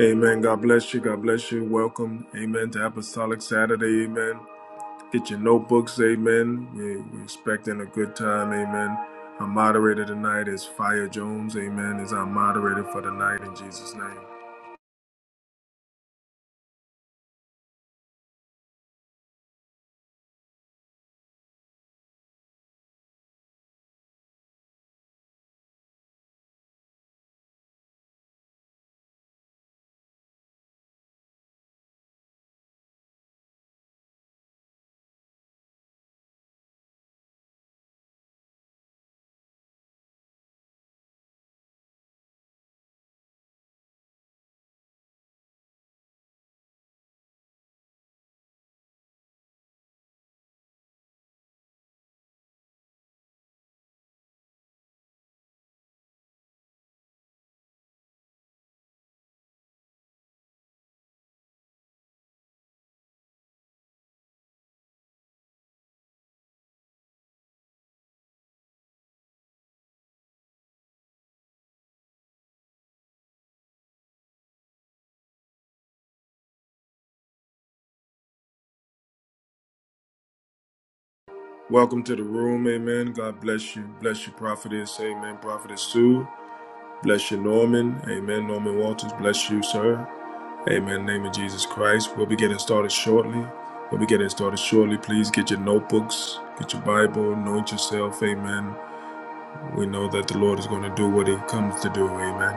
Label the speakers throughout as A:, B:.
A: Amen. God bless you. God bless you. Welcome. Amen to Apostolic Saturday. Amen. Get your notebooks. Amen. We, we're expecting a good time. Amen. Our moderator tonight is Fire Jones. Amen. Is our moderator for tonight in Jesus' name. Welcome to the room. Amen. God bless you. Bless you, Prophetess. Amen. Prophetess Sue. Bless you, Norman. Amen. Norman Walters. Bless you, sir. Amen. In the name of Jesus Christ. We'll be getting started shortly. We'll be getting started shortly. Please get your notebooks, get your Bible, anoint yourself. Amen. We know that the Lord is going to do what He comes to do. Amen.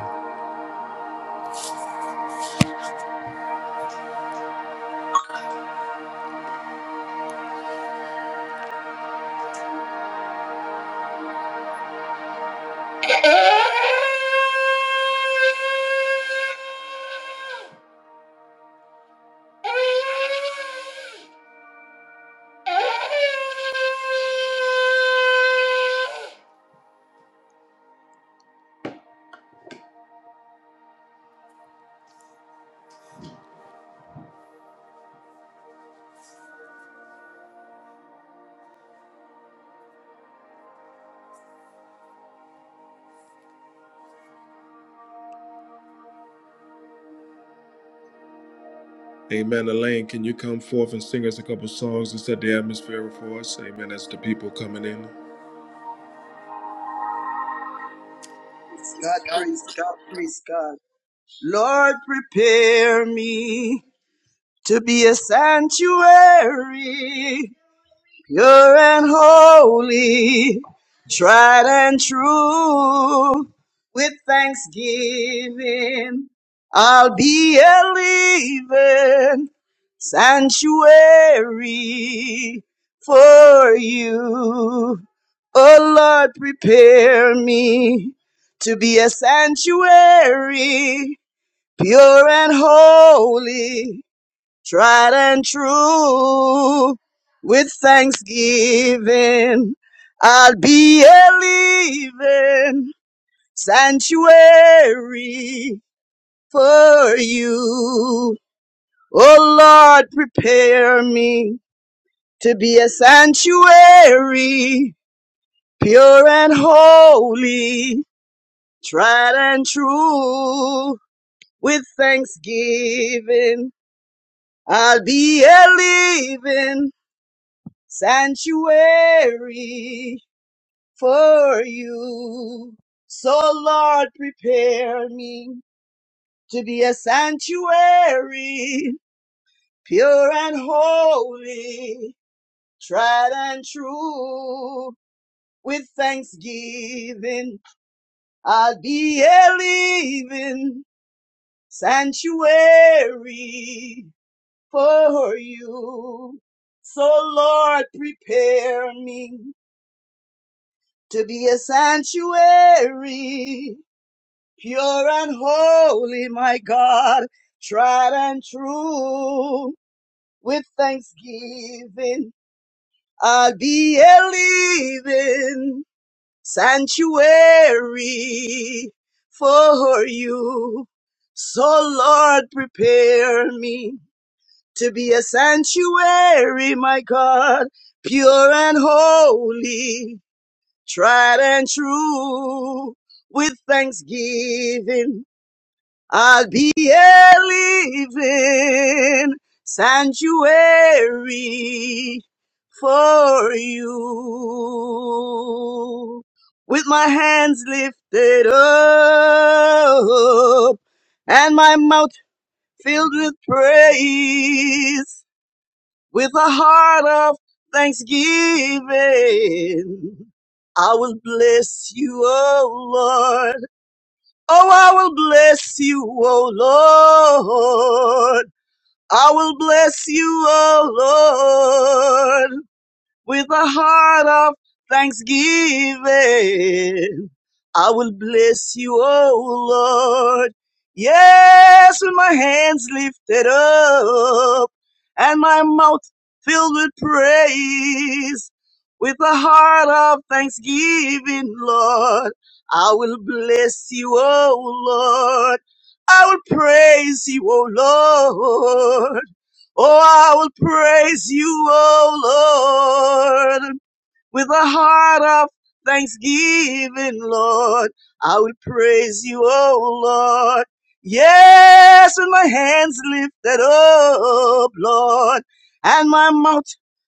A: Amen. Elaine, can you come forth and sing us a couple songs to set the atmosphere for us? Amen. As the people coming in.
B: Praise God, praise God, praise God. Lord, prepare me to be a sanctuary pure and holy, tried and true. With thanksgiving, I'll be a living sanctuary for you. Oh Lord, prepare me to be a sanctuary, pure and holy tried and true. With thanksgiving, I'll be a living sanctuary for you. Oh Lord, prepare me to be a sanctuary, pure and holy, tried and true. With thanksgiving, I'll be a living sanctuary for you. So Lord, prepare me to be a sanctuary, pure and holy, tried and true. With thanksgiving, I'll be a living sanctuary for you. So Lord, prepare me to be a sanctuary, pure and holy, my God, tried and true. With thanksgiving, I'll be a living sanctuary for you. So Lord, prepare me to be a sanctuary, my God, pure and holy tried and true. With thanksgiving, I'll be a living sanctuary for you. With my hands lifted up and my mouth filled with praise, with a heart of thanksgiving. I will bless you, O Lord. Oh, I will bless you, O Lord. I will bless you, O Lord, with a heart of thanksgiving. I will bless you, O Lord. Yes, with my hands lifted up and my mouth filled with praise, with a heart of thanksgiving, Lord, I will bless you, O Lord. I will praise you, O Lord. Oh, I will praise you, O Lord. With a heart of thanksgiving, Lord, I will praise you, oh Lord. Yes, with my hands lifted up, Lord, and my mouth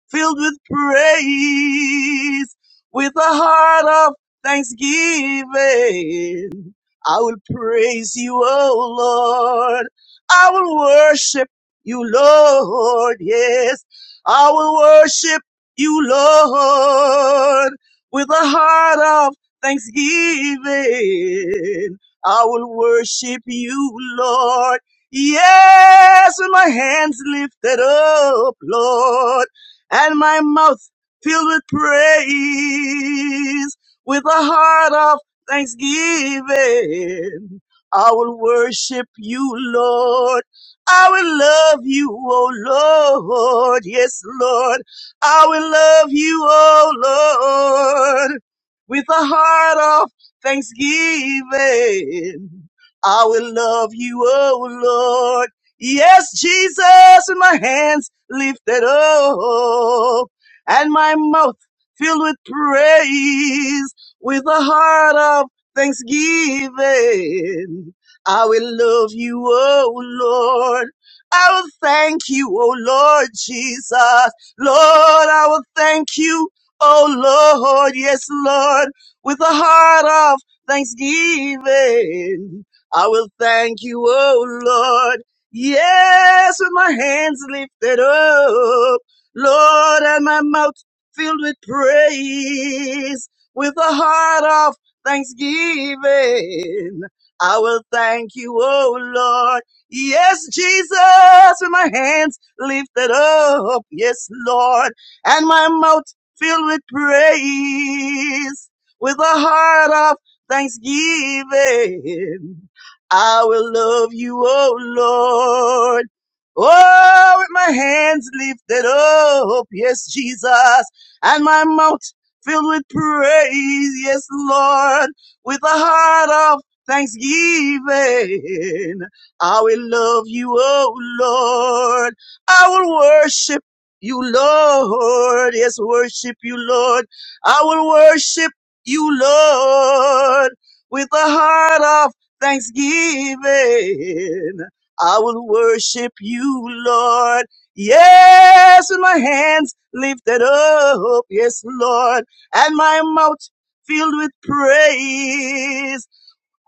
B: filled with praise. With a heart of thanksgiving, I will praise you, oh Lord. I will worship you, Lord. Yes, I will worship you, Lord, with a heart of thanksgiving. I will worship you, Lord. Yes, with my hands lifted up, Lord, and my mouth filled with praise, with a heart of thanksgiving. I will worship you, Lord. I will love you, oh Lord. Yes, Lord. I will love you, oh Lord. With a heart of thanksgiving. I will love you, oh Lord. Yes, Jesus, with my hands lifted up and my mouth filled with praise with a heart of thanksgiving. I will love you, oh Lord. I will thank you, oh Lord Jesus. Lord, I will thank you, oh Lord. Yes, Lord, with a heart of thanksgiving. I will thank you, oh Lord. Yes, with my hands lifted up, Lord, and my mouth filled with praise with a heart of thanksgiving. I will thank you, oh Lord. Yes, Jesus, with my hands lifted up. Yes, Lord, and my mouth filled with praise, with a heart of thanksgiving. I will love you, oh Lord. Oh, with my hands lifted up, yes, Jesus, and my mouth filled with praise, yes, Lord, with a heart of thanksgiving. I will love you, oh Lord. I will worship you, Lord. Yes, worship you, Lord. I will worship you, Lord, with a heart of thanksgiving. I will worship you, Lord. Yes, with my hands lifted up. Yes, Lord and my mouth filled with praise.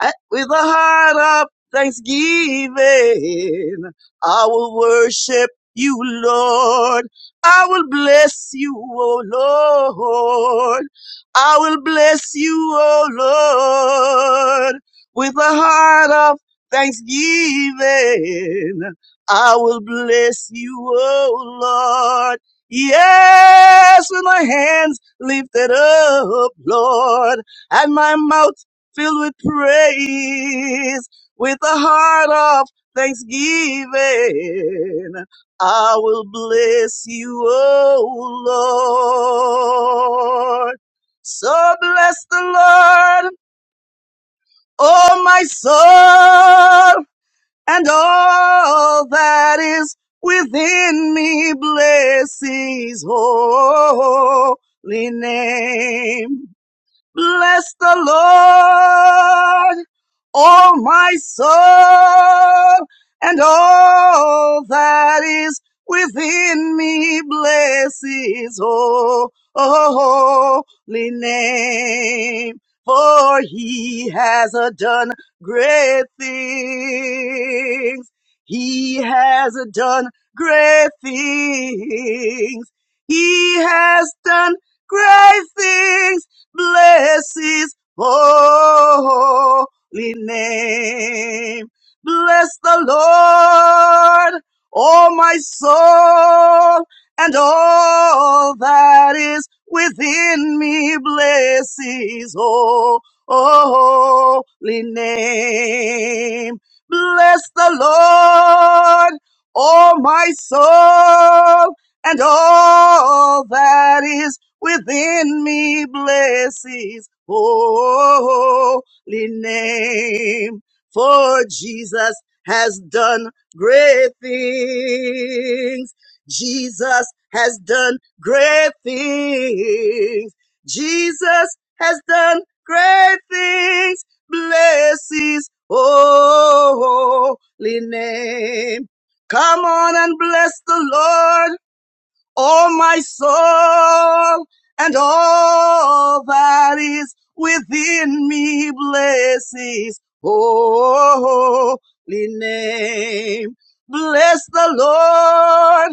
B: And with a heart of thanksgiving, I will worship you, Lord. I will bless you, O Lord. I will bless you, O Lord. With a heart of thanksgiving, I will bless you, O Lord. Yes, with my hands lifted up, Lord, and my mouth filled with praise, with a heart of thanksgiving. I will bless you, O Lord. So bless the Lord, O my soul, and all that is within me. Bless his holy name. Bless the Lord, oh my soul, and all that is within me. Bless his ho- holy name, for he has uh, done great things. He has uh, done great things. He has done great things Bless his holy name. Bless the Lord, oh my soul, and all that is within me. Bless his holy name. Bless the Lord, oh my soul, and all that is within me bless his holy name. For Jesus has done great things. Jesus has done great things. Jesus has done great things. Bless his holy name. Come on and bless the Lord Oh, my soul and all that is within me blesses holy name. Bless the Lord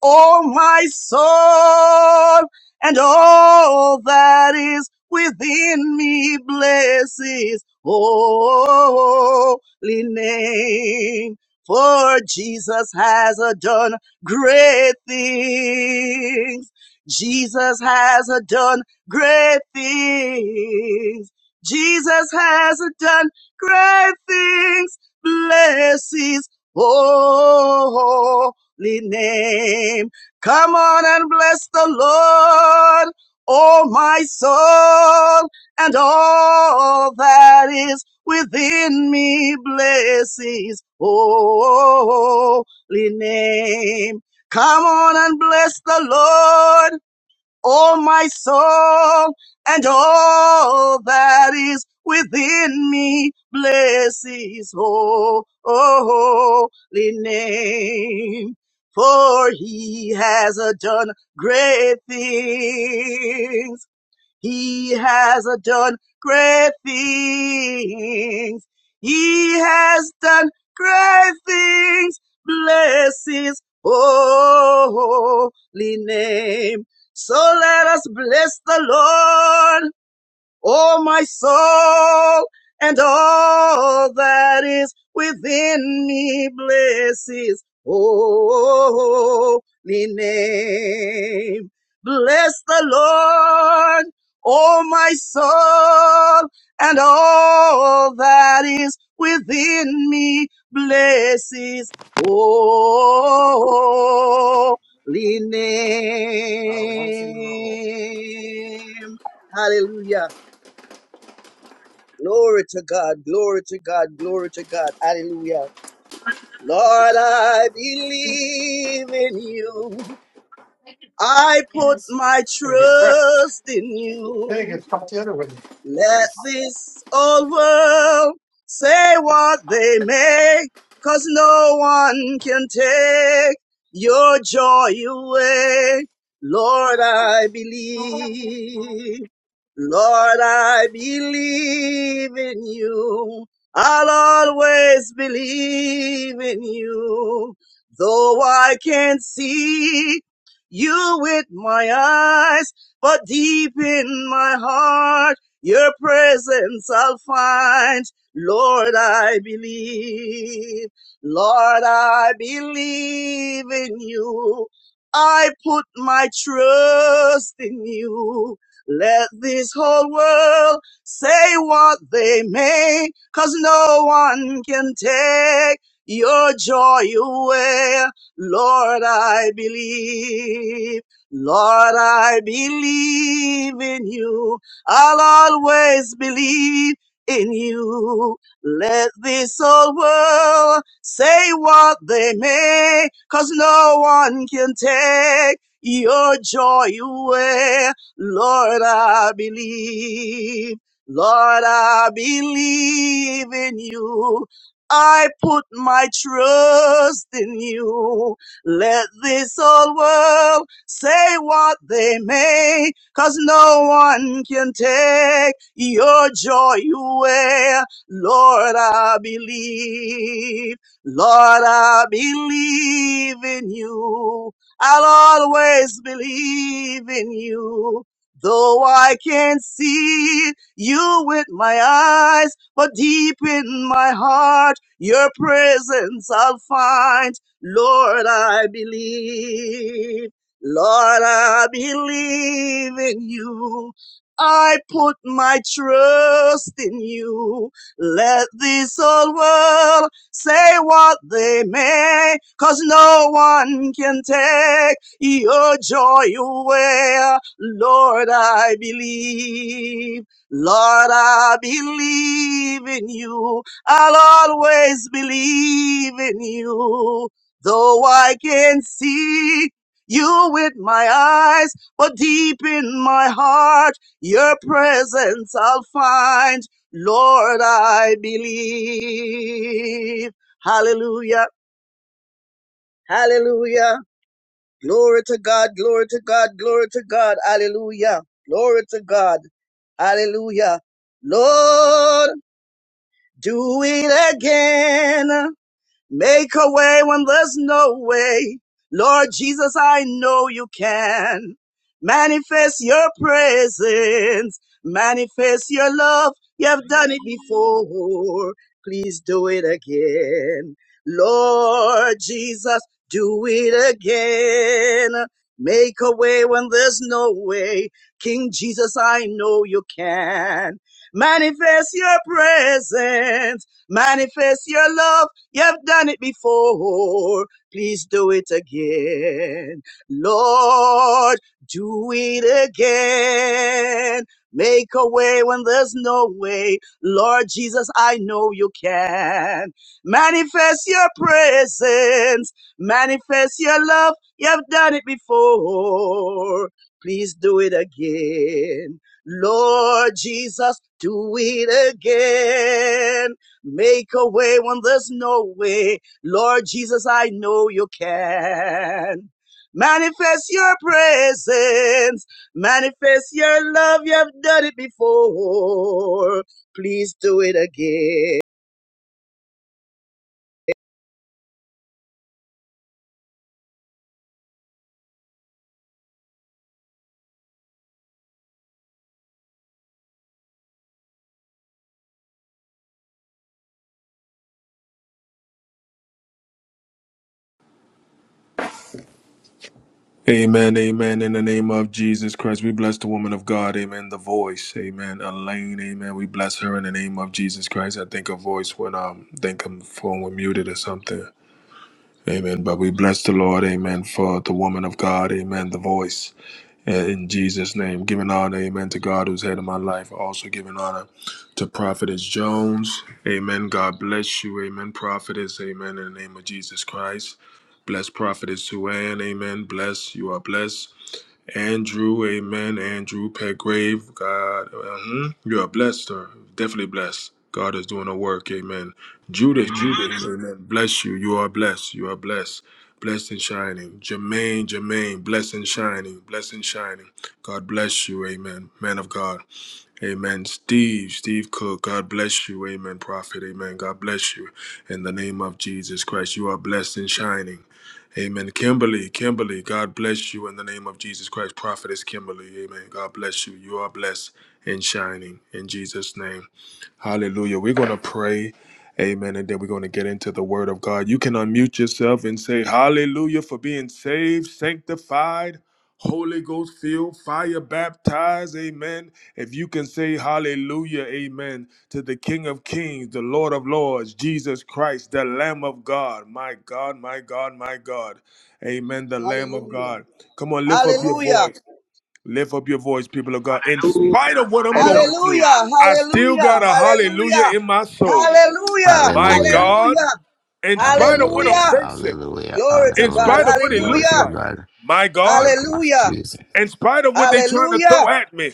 B: O my soul, and all that is within me bless His holy name. For Jesus has done great things. Jesus has done great things. Jesus has done great things. Bless His Blesses Oh, name. Come on and bless the Lord, oh my soul, and all that is within me. Bless his holy name. Come on and bless the Lord. O my soul, and all that is within me, bless his holy name. For he has done great things he has done great things. He has done great things. Bless his holy name. So let us bless the Lord. Oh, my soul and all that is within me bless his holy name. Bless the Lord, oh my soul and all that is within me bless his holy name. Hallelujah. Glory to God, glory to God, glory to God. Hallelujah. Lord, I believe in you. I put my
C: Just got to get wrecked.
B: trust in
C: Hey,
B: you.
C: get caught the other way.
B: Let this old world say what they may, 'cause no one can take your joy away. Lord, I believe. Lord, I believe in you. I'll always believe in you. Though I can't see you with my eyes, but deep in my heart, your presence I'll find. Lord, I believe. Lord, I believe in you. I put my trust in you. Let this whole world say what they may, 'cause no one can take your joy away. Lord, I believe. Lord, I believe in you. I'll always believe in you. Let this old world say what they may, cause no one can take your joy away. Lord, I believe. Lord, I believe in you. I put my trust in you. Let this old world say what they may. Cause no one can take your joy away. Lord, I believe. Lord, I believe in you. I'll always believe in you. Though I can't see you with my eyes, but deep in my heart, your presence I'll find. Lord, I believe. Lord, I believe in you. I put my trust in you. Let this whole world say what they may, 'cause no one can take your joy away. Lord, I believe. Lord, I believe in you. I'll always believe in you. Though I can see you with my eyes, but deep in my heart, your presence I'll find. Lord, I believe. Hallelujah. Hallelujah. Glory to God. Glory to God. Glory to God. Hallelujah. Glory to God. Hallelujah. Lord, do it again. Make a way when there's no way. Lord Jesus, I know you can. Manifest your presence. Manifest your love. You have done it before. Please do it again. Lord Jesus, do it again. Make a way when there's no way. King Jesus, I know you can. Manifest your presence. Manifest your love. You've done it before. Please do it again. Lord, do it again. Make a way when there's no way. Lord Jesus, I know you can. Manifest your presence. Manifest your love. You've done it before. Please do it again. Lord Jesus, do it again. Make a way when there's no way. Lord Jesus, I know you can. Manifest your presence. Manifest your love. You have done it before. Please do it again.
A: Amen, amen. In the name of Jesus Christ, we bless the woman of God. Amen. The voice, amen. Elaine, amen. We bless her in the name of Jesus Christ. I think her voice went um, I think her phone was muted or something. Amen. But we bless the Lord, amen, for the woman of God, amen. The voice uh, in Jesus' name, giving honor, amen, to God who's head of my life. Also giving honor to Prophetess Jones, amen. God bless you, amen. Prophetess, amen. In the name of Jesus Christ. Bless Prophetess Suan, amen. Bless, you are blessed. Andrew, amen. Andrew Petgrave, God, hmm you are blessed, sir. Definitely blessed. God is doing a work, amen.
D: Amen.
A: Judas, Judas,
D: Amen.
A: amen. Bless you. You are blessed. You are blessed. Blessed and shining. Jermaine, Jermaine, blessed and shining. Blessed and shining. God bless you, amen. Man of God. Amen. Steve, Steve Cook, God bless you. Amen, prophet. Amen. God bless you. In the name of Jesus Christ, you are blessed and shining. Amen. Kimberly, Kimberly, God bless you in the name of Jesus Christ. Prophetess Kimberly, amen. God bless you. You are blessed and shining in Jesus' name. Hallelujah. We're going to pray, amen, and then we're going to get into the word of God. You can unmute yourself and say, Hallelujah, for being saved, sanctified. Holy Ghost filled, fire baptized, amen. If you can say hallelujah, amen, to the King of Kings, the Lord of Lords, Jesus Christ, the Lamb of God, my God, my God, my God, amen, the Lamb of
B: Hallelujah.
A: God. Come on, lift up your
B: Hallelujah.
A: voice, lift up your voice, people of God. In
D: Hallelujah.
A: spite of what I'm going through,
D: Hallelujah.
B: Hallelujah.
A: I still
B: Hallelujah.
A: got a
B: Hallelujah.
A: hallelujah in my soul,
B: Hallelujah.
A: my
E: Hallelujah.
A: God,
B: Hallelujah.
A: in spite of what I'm
E: Hallelujah.
B: Hallelujah.
A: facing,
E: Hallelujah.
B: Glory to
A: in
B: God.
A: spite of
E: Hallelujah.
A: what it
E: Glory
A: looks
E: to
B: Hallelujah.
A: like,
E: God.
A: my God
E: Lamb of
B: Hallelujah.
E: Jesus.
A: in spite of what they trying to throw
B: Hallelujah.
A: at me,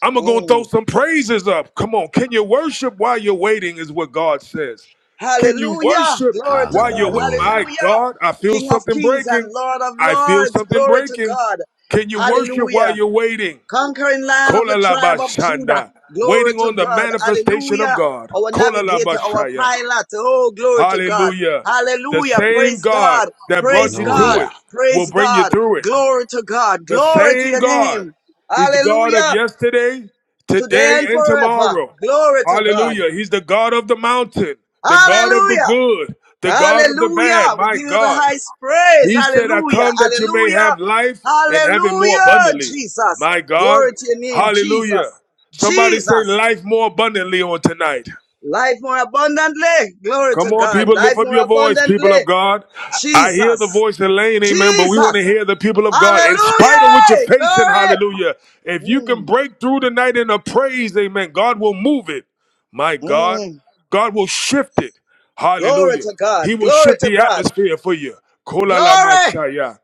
A: I'm gonna
B: Mm.
A: throw some praises up. Come on, can you worship while you're waiting? Is what God says. Can you
B: Hallelujah.
A: worship
B: Glory to
A: while
B: God.
A: you're with my
E: Hallelujah.
A: God? I
B: Hallelujah.
A: feel
B: King of
A: something
B: kings and
A: breaking.
B: Lord of
A: I feel
B: lords.
A: something
B: Glory to
A: breaking.
B: God.
A: Can you worship while
B: Hallelujah.
A: you're waiting?
B: Conquering lion of the
A: Kolalabashanda,
B: tribe of Judah. Glory
A: Waiting
B: to
A: on the
B: God.
A: manifestation of
B: Hallelujah.
A: God.
B: Our
A: Kolalabashaya,
B: navigator, our pilot. Oh, glory to God.
A: Hallelujah. The
B: Hallelujah.
A: same
B: Praise
A: God
B: God.
A: that brought
B: Praise
A: you to
B: God.
A: it
E: Hallelujah.
A: will
B: Praise
A: bring you
B: God.
A: through it.
B: Glory to God.
A: The
B: Glory to
A: same
B: your
A: God.
B: name.
A: He's the God of
B: Hallelujah.
A: yesterday,
B: Today
A: today,
B: and
A: and
B: forever.
A: tomorrow.
B: Glory to God.
A: Hallelujah. He's the God of the mountain, the God of the
B: Hallelujah.
A: good, the God of the bad.
B: Hallelujah. We
A: My
B: give you the
A: God.
B: highest praise.
A: He said, I
B: Hallelujah.
A: come that you may
B: Hallelujah.
A: have life and have it more
B: Hallelujah.
A: abundantly.
B: Jesus.
A: My God.
B: Glory to your name.
A: Hallelujah.
B: Jesus.
A: Somebody say
B: Jesus.
A: life more abundantly on tonight.
B: Life more abundantly. Glory
A: Come
B: to
A: on,
B: God.
A: people, lift
B: Life
A: up
B: more
A: your voice, people of
B: abundantly.
A: God. I hear the
B: Jesus.
A: voice of Lane, amen, but we want to
B: Jesus.
A: hear the people of God in spite of what you're
B: Hallelujah.
A: facing,
B: Glory.
A: hallelujah. If you can
B: Mm,
A: break through tonight in a praise, amen, God will move it. My
B: mm.
A: God,
B: mm.
A: God will shift it,
B: Glory
A: hallelujah.
B: to God.
A: He will
B: Glory
A: shift
B: to
A: the
B: God.
A: atmosphere for you. Kola la
B: Glory.
A: mashaya.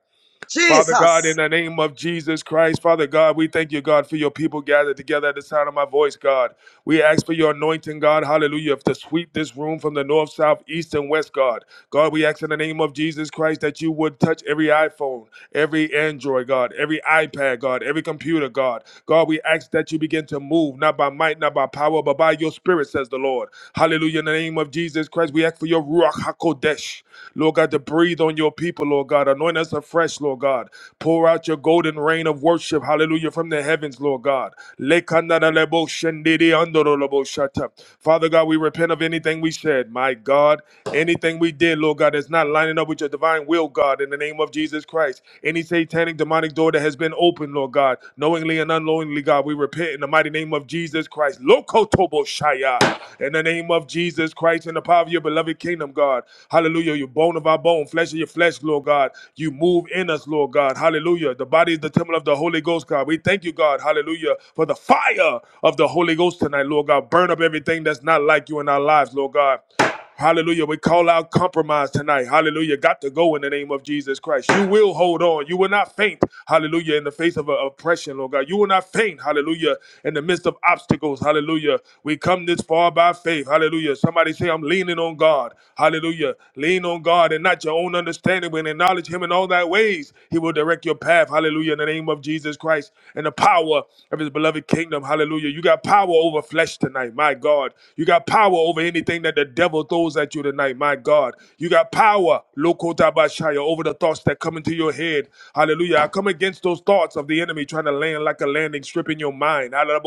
A: Father God,
B: Jesus.
A: in the name of Jesus Christ, Father God, we thank you, God, for your people gathered together at the sound of my voice, God. We ask for your anointing, God, hallelujah, to sweep this room from the north, south, east, and west, God. God, we ask in the name of Jesus Christ that you would touch every iPhone, every Android, God, every iPad, God, every computer, God. God, we ask that you begin to move, not by might, not by power, but by your spirit, says the Lord. Hallelujah, in the name of name of Jesus Christ, we ask for your Ruach HaKodesh, Lord God, to breathe on your people, Lord God. Anoint us afresh, Lord God. Pour out your golden rain of worship, hallelujah, from the heavens, Lord God. Lekanadalebo shendidi andorolobo shata. Father God, we repent of anything we said, my God. Anything we did, Lord God, that's not lining up with your divine will, God, in the name of Jesus Christ. Any satanic, demonic door that has been opened, Lord God, knowingly and and unknowingly, God. We repent in the mighty name of Jesus Christ. Lokotobo Shaya. In the name of Jesus Christ, in the power of your beloved kingdom, God. Hallelujah. You bone of our bone, flesh of your flesh, Lord God. You move in us, Lord God. Hallelujah. The body is the temple of the Holy Ghost, God. We thank you, God. Hallelujah. For the fire of the Holy Ghost tonight, Lord God. Burn up everything that's not like you in our lives, Lord God. Hallelujah. We call out compromise tonight. Hallelujah. Got to go in the name of Jesus Christ. You will hold on. You will not faint. Hallelujah. In the face of uh, oppression, Lord God. You will not faint. Hallelujah. In the midst of obstacles. Hallelujah. We come this far by faith. Hallelujah. Somebody say, I'm leaning on God. Hallelujah. Lean on God and not your own understanding, but acknowledge Him in all thy ways. He will direct your path. Hallelujah. In the name of Jesus Christ and the power of His beloved kingdom. Hallelujah. Hallelujah. You got power over flesh tonight, my God. You got power over anything that the devil throws at you tonight, my God. You got power, Lokotabashaya, over the thoughts that come into your head. Hallelujah. I come against those thoughts of the enemy trying to land like a landing strip in your mind. Hallelujah.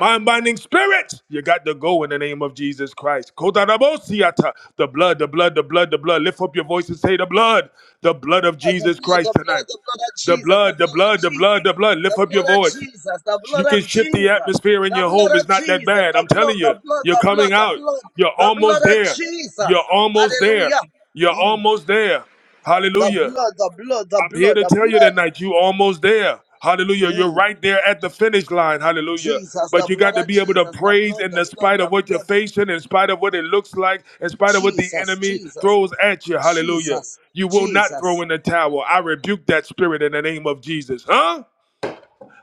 A: Mind binding spirit, you got to go in the name of Jesus Christ. Kotarabosiata. The blood, the blood, the blood, the blood. Lift up your voice and say, The blood, the blood of
B: the
A: Jesus
B: blood, the
A: Christ tonight.
B: blood, the blood of
A: The
B: Jesus, the
A: blood, the
B: blood of
A: blood, the blood,
B: Jesus,
A: the blood. Lift
B: the
A: up your
B: blood of
A: voice.
B: Jesus, the
A: You
B: blood of
A: can shift the
B: Jesus,
A: atmosphere in
B: the
A: your
B: blood
A: home.
B: of
A: It's not that
B: Jesus,
A: bad.
B: the
A: I'm
B: blood,
A: telling
B: the
A: you,
B: blood,
A: you're
B: the blood,
A: coming
B: the
A: out.
B: blood,
A: You're
B: the blood
A: almost
B: of
A: there.
B: Jesus.
A: You're almost there.
B: Hallelujah.
A: You're
B: Mm.
A: almost there.
B: The
A: Hallelujah.
B: blood, the blood, the
A: I'm here
B: blood,
A: to
B: the
A: tell you
B: blood.
A: tonight, you almost there. Hallelujah. You're
B: Mm.
A: right there at the finish line. Hallelujah.
B: Jesus,
A: But
B: the
A: you got
B: blood
A: to
B: of
A: be able to
B: Jesus, the
A: praise
B: blood,
A: in
B: the
A: the
B: blood,
A: spite of
B: the
A: what you're
B: blood.
A: facing, in spite of what it looks like, in spite of what the
B: Jesus,
A: enemy
B: Jesus,
A: throws at you. Hallelujah.
B: Jesus,
A: You will not
B: Jesus,
A: throw in the towel. I rebuke that spirit in the name of Jesus. Huh?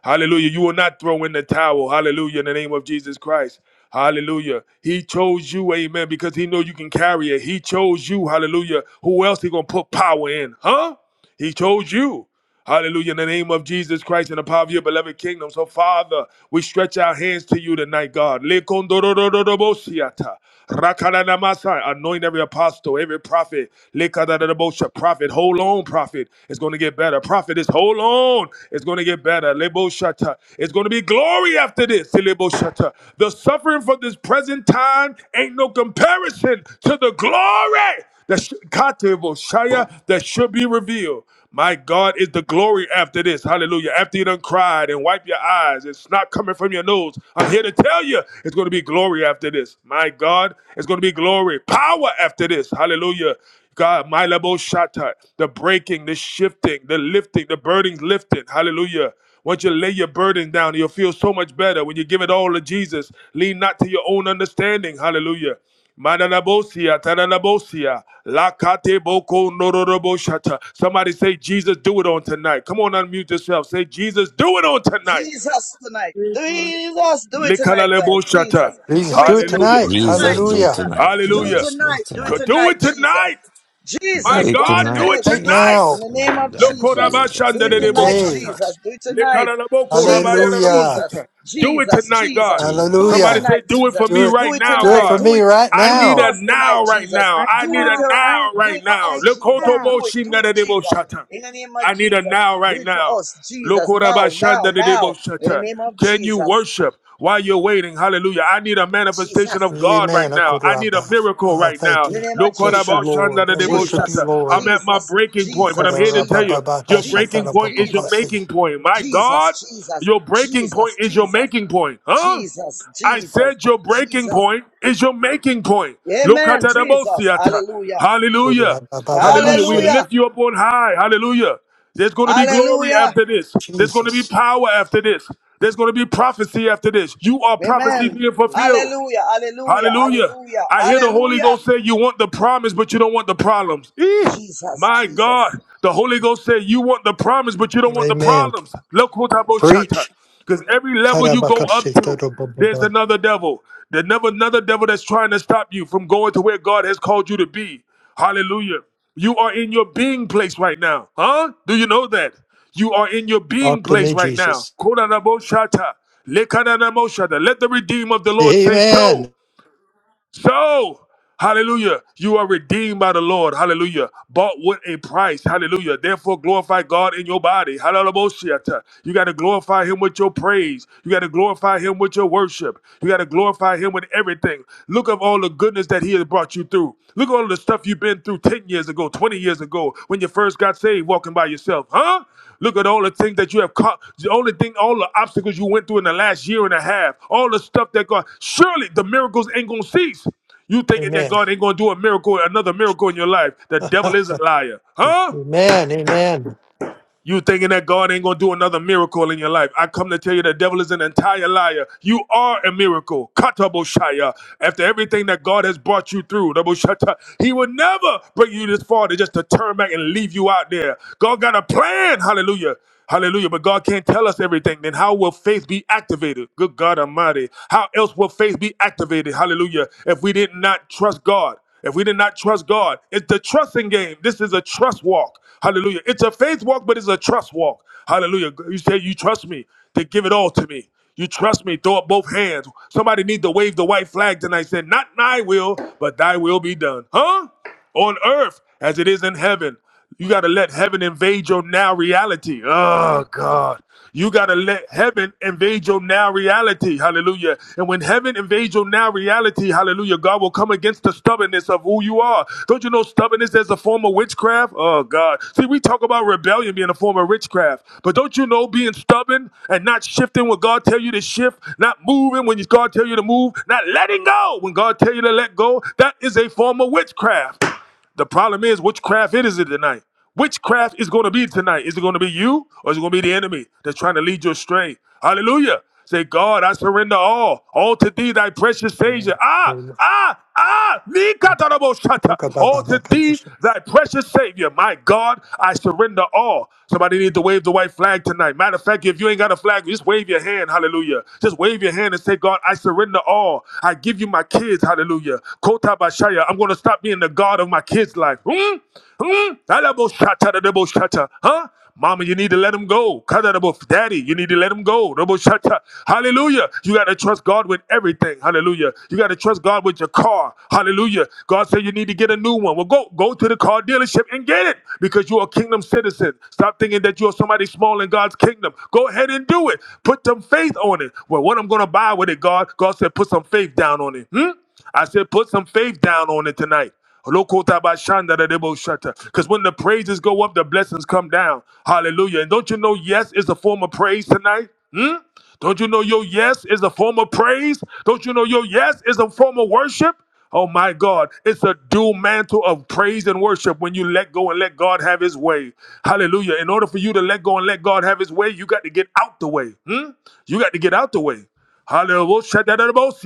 A: Hallelujah. You will not throw in the towel. Hallelujah. In the name of Jesus Christ. Hallelujah. He chose you, amen, because he know you can carry it. He chose you, hallelujah. Who else he gonna put power in? Huh? He chose you. Hallelujah. In the name of Jesus Christ and the power of your beloved kingdom. So, Father, we stretch our hands to you tonight, God. Le kondorororobosiata. Rakadadamasa, anoint every apostle, every prophet, Lekadadadabosha, prophet, hold on, prophet, it's going to get better. Prophet is hold on, it's going to get better. Leboshata, it's going to be glory after this. Leboshata, the suffering for this present time ain't no comparison to the glory that should, Kateboshaya, that should be revealed. My God is the glory after this. Hallelujah. After you done cried and wipe your eyes, it's not coming from your nose. I'm here to tell you it's going to be glory after this. My God, it's going to be glory, power after this. Hallelujah. God, my lebo shata, the breaking, the shifting, the lifting, the burdens lifted. Hallelujah. Once you lay your burden down, you'll feel so much better when you give it all to Jesus. Lean not to your own understanding. Hallelujah. Mananabosia, tananabosia, lakate boko nororoboshata. Somebody say, Jesus, do it on tonight. Come on, unmute yourself. Say, Jesus, do it on tonight.
B: Jesus tonight. Jesus, do it tonight, God.
A: Likanaleboshata.
B: Jesus, do
C: Jesus,
B: it
C: do it
B: tonight.
A: Hallelujah.
B: Do
C: tonight.
B: it tonight,
E: Jesus, do it
C: Hallelujah.
B: Jesus.
E: tonight.
B: Do it
A: Hallelujah.
E: Jesus, do
B: tonight.
E: it
B: Do it
A: Could
E: tonight.
A: do
B: tonight,
A: it
B: Jesus.
A: tonight.
E: Do
A: My
B: Jesus, do
E: it
B: it
A: God, do
E: tonight,
A: it
B: tonight.
C: Right
A: tonight.
B: In
C: now.
E: Jesus.
B: the
E: My
B: name of
E: God,
B: Jesus.
E: Jesus,
B: Do it
E: do it
B: tonight,
E: tonight.
C: Today.
B: Jesus. Do it tonight. Jesus,
C: Hallelujah.
B: Jesus,
A: Do it
B: Jesus,
A: tonight,
B: Jesus.
A: God.
B: Do it
A: Somebody
E: Jesus.
C: Hallelujah.
A: say,
B: tonight,
A: do it
B: Jesus.
A: for me
C: Do it.
B: Do
A: right
B: it
A: now,
C: Do it
B: tonight.
C: for
A: God.
B: Do
C: me
B: it.
C: right
A: I
B: Do it
A: need a
B: for
C: now.
B: us tonight,
A: now right
B: Jesus.
A: now.
F: Right
A: I
B: Do
A: need
B: it.
A: a
F: now,
B: uh,
F: right
A: now
B: do
F: now,
A: right
B: it for
A: now.
F: right
B: us, Jesus.
F: now.
B: Do it. Do it, Jesus. In the name of
A: I need a
B: Jesus.
A: now,
B: Do
A: right
B: it for
A: now.
B: us, Jesus. Now, now, now. In the
A: Lokorabashandadedeboshata.
B: name of
A: Can you
B: Jesus.
A: worship while you're waiting? Hallelujah. I need a manifestation
B: Jesus.
A: of God right
C: Amen.
A: now. I need a
C: Akuraba.
A: miracle
C: Oh,
A: right
C: thank
A: now.
B: In the
C: you.
B: name of
C: Bless you,
B: Jesus.
C: Lord. I worship you,
B: Jesus,
A: Lokorabashandadedeboshata.
C: Lord.
A: I'm at my
B: Jesus,
A: breaking point, but I'm
B: Jesus,
A: here to tell
B: Jesus,
A: you
C: Akarabababa,
A: your breaking
B: Jesus,
A: point is your
B: Jesus,
C: shatarabababase.
A: making point. My
B: Jesus,
A: God,
B: Jesus,
A: your breaking point
B: Jesus,
A: is your making point. Huh?
B: Jesus, Jesus,
A: I
B: Jesus,
A: said your breaking
B: Jesus.
A: point is your making point.
B: Amen. Jesus.
A: Lokatarabosiata.
B: Hallelujah.
A: Hallelujah. Hallelujah. We
C: Akurabababashe.
B: Hallelujah.
A: lift you up on high. Hallelujah. There's going to be glory
B: Hallelujah.
A: after this. There's going to be
C: Jesus.
A: power after this. There's going to be prophecy after this. You are prophecy
B: Amen.
A: being fulfilled.
B: Hallelujah. Hallelujah.
A: Hallelujah.
B: Hallelujah.
A: I hear the Holy
B: Hallelujah.
A: Ghost say you want the promise, but you don't want the problems. Eh,
B: Jesus,
A: my
B: Jesus,
A: God. The Holy Ghost said you want the promise, but you don't want the
C: Amen.
A: problems.
C: Preach.
A: Because every level you go up
C: Karabakashe,
A: to, there's
C: tarabababa.
A: another devil. There's never another devil that's trying to stop you from going to where God has called you to be. Hallelujah. You are in your being place right now. Huh? Do you know that? You are in your
C: Talk
A: being
C: to
A: place
C: me,
A: right now.
C: Jesus.
A: Kodanabo shata. Lekananamo Let the redeem of the Lord say so.
C: Amen.
A: So, hallelujah, you are redeemed by the Lord. Hallelujah. Bought with a price. Hallelujah. Therefore, glorify God in your body. Hallelujah. You got to glorify Him with your praise. You got to glorify Him with your worship. You got to glorify Him with everything. Look of all the goodness that He has brought you through. Look at all the stuff stuff you've been through 10 years ago, 20 years ago, when you first got saved walking by yourself, huh? Look at all the things that you have caught, the only thing, all the obstacles you went through in the last year and a half, all the stuff that God, surely the miracles ain't gonna cease. You thinking that
C: Amen.
A: God ain't gonna do a miracle, another miracle in your life. The
C: Ah,
A: devil is a liar, huh?
C: Amen. Amen.
A: You thinking that God ain't gonna do another miracle in your life. I come to tell you the devil is an entire liar. You are a miracle. Kataboshaya. After everything that God has brought you through, Daboshata, he would never bring you this far to just to turn back and leave you out there. God got a plan. Hallelujah. Hallelujah. But God can't tell us everything. Then how will faith be activated? Good God Almighty. How else will faith be activated? Hallelujah. If we did not trust God. If we did not trust God, it's the trusting game. This is a trust walk. Hallelujah. It's a faith walk, but it's a trust walk. Hallelujah. You say you trust me, then give it all to me. You trust me, throw up both hands. Somebody need to wave the white flag tonight. Say, not my will, but thy will be done. Huh? On earth as it is in heaven. You gotta let heaven invade your now reality. Oh God. You got to let heaven invade your now reality. Hallelujah. And when heaven invades your now reality, hallelujah, God will come against the stubbornness of who you are. Don't you know stubbornness is a form of witchcraft? Oh, God. See, we talk about rebellion being a form of witchcraft. But don't you know being stubborn and not shifting when God tell you to shift, not moving when God tell you to move, not letting go when God tell you to let go, that is a form of witchcraft. The problem is, which craft it is it tonight? Which craft is going to be tonight? Is it going to be you or is it going to be the enemy that's trying to lead you astray? Hallelujah. Say, God, I surrender all, all to thee, thy precious
C: Amen.
A: Savior. Ah, ah, ah, Nikatarabosata. all to thee,
C: Rakababakabasha.
A: thy precious Savior. My God, I surrender all. Somebody need to wave the white flag tonight. Matter of fact, if you ain't got a flag, just wave your hand your hand, hallelujah. Just wave your hand and say, God, I surrender all. I give you my kids, hallelujah. Kota Bashaya, I'm going to stop being the God of my kids' life. Hmm? Hmm? Alabo shata da debo shata. Huh? Mama, you need to let him go. Kada da bo- Daddy, you need to let him go. Debo shata. Hallelujah. You got to trust God with everything. Hallelujah. You got to trust God with your car. Hallelujah. God said you need to get a new one. Well, go go to the car dealership and get it because you're a kingdom citizen. Stop thinking that you're somebody small in God's kingdom. Go ahead and do it. Put some faith on it. Well, what I'm gonna buy with it, God? God said, put some faith down on it. Hmm? I said, put some faith down on it tonight. Because when the praises go up, the blessings come down. Hallelujah. And don't you know, yes is a form of praise tonight? Hmm. Don't you know your yes is a form of praise? Don't you know your yes is a form of worship? Oh my God, it's a dual mantle of praise and worship when you let go and let God have his way. Hallelujah. In order for you to let go and let God have his way, you got to get out the way. Hmm? You got to get out the way. Hallelujah. Shut that other mouth,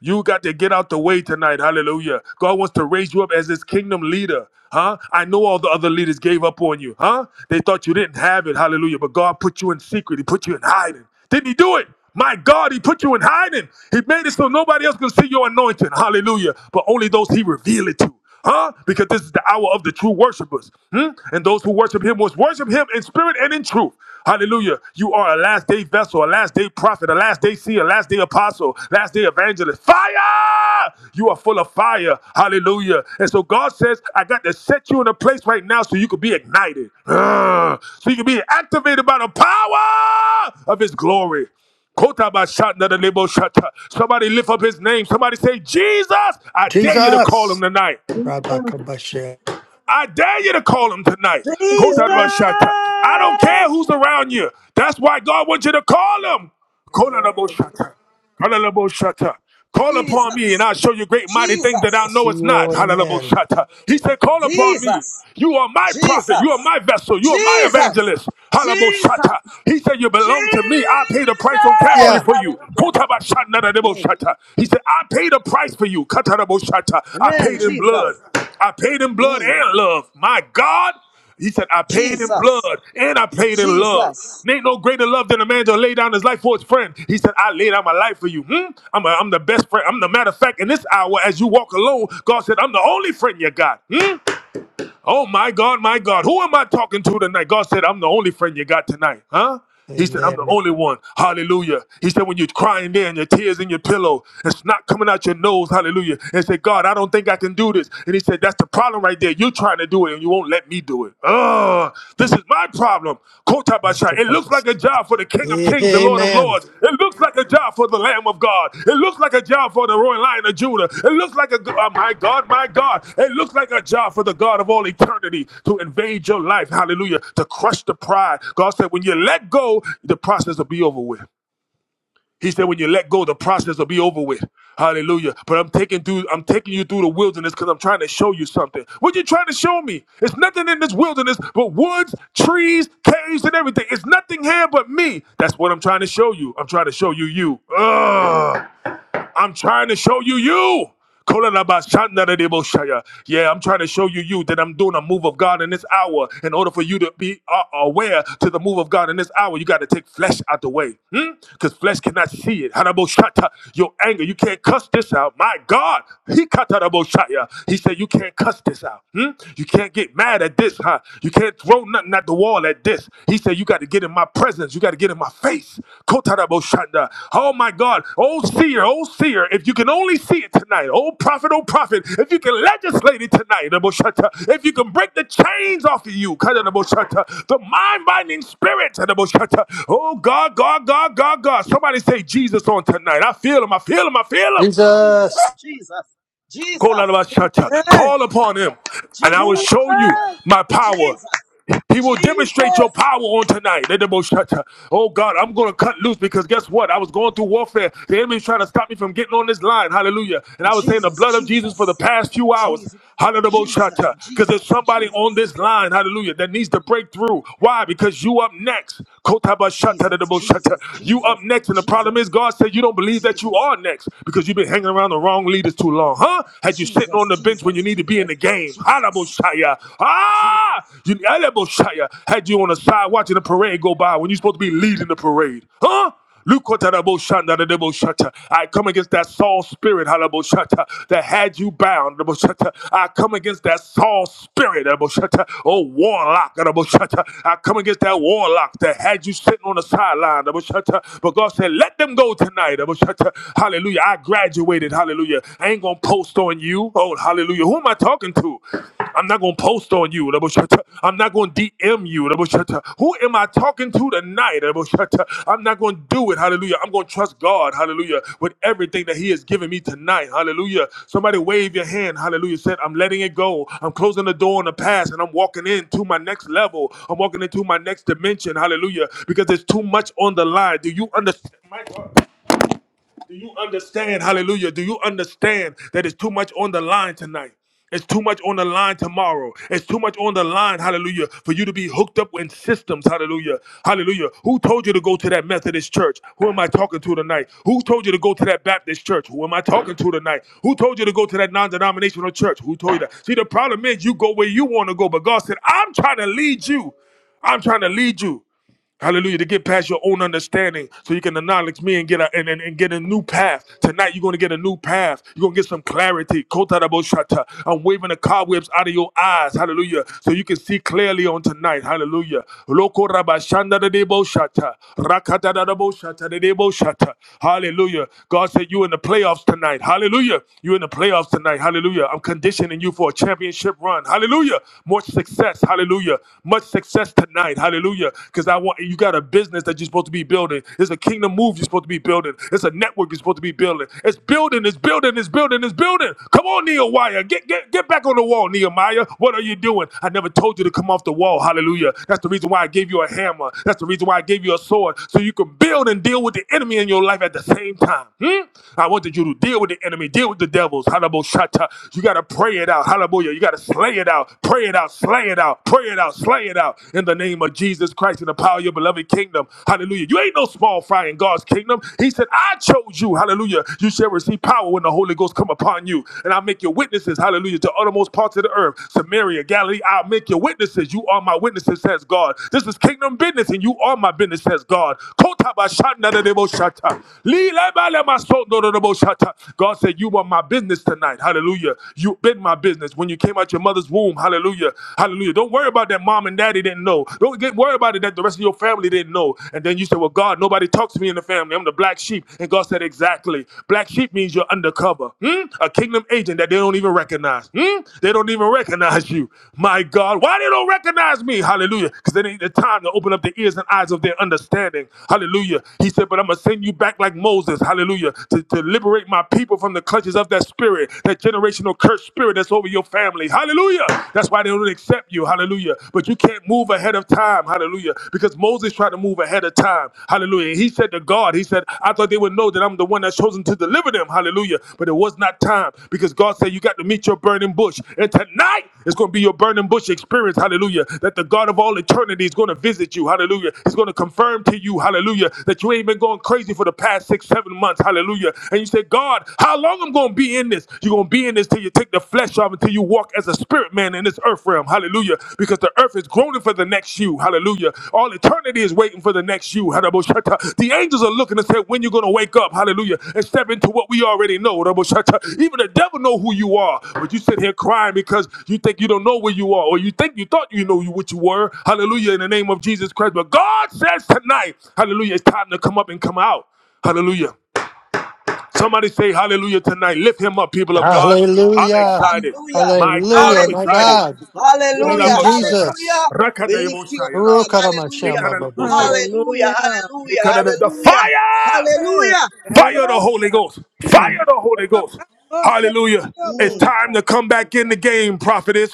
A: You got to get out the way tonight. Hallelujah. God wants to raise you up as his kingdom leader. Huh? I know all the other leaders gave up on you. Huh? They thought you didn't have it. Hallelujah. But God put you in secret. He put you in hiding. Didn't he do it? My God, he put you in hiding. He made it so nobody else can see your anointing. Hallelujah. But only those he revealed it to. Huh? Because this is the hour of the true worshipers. Hmm? And those who worship him must worship him in spirit and in truth. Hallelujah. You are a last day vessel, a last day prophet, a last day seer, a last day apostle, last day evangelist. Fire! You are full of fire. Hallelujah. And so God says, I got to set you in a place right now so you can be ignited. Ugh. So you can be activated by the power of his glory. Kota ba shanda da lebo shata. Somebody lift up his name. Somebody say, Jesus, I dare you to call him
C: Jesus.
A: tonight.
C: Rabakabasha.
A: I dare you to call him tonight. Go
F: Jesus!
G: Hands
A: I don't care who's around you. That's why God wants you to call him. Kotarabashata. Hallelujah. Call upon me and
B: Jesus,
A: I'll show you great mighty things that I
B: Jesus,
A: know
C: See you
A: it's not.
C: well.
A: Hallelujah.
C: Amen.
A: He said, Call upon me.
B: Jesus,
A: You are my prophet. You are
B: Jesus,
A: my vessel. You are my
B: Jesus,
A: evangelist. Hallelujah.
B: Jesus,
A: He said, You belong to me. I paid the price on
B: Jesus.
A: Calvary
C: Yeah.
A: for you.
B: Hallelujah. Mm.
A: Kotabashanadadebosata. He said, I paid a price for you. Katarabosata. I
B: Amen.
A: paid in blood.
B: Jesus.
A: I paid in blood
B: Mm.
A: and love. My God. He said, I paid in
B: Jesus.
A: blood and I paid in love.
B: Jesus.
A: Ain't no greater love than a man to lay down his life for his friend. He said, I lay down my life for you. Hmm? I'm, a, I'm the best friend. I'm the matter of fact, in this hour, as you walk alone, God said, I'm the only friend you got. Hmm? Oh my God, my God. Who am I talking to tonight? God said, I'm the only friend you got tonight. Huh? He said, I'm the
C: Amen.
A: only one. Hallelujah. He said, when you're crying there and your tears in your pillow, it's not coming out your nose. Hallelujah. And said, God, I don't think I can do this. And he said, That's the problem right there. You're trying to do it and you won't let me do it. Oh, this is my problem. Jerusalem. Kotabasha. It looks
C: Rakababasa.
A: like a job for the King of Kings, the Lord of
C: Amen.
A: Lords. It looks like a job for the Lamb of God. It looks like a job for the Royal Lion of Judah. It looks like a, oh my God, my God. It looks like a job for the God of all eternity to invade your life. Hallelujah. To crush the pride. God said, when you let go, the process will be over with. He said, when you let go, the process will be over with. Hallelujah. But I'm taking through, I'm taking you through the wilderness because I'm trying to show you something. What you trying to show me? It's nothing in this wilderness but woods, trees, caves, and everything. It's nothing here but me. That's what I'm trying to show you. I'm trying to show you you. Ugh. I'm trying to show you you. Yeah, I'm trying to show you you that I'm doing a move of God in this hour. In order for you to be uh, aware to the move of God in this hour, you got to take flesh out the way. Because flesh cannot see it. Your anger, you can't cuss this out. My God. He He said, You can't cuss this out. Hmm? You can't get mad at this, huh? You can't throw nothing not the wall at this. He said, You got to get in my presence. You got to get in my face. Kotaraboshanda. Oh my God. Oh seer, oh seer, if you can only see it tonight. Oh prophet, oh prophet, if you can legislate it tonight. Raboshata. If you can break the chains off of you. Kataraboshata. The mind binding spirit. Kataraboshata. Oh God, God, God, God, God. Somebody say Jesus on tonight. I feel him. I feel him. I feel him.
B: Jesus.
C: Jesus.
B: Jesus. Jesus.
A: Kolarabashata.
F: Yes,
B: Jesus.
A: Call upon him and I will
B: Jesus.
A: show you
F: Jesus!
A: my power.
B: Jesus.
A: He will demonstrate
B: Jesus.
A: your power on tonight. Oh God, I'm gonna cut loose because guess what? I was going through warfare. The enemy's trying to stop me from getting on this line. Hallelujah. And I was saying the
B: Jesus. Jesus.
A: blood of Jesus
B: Jesus.
A: for the past few hours.
B: Jesus.
A: Hallelujah.
B: Jesus. Jesus. Jesus. Jesus. Jesus.
A: Because there's somebody on this line, hallelujah, that needs to break through. Why? Because you up next.
B: Jesus. Jesus. Jesus.
A: You up next. And the problem is God said you don't believe that you are next because you've been hanging around the wrong leaders too long. Huh? Had you sitting
B: Jesus.
A: on the bench when
B: Jesus.
A: you need to be in the game? game.
B: Jesus. Jesus. Jesus.
A: Ah! You, Alabushaya had you on the side watching the parade go by when you're supposed to be leading the parade. Huh? Lukotaraboshanda de deboshata. I come against that Saul spirit, halaboshata, that had you bound. deboshata. I come against that Saul spirit, deboshata. oh warlock. deboshata. I come against that warlock that had you sitting on the sideline. deboshata. But God said, let them go tonight. deboshata. Hallelujah. I graduated. Hallelujah hallelujah. I ain't gonna post on you. Oh, hallelujah. Who am I talking to? I'm not gonna post on you. I'm not gonna DM you. Who am I talking to tonight? I'm not gonna do it. Hallelujah. I'm gonna trust God. Hallelujah. With everything that He has given me tonight. Hallelujah. Somebody wave your hand. Hallelujah. Said, I'm letting it go. I'm closing the door on the past and I'm walking into my next level. I'm walking into my next dimension. Hallelujah. Because there's too much on the line. Do you understand? My God. Do you understand? Hallelujah. Do you understand that it's too much on the line tonight? It's too much on the line tomorrow. It's too much on the line, hallelujah, for you to be hooked up in systems, hallelujah. Hallelujah. Who told you to go to that Methodist church? Who am I talking to tonight? Who told you to go to that Baptist church? Who am I talking to tonight? Who told you to go to that non denominational church? Who told you that? See, the problem is you go where you want to go, but God said, I'm trying to lead you. I'm trying to lead you. Hallelujah. To get past your own understanding so you can acknowledge me and get a and, and, and get a new path. Tonight you're gonna get a new path. You're gonna get some clarity. Kotaraboshata. I'm waving the cobwebs out of your eyes. Hallelujah. So you can see clearly on tonight. Hallelujah. Lokorabashandadadeboshata. Rakatadadaboshata. Hallelujah. God said you in the playoffs tonight. Hallelujah. You in the playoffs tonight. Hallelujah. I'm conditioning you for a championship run. Hallelujah. More success. Hallelujah. Much success success tonight. Hallelujah. Because I want you got a business that you're supposed to be building. It's a kingdom move you're supposed to be building. It's a network you're supposed to be building. It's building, it's building, it's building, it's building. Come on, Nehemiah. Get get get back on the wall, Nehemiah. What are you doing? I never told you to come off the wall. Hallelujah. That's the reason why I gave you a hammer. That's the reason why I gave you a sword. So you can build and deal with the enemy in your life at the same time. Hmm? I wanted you to deal with the enemy, deal with the devils. Hallelujah. You gotta pray it out. Hallelujah. You gotta slay it out. Pray it out. Slay it out, pray it out, slay it out in the name of Jesus Christ and the power of your beloved kingdom. Hallelujah. You ain't no small fry in God's kingdom. He said, I chose you. Hallelujah. You shall receive power when the Holy Ghost come upon you. And I'll make your witnesses, hallelujah, to uttermost parts of the earth. Samaria, Galilee, I'll make your witnesses. You are my witnesses, says God. This is kingdom business, and you are my business, says God. God said, You are my business tonight. Hallelujah. You've been my business. When you when you came out your mother's womb. Hallelujah. Hallelujah. Don't worry about that mom and daddy didn't know. Don't get worried about it that the rest of your family didn't know. And then you say, Well, God, nobody talks to me in the family. I'm the black sheep. And God said, Exactly. Black sheep means you're undercover. Hmm? A kingdom agent that they don't even recognize. Hmm? They don't even recognize you. My God. Why they don't recognize me? Hallelujah. Because they need the time to open up the ears and eyes of their understanding. Hallelujah. He said, But I'm gonna send you back like Moses. Hallelujah. To, to liberate my people from the clutches of that spirit that that generational curse spirit that's over your family. Hallelujah. That's why they don't accept you. Hallelujah. But you can't move ahead of time. Hallelujah. Because Moses tried to move ahead of time. Hallelujah. And he said to God, He said, I thought they would know that I'm the one that's chosen to deliver them. Hallelujah. But it was not time because God said, You got to meet your burning bush. And tonight it's going to be your burning bush experience. Hallelujah. That the God of all eternity is going to visit you. Hallelujah. He's going to confirm to you. Hallelujah. That you ain't been going crazy for the past six, seven months. Hallelujah. And you say, God, how long I'm gonna be in this? You're gonna be in this till you take the flesh off, until you walk as a spirit man in this earth realm. Hallelujah. Because the earth is groaning for the next you. Hallelujah. All eternity is waiting for the next you. Hadaboshata. The angels are looking and say, when you're gonna wake up, hallelujah, and step into what we already know. Hadaboshata. Even the devil know who you are, but you sit here crying because you think you don't know where you are, or you think you thought you know you what you were. Hallelujah, in the name of Jesus Christ. But God says tonight, hallelujah, it's time to come up and come out. Hallelujah. Somebody say hallelujah tonight. Lift him up, people of God. I'm
C: Hallelujah.
A: excited.
B: Hallelujah.
A: My God,
C: Hallelujah.
A: I'm
C: My
B: Hallelujah.
A: excited.
C: God. Thank
B: Hallelujah.
C: you,
A: Kulalabashata,
B: Hallelujah.
C: Jesus.
B: We lift you up,
A: rakatayimoshaya,
B: Lord. Hallelujah.
A: lekaraleboshata,
C: Urukaramashamababobo.
B: Hallelujah.
F: Hallelujah.
B: Hallelujah.
A: lekarale- The
B: Hallelujah.
A: fire!
F: Hey,
B: Hallelujah.
F: get out of the
A: Fire the
F: house.
A: Holy Ghost.
H: Yeah.
A: Fire the Holy Ghost.
F: Rabakoshek
A: Hallelujah. It's
B: Mm.
A: time
F: yobosa.
A: to come back in the
F: Jesus.
A: game, prophetess.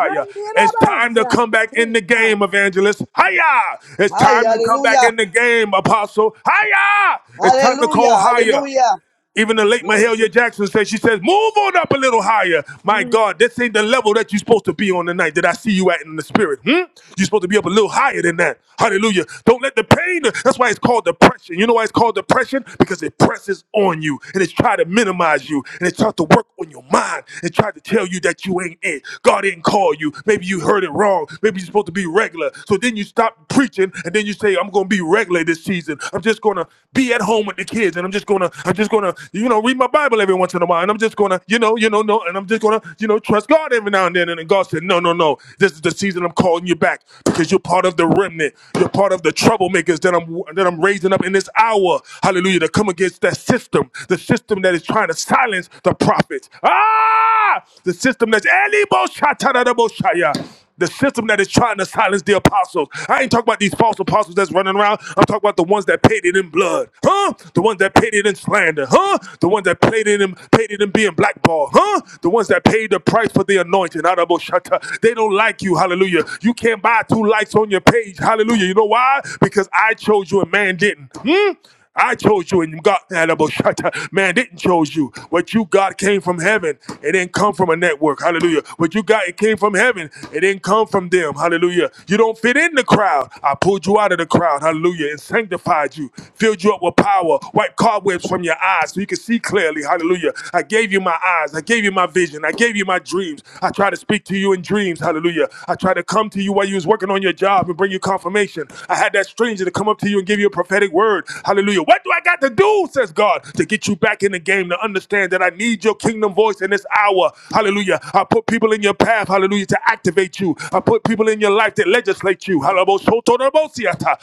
F: And get
A: It's time
F: the
A: to come
F: house.
A: back in the
F: Jesus.
A: game, evangelist. Hiya! It's
B: Hi,
A: time to come back
B: hallelujah.
A: in the game, apostle. Hiya! It's time to call
B: Hallelujah.
A: higher.
B: Hallelujah.
A: Even the late
B: Glory to
A: Mahalia
B: you.
A: Jackson said, she says, move on up a little higher. My
F: Mm,
A: God, this ain't the level that you're supposed to be on tonight that I see you at in the spirit. Hmm? You're supposed to be up a little higher than that. Hallelujah. Don't let the pain, that's why it's called depression. You know why it's called depression? Because it presses on you and it's trying to minimize you and it's trying to work on your mind and try to tell you that you ain't it. God didn't call you. Maybe you heard it wrong. Maybe you're supposed to be regular. So then you stop preaching and then you then you say, I'm gonna be regular this season. I'm just gonna be at home with the kids and I'm just gonna, I'm just gonna, you know, read my Bible every once in a while. And I'm just gonna, you know, you know, no, and I'm just gonna, you know, trust God every now and then. And then God said, No, no, no. This is the season I'm calling you back because you're part of the remnant. You're part of the troublemakers that I'm that I'm raising up in this hour. Hallelujah. To come against that system, the system that is trying to silence the prophets. Ah! The system that's Elimo Shatarabo Shaya the system that is trying to silence the apostles. I ain't talking about these false apostles that's running around. I'm talking about the ones that paid it in blood, huh? The ones that paid it in slander, huh? The ones that paid it in paid it in being blackballed, huh? The ones that paid the price for the anointing. Honorable Shatta. They don't like you, hallelujah. You can't buy two likes on your page, hallelujah. You know why? Because I chose you and man didn't. Hmm? I chose you and God Shata. Man didn't chose you. What you got came from heaven. It didn't come from a network. Hallelujah. What you got, it came from heaven. It didn't come from them. Hallelujah. You don't fit in the crowd. I pulled you out of the crowd. Hallelujah. And sanctified you. Filled you up with power. Wiped cobwebs from your eyes so you can see clearly. Hallelujah. I gave you my eyes. I gave you my vision. I gave you my dreams. I tried to speak to you in dreams. Hallelujah. I tried to come to you while you was working on your job and bring you you confirmation. I had that stranger to come up to you and give you a prophetic word. Hallelujah. What do I got to do, says God, to get you back in the game to understand that I need your kingdom voice in this hour? Hallelujah. I put people in your path, hallelujah, to activate you. I put people in your life that legislate you. Halabosotorobosiata,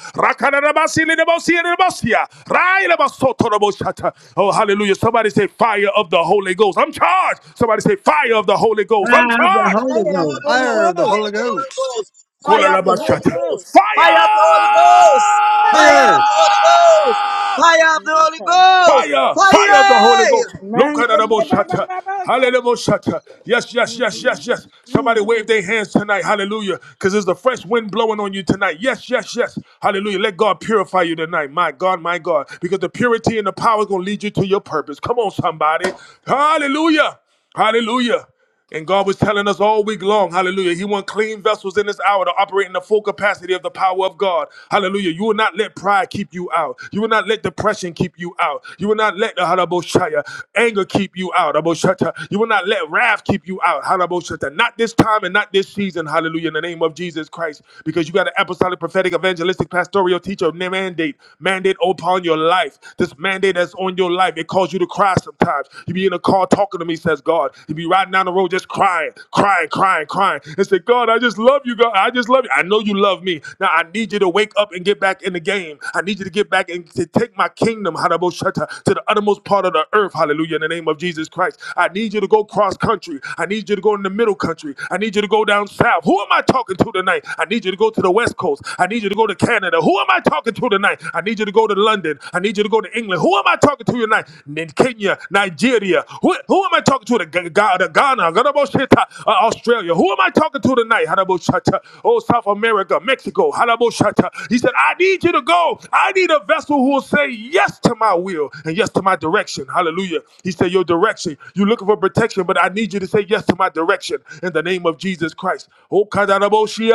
A: Oh, hallelujah. Somebody say, Fire of the Holy Ghost. I'm charged. Somebody say, Fire of the Holy Ghost. I'm
H: By the
A: charged.
H: Holy
F: Fire
B: The
F: of the
B: Holy
H: Ghost.
F: Holy
C: Fire
B: Ghost.
C: of the
B: Fire
F: Ghost.
C: Holy
B: of the Holy
C: Ghost.
B: Ghost.
F: Fire
B: Fire of
F: of
B: the
F: the
B: Holy
F: Holy
A: Kolalabashata.
F: Ghost.
B: Ghost.
A: Fire!
B: Fire of the Holy Ghost.
F: Ah,
B: Fire of
C: Fire.
B: the Holy Ghost. Fire of the Holy
F: Okay.
B: Ghost.
A: Fire! Fire of the Holy
B: Fire!
A: Ghost. Look
F: Man,
A: at the
F: get out of
A: shata.
F: the house.
A: Hallelujah. Shata. Yes, yes,
F: Mm,
A: yes, yes, yes. Somebody
F: mm.
A: wave their hands tonight. Hallelujah. Because there's the fresh wind blowing on you tonight. Yes, yes, yes. Hallelujah. Let God purify you tonight. My God, my God. Because the purity and the power is going to lead you to your purpose. Come on, somebody. Hallelujah. Hallelujah. And God was telling us all week long, hallelujah, He wants clean vessels in this hour to operate in the full capacity of the power of God. Hallelujah. You will not let pride keep you out. You will not let depression keep you out. You will not let the halaboshaya, anger keep you out. Aboshata. You will not let wrath keep you out. Halaboshata. Not this time and not this season. Hallelujah. In the name of Jesus Christ. Because you got an apostolic, prophetic, evangelistic, pastoral teacher mandate. Mandate upon your life. This mandate that's on your life. It calls you to cry sometimes. You be in a car talking to me, says God. You be riding down the road just crying, crying, crying, crying, and say, God, I just love you, God. I just love you. I know you love me. Now I need you to wake up and get back in the game. I need you to get back and to take my kingdom, Hadaboshata, to the uttermost part of the earth. Hallelujah. In the name of Jesus Christ. I need you to go cross country. I need you to go in the middle country. I need you to go down south. Who am I talking to tonight? I need you to go to the west coast. I need you to go to Canada. Who am I talking to tonight? I need you to go to London. I need you to go to England. England? Who am I talking to tonight? In Kenya, Nigeria. Who, who am I talking to? The, Ga- Ga- the Ghana, Gadabosheta, uh, Australia. Who am I talking to tonight? Hadaboshata. Oh, South America, Mexico. Hadaboshata. He said, I need you to go. I need a vessel who will say yes to my will and yes to my direction. Hallelujah. He said, Your direction. You're looking for protection, but I need you to say yes to my direction in the name of Jesus Christ. Oh, Kadadaboshiata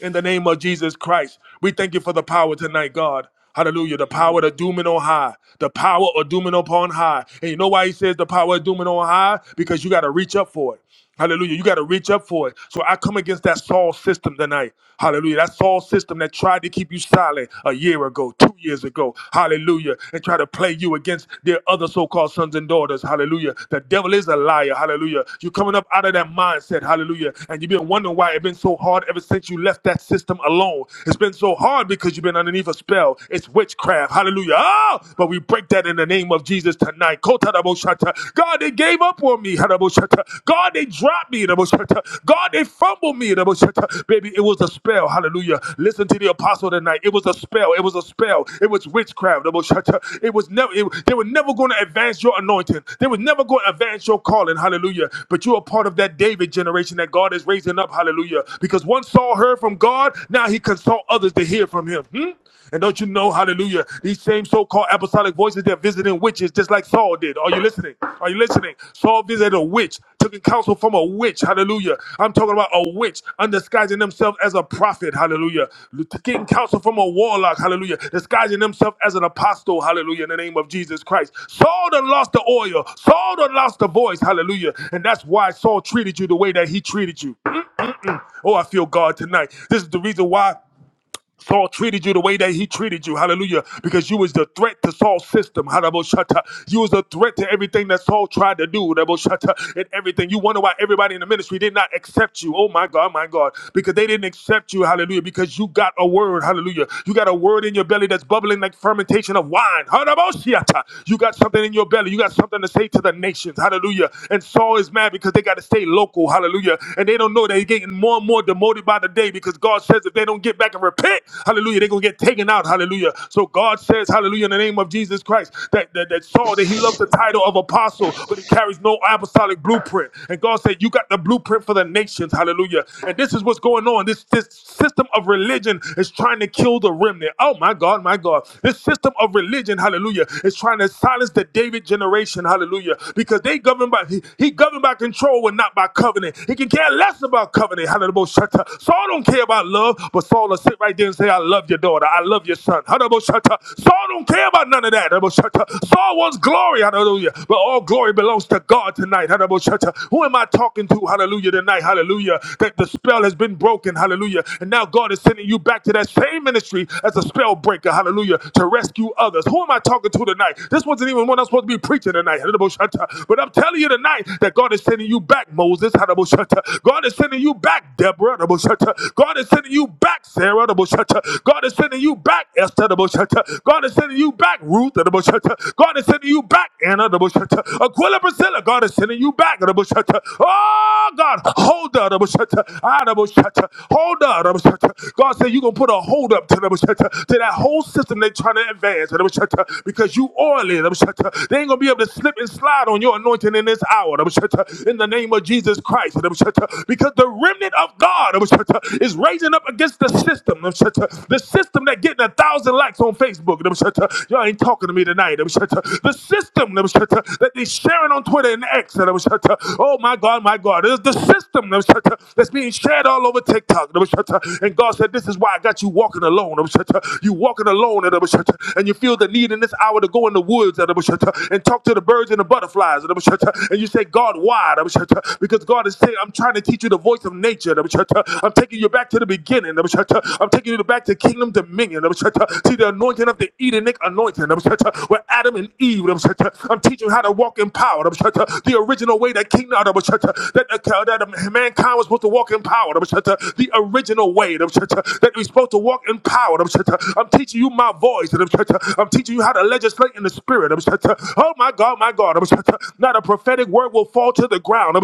A: in the name of Jesus Christ. We thank you for the power tonight, God. Hallelujah.
H: Yes,
A: The power
H: Lord.
A: of dooming on high. The power of dooming upon high. And you know why he says the power of dooming on high? Because you got to reach up for it. Hallelujah. You got to reach up for it. So I come against that Saul system tonight. Hallelujah. That Saul system that tried to keep you silent a year ago, two two years ago, hallelujah, and try to play you against their other so called sons and daughters, hallelujah. The devil is a liar, hallelujah. You're coming up out of that mindset, hallelujah, and you've been wondering why it's been so hard ever since you left that system alone. It's been so hard because you've been underneath a spell. It's witchcraft, hallelujah. Oh, but we break that in the name of Jesus tonight. Kotaraboshata. God, they gave up on me, haraboshata. God, they dropped me me. God, they fumbled me. Baby, it was a spell. Hallelujah. Listen to the apostle tonight. It was a spell. It was a spell. It was witchcraft. It was never. it- they were never going to advance your anointing. They were never going to advance your calling. Hallelujah. But you are part of that David generation that God is raising up. Hallelujah. Because one Saul heard from God, now he consult others to hear from him. Hmm? And don't you know, hallelujah, these same so-called apostolic voices they are visiting witches just like Saul did. Are you listening? Are you listening? Saul visited a witch, took counsel from a witch. Hallelujah. I'm talking about a witch undisguising themselves as a prophet. Hallelujah. Taking counsel from a warlock. Hallelujah. Disguising themselves as an apostle. Hallelujah. In the name of Jesus Christ. Saul done lost the oil. Saul done lost the voice. Hallelujah. And that's why Saul treated you the way that he treated you. Oh, I feel God tonight. This is the reason why Saul treated you the way that he treated you, hallelujah, because you was the threat to Saul's system, hallelujah. You was a threat to everything that Saul tried to do, hallelujah, and everything. You wonder why everybody in the ministry did not accept you. Oh my God, my God, because they didn't accept you, hallelujah, because you got a word, hallelujah. You got a word in your belly that's bubbling like fermentation of wine, hallelujah. You got something in your belly. You got something to say to the nations, hallelujah. And Saul is mad because they got to stay local, hallelujah, and they don't know that he's getting more and more demoted by the day because God says says if they don't get back and repent, hallelujah, they're going to get taken out, hallelujah. So God says, hallelujah, in the name of Jesus Christ, that, that, that Saul, that he loved the title of apostle, but he carries no apostolic blueprint. And God said, you got the blueprint for the nations, hallelujah. And this is what's going on. This, this system of religion is trying to kill the remnant. Oh, my God, my God. This system of religion, hallelujah, is trying to silence the David generation, hallelujah, because they govern by, he, he governed by control and not by covenant. He can care less about covenant, hallelujah. Hadaboshata. Saul don't care about love, but Saul will sit right there and say, I love your daughter. I love your son. Hadaboshata. Saul don't care about none of that. Hadaboshata. Saul wants glory. Hallelujah. But all glory belongs to God tonight. Hadaboshata. Who am I talking to? Hallelujah. Tonight. Hallelujah. That the spell has been broken. Hallelujah. And now God is sending you back to that same ministry as a spell breaker. Hallelujah. To rescue others. Who am I talking to tonight? This wasn't even one I'm supposed to be preaching tonight. Hadaboshata. But I'm telling you tonight that God is sending you back, Moses. Hadaboshata. God is is sending you back, Deborah. the Most High. God is sending you back, Sarah. the Most High. God is sending you back, Esther. the Most High. God is sending you back, Ruth. the Most High. God is sending you back, Anna. the Most High. Aquila Priscilla. God is sending you back. the Most High. Oh, God. Hold up. the Most High. Ah, the Most High. Hold up. the Most High. God said you're going to put a hold up to, the Most High, to that whole system they're trying to advance. the Most High, Because you oily. the Most High. They ain't going to be able to slip and slide on your anointing in this hour. the Most High. In the name of Jesus. Jesus Christ. Because the remnant of God is raising up against the system. The system that getting a thousand likes on Facebook. Y'all ain't talking to me tonight. The system that they sharing on Twitter and X. Oh my God, my God. It's the system that's being shared all over TikTok. And God said, This is why I got you walking alone. You walking alone and you feel the need in this hour to go in the woods and talk to the birds and the butterflies. And you say, God, God, why? Because God is saying, I'm trying to teach you the voice of nature. I'm taking you back to the beginning. I'm taking you back to kingdom dominion. See the anointing of the Edenic anointing where Adam and Eve. I'm teaching you how to walk in power. The original way that kingdom that, that um, mankind was supposed to walk in power. The original way that we're supposed to walk in power. I'm teaching you my voice. I'm teaching you how to legislate in the spirit. Oh my God, my God. Not a prophetic word will fall to the ground.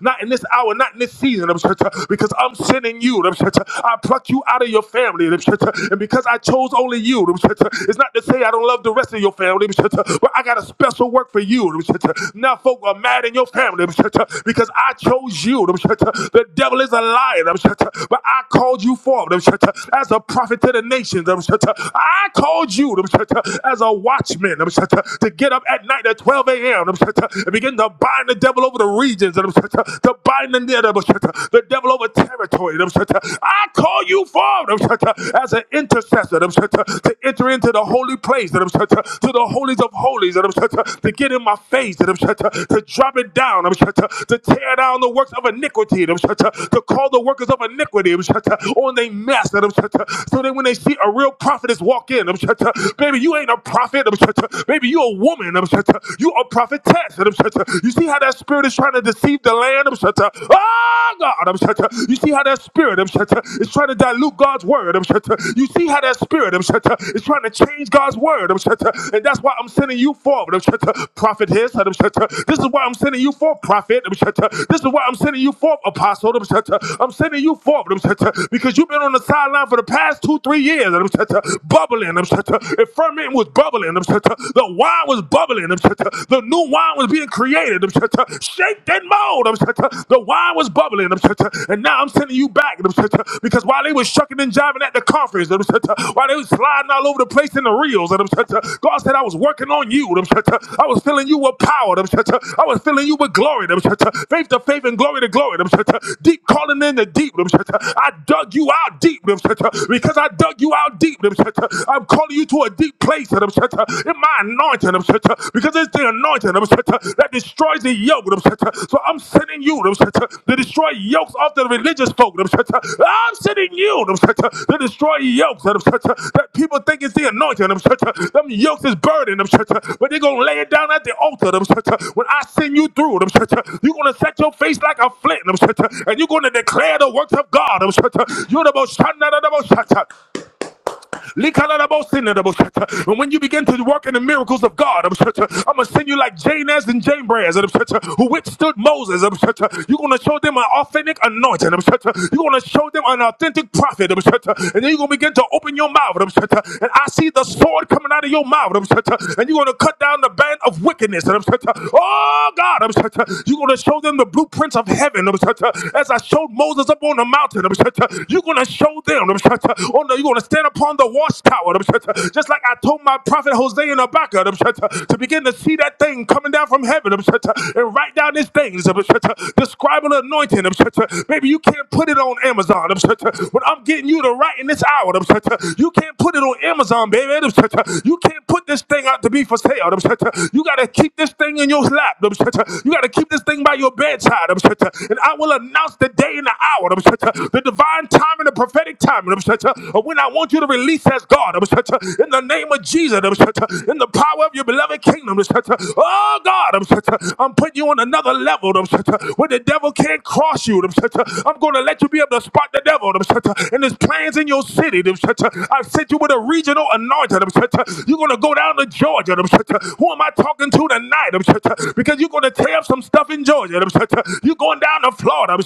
A: Not in this hour, not in this season. Because I'm sending you. I pluck you out of your family. And because I chose only you, it's not to say I don't love the rest of your family, but I got a special work for you. Now folk are mad in your family because I chose you. The devil is a liar, but I called you forth as a prophet to the nations. I called you as a watchman to get up at at night at 12 a.m. And begin to bind the devil over the regions. And to bind the, the devil over territory. I call you forth as an intercessor to enter into the holy place, to the holies of holies, to get in my face, to drop it down, to tear down the works of iniquity, to call the workers of iniquity on their mess, so that when they see a real prophetess walk in, baby, you ain't a prophet, Baby, you a woman. You a prophetess. You see how that spirit is trying to deceive the land? Oh, God. You see how that spirit is trying to dilute God's word. You see how that spirit is trying to change God's word. And that's why I'm sending you forward. Prophet his. This is why I'm sending you for prophet. This is why I'm sending you for apostle. I'm sending you forward because you've been on the sideline for the past two, three years, bubbling, and ferment was bubbling. The wine was bubbling. The new wine was being created. Shake that mold. The wine was bubbling. And now I'm sending you back. Because while they were shucking and jiving at the conference, while they were sliding all over the place in the reels, God said, I was working on you. I was filling you with power. I was filling you with glory. Faith to faith and glory to glory. Deep calling in the deep. I dug you out deep because I dug you out deep. I'm calling you to a deep place in my anointing because it's the anointing that destroys the yoke. So I'm sending you to destroy yokes off the religious folk. I'm sending you to destroy yokes that people think is the anointing. Them yokes is burden, but they're going to lay it down at the altar. When I send you through, you're going to set your face like a flint and you're going to declare the works of God. You're the most Likalalabosinadabosata. And when you begin to walk in the miracles of God, I'm going to send you like Janez and Jambres who withstood Moses. You're going to show them an authentic anointing. You're going to show them an authentic prophet. And then you're going to begin to open your mouth. And I see the sword coming out of your mouth. And you're going to cut down the band of wickedness. Oh, God. You're going to show them the blueprints of heaven. As I showed Moses up on the mountain. You're going to show them Oh no, you're going to stand upon the watchtower. Just like I told my prophet Hosea and Habakkuk to begin to see that thing coming down from heaven and write down these things. Describe an anointing. Maybe you can't put it on Amazon, but I'm getting you to write in this hour. You can't put it on Amazon, baby. You can't put this thing out to be for sale. You got to keep this thing in your lap. You got to keep this thing by your bedside. And I will announce the day and the hour, the divine time and the having a prophetic time when I want you to release as God in the name of Jesus, in the power of your beloved kingdom. Oh God, I'm putting you on another level where the devil can't cross you. I'm going to let you be able to spot the devil and his plans in your city. I've sent you with a regional anointing. You're going to go down to Georgia. Who am I talking to tonight? Because you're going to tear up some stuff in Georgia. You're going down to Florida.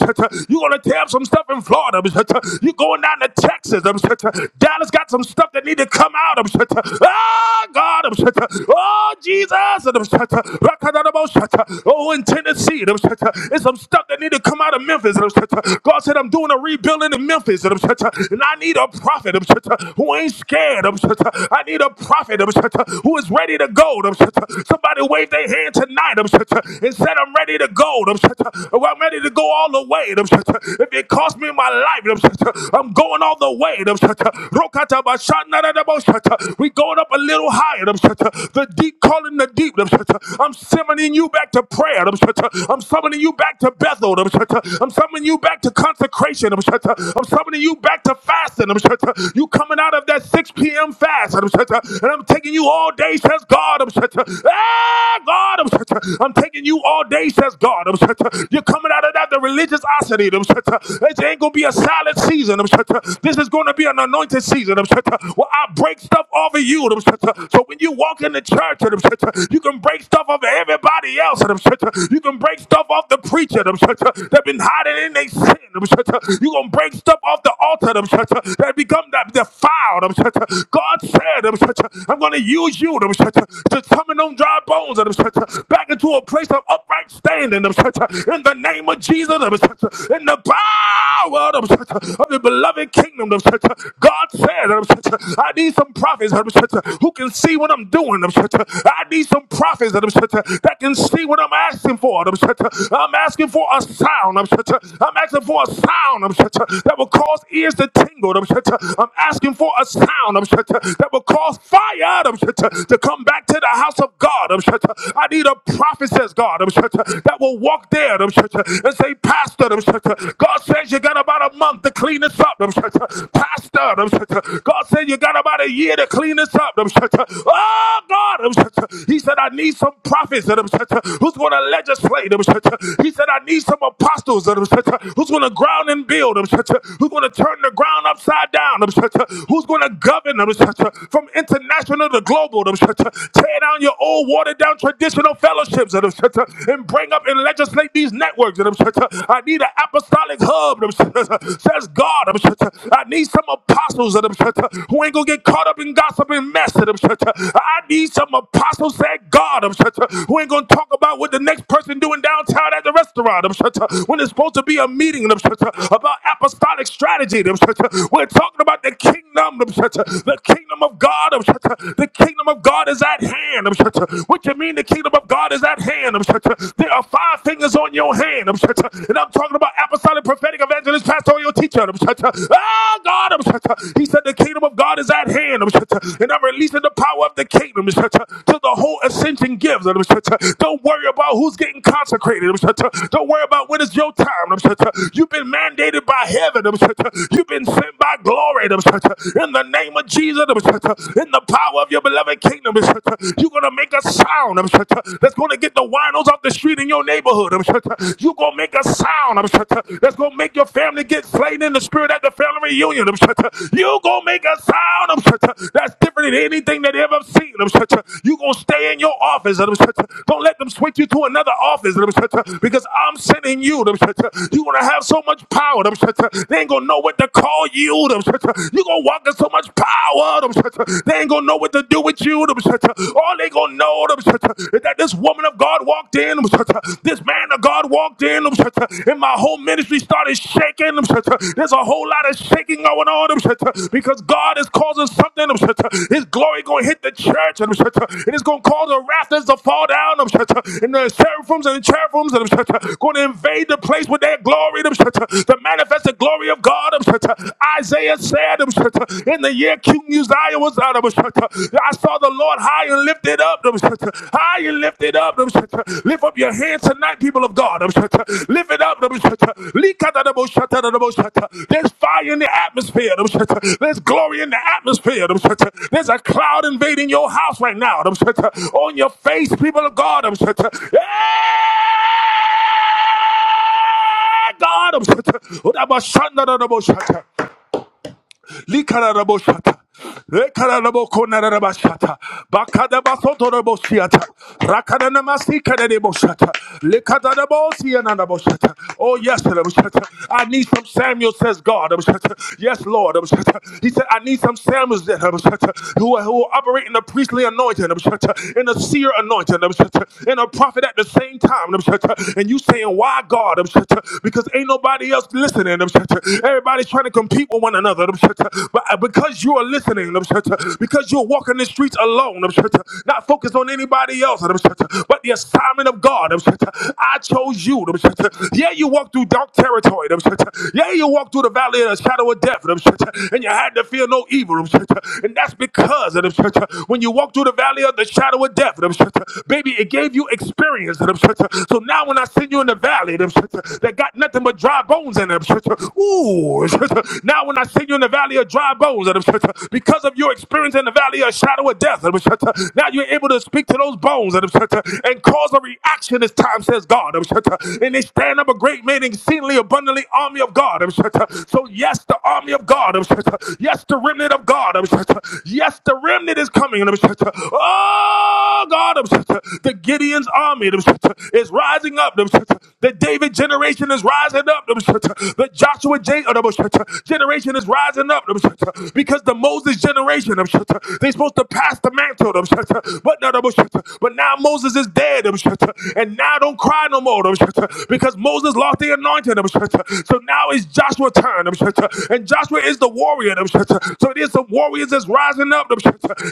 A: You're going to tear up some stuff stuff in Florida. You're going down to Texas. Dallas got some stuff that need to come out. Ah, God. Oh, Jesus. Oh, in Tennessee. It's some stuff that need to come out of Memphis. God said, I'm doing a rebuilding in Memphis. And I need a prophet who ain't scared. I need a prophet who is ready to go. Somebody wave their hand tonight and said, I'm ready to go. I'm ready to go all the way way. If it costs me my life, I'm going all the way. We going up a little higher. The deep calling the deep. I'm summoning you back to prayer. I'm summoning you back to Bethel. I'm summoning you back to consecration. I'm summoning you back to fasting. You coming out of that 6 p.m. fast. And I'm taking you all day, says God. Ah, God. I'm taking you all day, says God. You're you're coming out of that, the religious osity. uh, It ain't going to be a silent season. uh, This is going to be an anointed season. uh, Well, I break stuff over you. uh, So when you walk in the church, uh, you can break stuff off of everybody else. uh, You can break stuff off the preacher. uh, They've been hiding in their sin. Them shit, uh, You going to break stuff off the altar. they shit, uh, become that defiled. uh, God said, uh, I'm going to use you. uh, To summon them dry bones. uh, Back into a place of upright Standing in the name of Jesus in the power of the beloved kingdom God said I need some prophets who can see what I'm doing I need some prophets that can see what I'm asking for I'm asking for a sound I'm asking for a sound that will cause ears to tingle I'm asking for a sound that will cause fire to come back to the house of God I need a prophet says, God, um, that will walk there um, and say, Pastor, um, God says you got about a month to clean this up. um, Pastor, um, God said you got about a year to clean this up. um, Oh, God. um, He said, I need some prophets um, who's going to legislate. um, He said, I need some apostles um, who's going to ground and build, um, who's going to turn the ground upside down, um, who's going to govern um, from international to global. um, Tear down your old water down traditional fellowships and, bring up and legislate these networks. I need an apostolic hub. says God. I need some apostles who ain't gonna get caught up in gossip and mess. I need some apostles, said God, and who ain't gonna talk about what the next person doing downtown at the restaurant. when it's supposed to be a meeting about apostolic strategy. we're talking about the kingdom, the kingdom of God. The kingdom of God is God is at hand. What you mean the kingdom of God is at hand? There are five fingers on your hand. And I'm talking about apostolic, prophetic, evangelist, pastoral teacher. Ah, God. He said the kingdom of God is at hand. And I'm releasing the power of the kingdom to the whole ascension gives. Don't worry about who's getting consecrated. Don't worry about when it's your time. You've been mandated by heaven. You've been sent by glory. In the name of Jesus. In the power of your beloved kingdom. You're going to make a sound that's going to get the winos off the street in your neighborhood. You're going to make a sound that's going to make your family get slain in the spirit at the family reunion. You're going to make a sound that's different than anything that they ever seen. You're going to stay in your office. Don't let them switch you to another office because I'm sending you. You're going to have so much power. They ain't going to know what to call you. You're going to walk in so much power power. They ain't gonna know what to do with you. All they gonna know is that this woman of God walked in. This man of God walked in. And my whole ministry started shaking. There's a whole lot of shaking going on. Because God is causing something. His glory gonna hit the church. And it's gonna cause the rafters to fall down. And the seraphims and the cherubims them gonna invade the place with their glory. Them shut To manifest the glory of God. Isaiah said. In the year King Uzziah was out I saw the Lord high and lifted up. High and lifted up. Lift up your hands tonight, people of God. Lift it up. Shata. Likadadabo Shata, dadabo Shata. There's fire in the atmosphere. There's glory in the atmosphere. There's a cloud invading your house right now. On your face, people of God. Yeah! God, Likararaboshata. Rekararabokonararabashata. Bakadabasotoroboshiata. Rakananamasikanereboshata. Likadadabosiananaboshata. Oh, yes, Raboshata. I need some Samuel, says God. Raboshata. Yes, Lord. Raboshata. He said, I need some Samuels that Raboshata, who, who will operate in the priestly anointing, Raboshata, in the seer anointing, Raboshata, and a prophet at the same time. Raboshata. And you saying, Why God? Raboshata? Because ain't nobody else listening. Raboshata. Everybody's trying to compete sleep with one another. But uh, because you are listening, because you're walking the streets alone, not focused on anybody else, but the assignment of God, I chose you. Yeah, you walked through dark territory. Yeah, you walked through the valley of the shadow of death, and you had to fear no evil. And that's because when you walk through the valley of the shadow of death, baby, it gave you experience. So now when I send you in the valley, that got nothing but dry bones in them, ooh, bones. now, when I see you in the valley of dry bones, because of your experience in the valley of shadow of death, now you're able to speak to those bones and cause a reaction as time says God. And they stand up a great man, exceedingly abundantly army of God. So, yes, the army of God. Yes, the remnant of God. Yes, the remnant is coming. Oh, God. The Gideon's army is rising up. The David generation is rising up. The Joshua J of the generation is rising up because the Moses generation they're supposed to pass the mantle, but no, but now Moses is dead, and now don't cry no more because Moses lost the anointing, so now it's Joshua's turn, and Joshua is the warrior, so there's some warriors that's rising up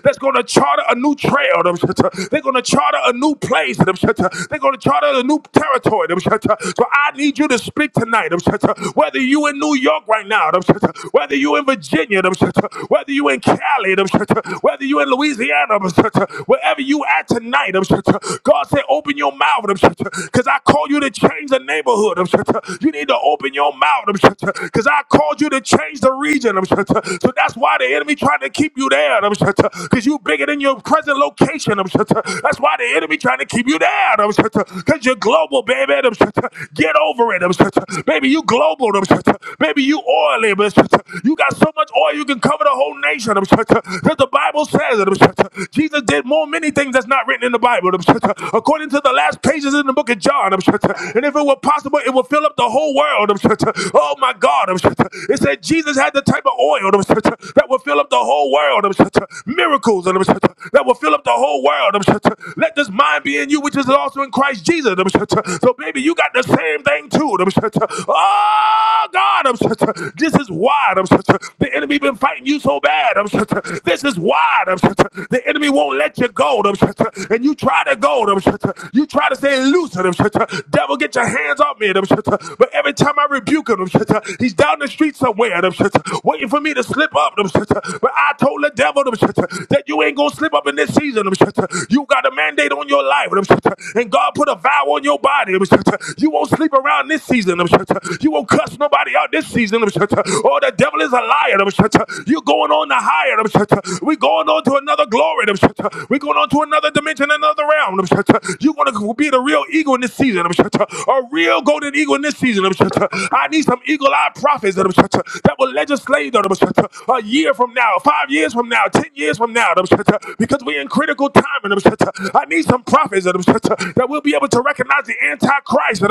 A: that's going to charter a new trail, they're going to charter a new place, they're going to charter a new territory. So I need you to speak big tonight. um, Whether you in New York right now, um, whether you in Virginia, um, whether you in Cali, um, whether you in Louisiana, um, wherever you at tonight, um, God said, open your mouth, um, cause I call you to change the neighborhood. um, You need to open your mouth, um, cause I called you to change the region. um, So that's why the enemy trying to keep you there, um, cause you bigger than your present location. um, That's why the enemy trying to keep you there, um, cause you're global, baby. um, Get over it. Baby, you global. Baby, you oily. You got so much oil you can cover the whole nation. That the Bible says. it. Jesus did more many things that's not written in the Bible. According to the last pages in the book of John. And if it were possible, it would fill up the whole world. Oh my God. It said Jesus had the type of oil that would fill up the whole world. Miracles that will fill up the whole world. Let this mind be in you, which is also in Christ Jesus. So so, baby, you got the same thing too. Oh, God, this is why the enemy been fighting you so bad. this is why the enemy won't let you go. and you try to go. you try to stay loose. I'm devil, get your hands off me. but every time I rebuke him, he's down the street somewhere. waiting for me to slip up. but I told the devil that you ain't gonna slip up in this season. you got a mandate on your life. and God put a a vow on your body. You won't sleep around this season. You won't cuss nobody out this season. Oh, the devil is a liar. You're going on to higher. We're going on to another glory. We're going on to another dimension, another realm. You're going to be the real eagle in this season. A real golden eagle in this season. I need some eagle eyed prophets that will legislate a year from now, five years from now, ten years from now, because we're in critical time. I need some prophets. that we'll be able to recognize the Antichrist.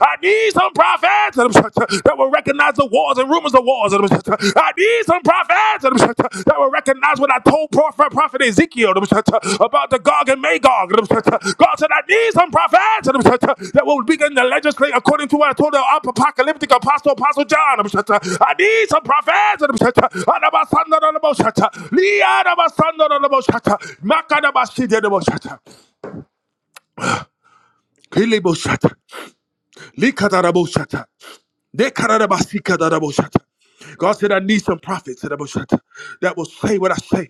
A: I need some prophets that will recognize the wars and rumors of wars. I need some prophets that will recognize what I told prophet, prophet Ezekiel about the Gog and Magog. God said, I need some prophets that will begin to legislate according to what I told the apocalyptic apostle, Apostle John. I need some prophets. Makadabashidabashata. Keleboshata, likadaraboshata, dekarabasikadarabosata. God said, I need some prophets sadaboshata, that will say what I say,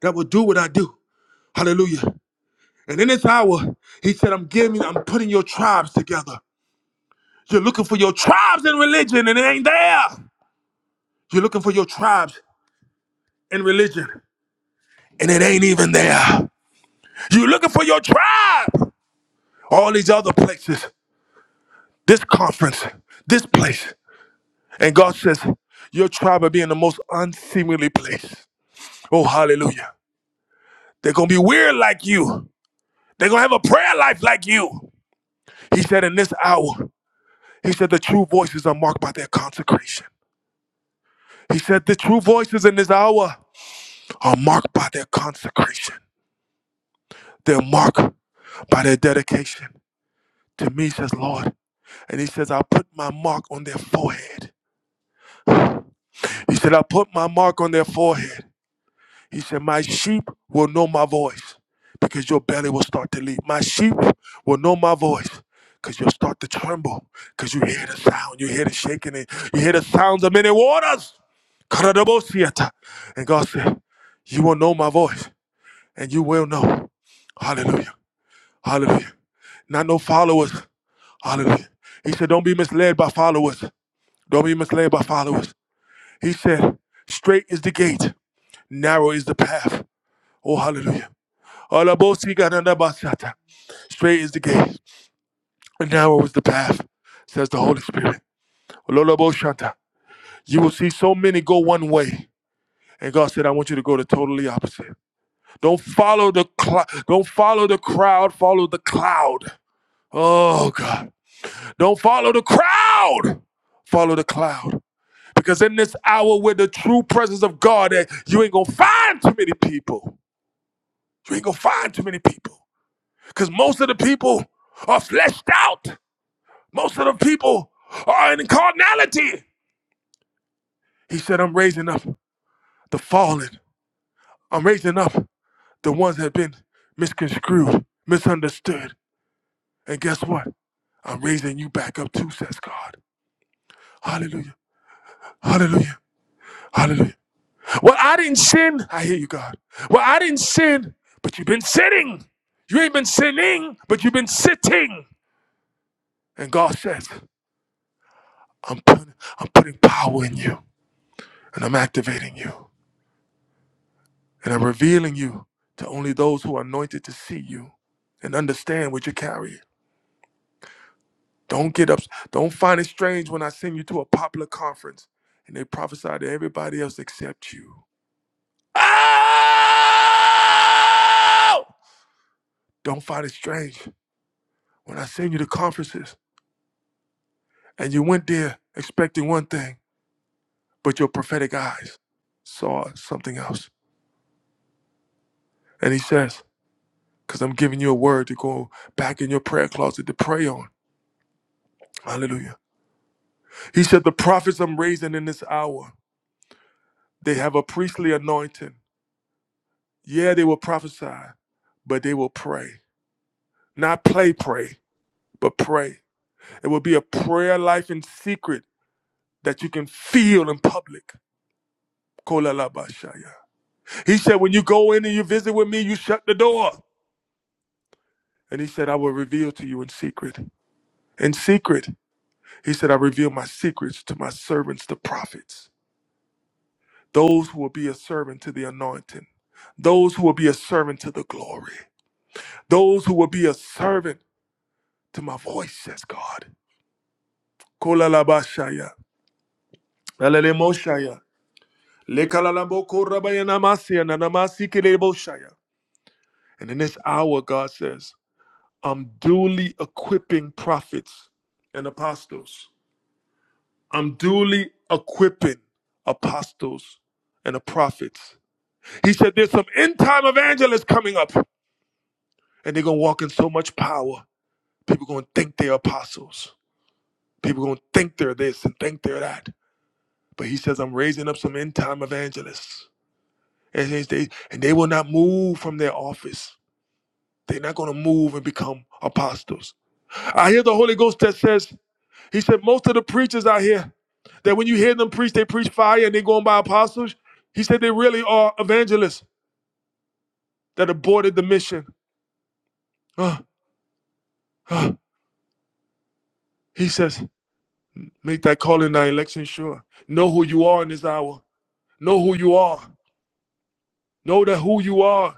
A: that will do what I do. Hallelujah. And in this hour, he said, I'm giving, I'm putting your tribes together. You're looking for your tribes in religion, and it ain't there. You're looking for your tribes in religion, and it ain't even there. You're looking for your tribe. All these other places, this conference, this place. And God says, Your tribe will be in the most unseemly place. Oh, hallelujah. They're going to be weird like you. They're going to have a prayer life like you. He said, In this hour, He said, The true voices are marked by their consecration. He said, The true voices in this hour are marked by their consecration. They're marked by their dedication to me, says Lord. And He says, I'll put my mark on their forehead. He said, I'll put my mark on their forehead. He said, My sheep will know my voice because your belly will start to leap. My sheep will know my voice because you'll start to tremble because you hear the sound. You hear the shaking. And you hear the sounds of many waters. Karadabosiata. And God said, You will know my voice and you will know. Hallelujah. Hallelujah. Not no followers. Hallelujah. He said, Don't be misled by followers. Don't be misled by followers. He said, Straight is the gate, narrow is the path. Oh, hallelujah. Alabosikadadabasata. Straight is the gate, and narrow is the path, says the Holy Spirit. Ololoboshanta. You will see so many go one way. And God said, I want you to go the totally opposite. Don't follow the cl- don't follow the crowd, follow the cloud. Oh God. Don't follow the crowd. Follow the cloud. Because in this hour with the true presence of God, eh, you ain't gonna find too many people. You ain't gonna find too many people. Because most of the people are fleshed out. Most of the people are in carnality. He said, I'm raising up the fallen. I'm raising up the ones that have been misconstrued, misunderstood. And guess what? I'm raising you back up too, says God. Hallelujah. Hallelujah. Hallelujah. Well, I didn't sin. I hear you, God. Well, I didn't sin, but you've been sinning. You ain't been sinning, but you've been sitting. And God says, I'm putting I'm putting power in you and I'm activating you. and I'm revealing you to only those who are anointed to see you and understand what you're carrying. Don't get up. Don't find it strange when I send you to a popular conference and they prophesy to everybody else except you. Oh! Don't find it strange when I send you to conferences and you went there expecting one thing, but your prophetic eyes saw something else. And he says, because I'm giving you a word to go back in your prayer closet to pray on. Hallelujah. He said, The prophets I'm raising in this hour, they have a priestly anointing. Yeah, they will prophesy, but they will pray. Not play, pray, but pray. It will be a prayer life in secret that you can feel in public. Kolalabashaya. He said, When you go in and you visit with me, you shut the door. And he said, I will reveal to you in secret. In secret, he said, I reveal my secrets to my servants, the prophets, those who will be a servant to the anointing, those who will be a servant to the glory. Those who will be a servant to my voice, says God. Kolalabashaya. Lalemoshaya. Lekalalambokorabayanamasia nanamasikeleboshaya. And in this hour, God says, I'm duly equipping prophets and apostles. I'm duly equipping apostles and the prophets. He said, There's some end time evangelists coming up, and they're going to walk in so much power. People going to think they're apostles. People going to think they're this and think they're that. But he says, I'm raising up some end time evangelists. And they, and they will not move from their office. They're not going to move and become apostles. I hear the Holy Ghost that says, He said, most of the preachers out here, that when you hear them preach, they preach fire and they're going by apostles. He said, they really are evangelists that aborted the mission. Uh, uh. He says, make that call in thy election sure. Know who you are in this hour. Know who you are. Know that who you are.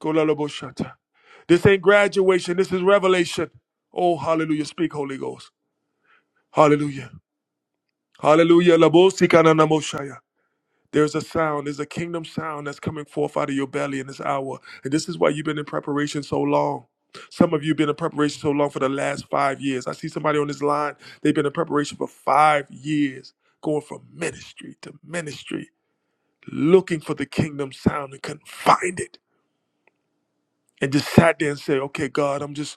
A: Kolalaboshata. This ain't graduation. This is revelation. Oh, hallelujah. Speak, Holy Ghost. Hallelujah. Hallelujah. Labosikananamoshaya. There's a sound, there's a kingdom sound that's coming forth out of your belly in this hour. And this is why you've been in preparation so long. Some of you have been in preparation so long for the last five years. I see somebody on this line, they've been in preparation for five years, going from ministry to ministry, looking for the kingdom sound and couldn't find it. And just sat there and said, Okay, God, I'm just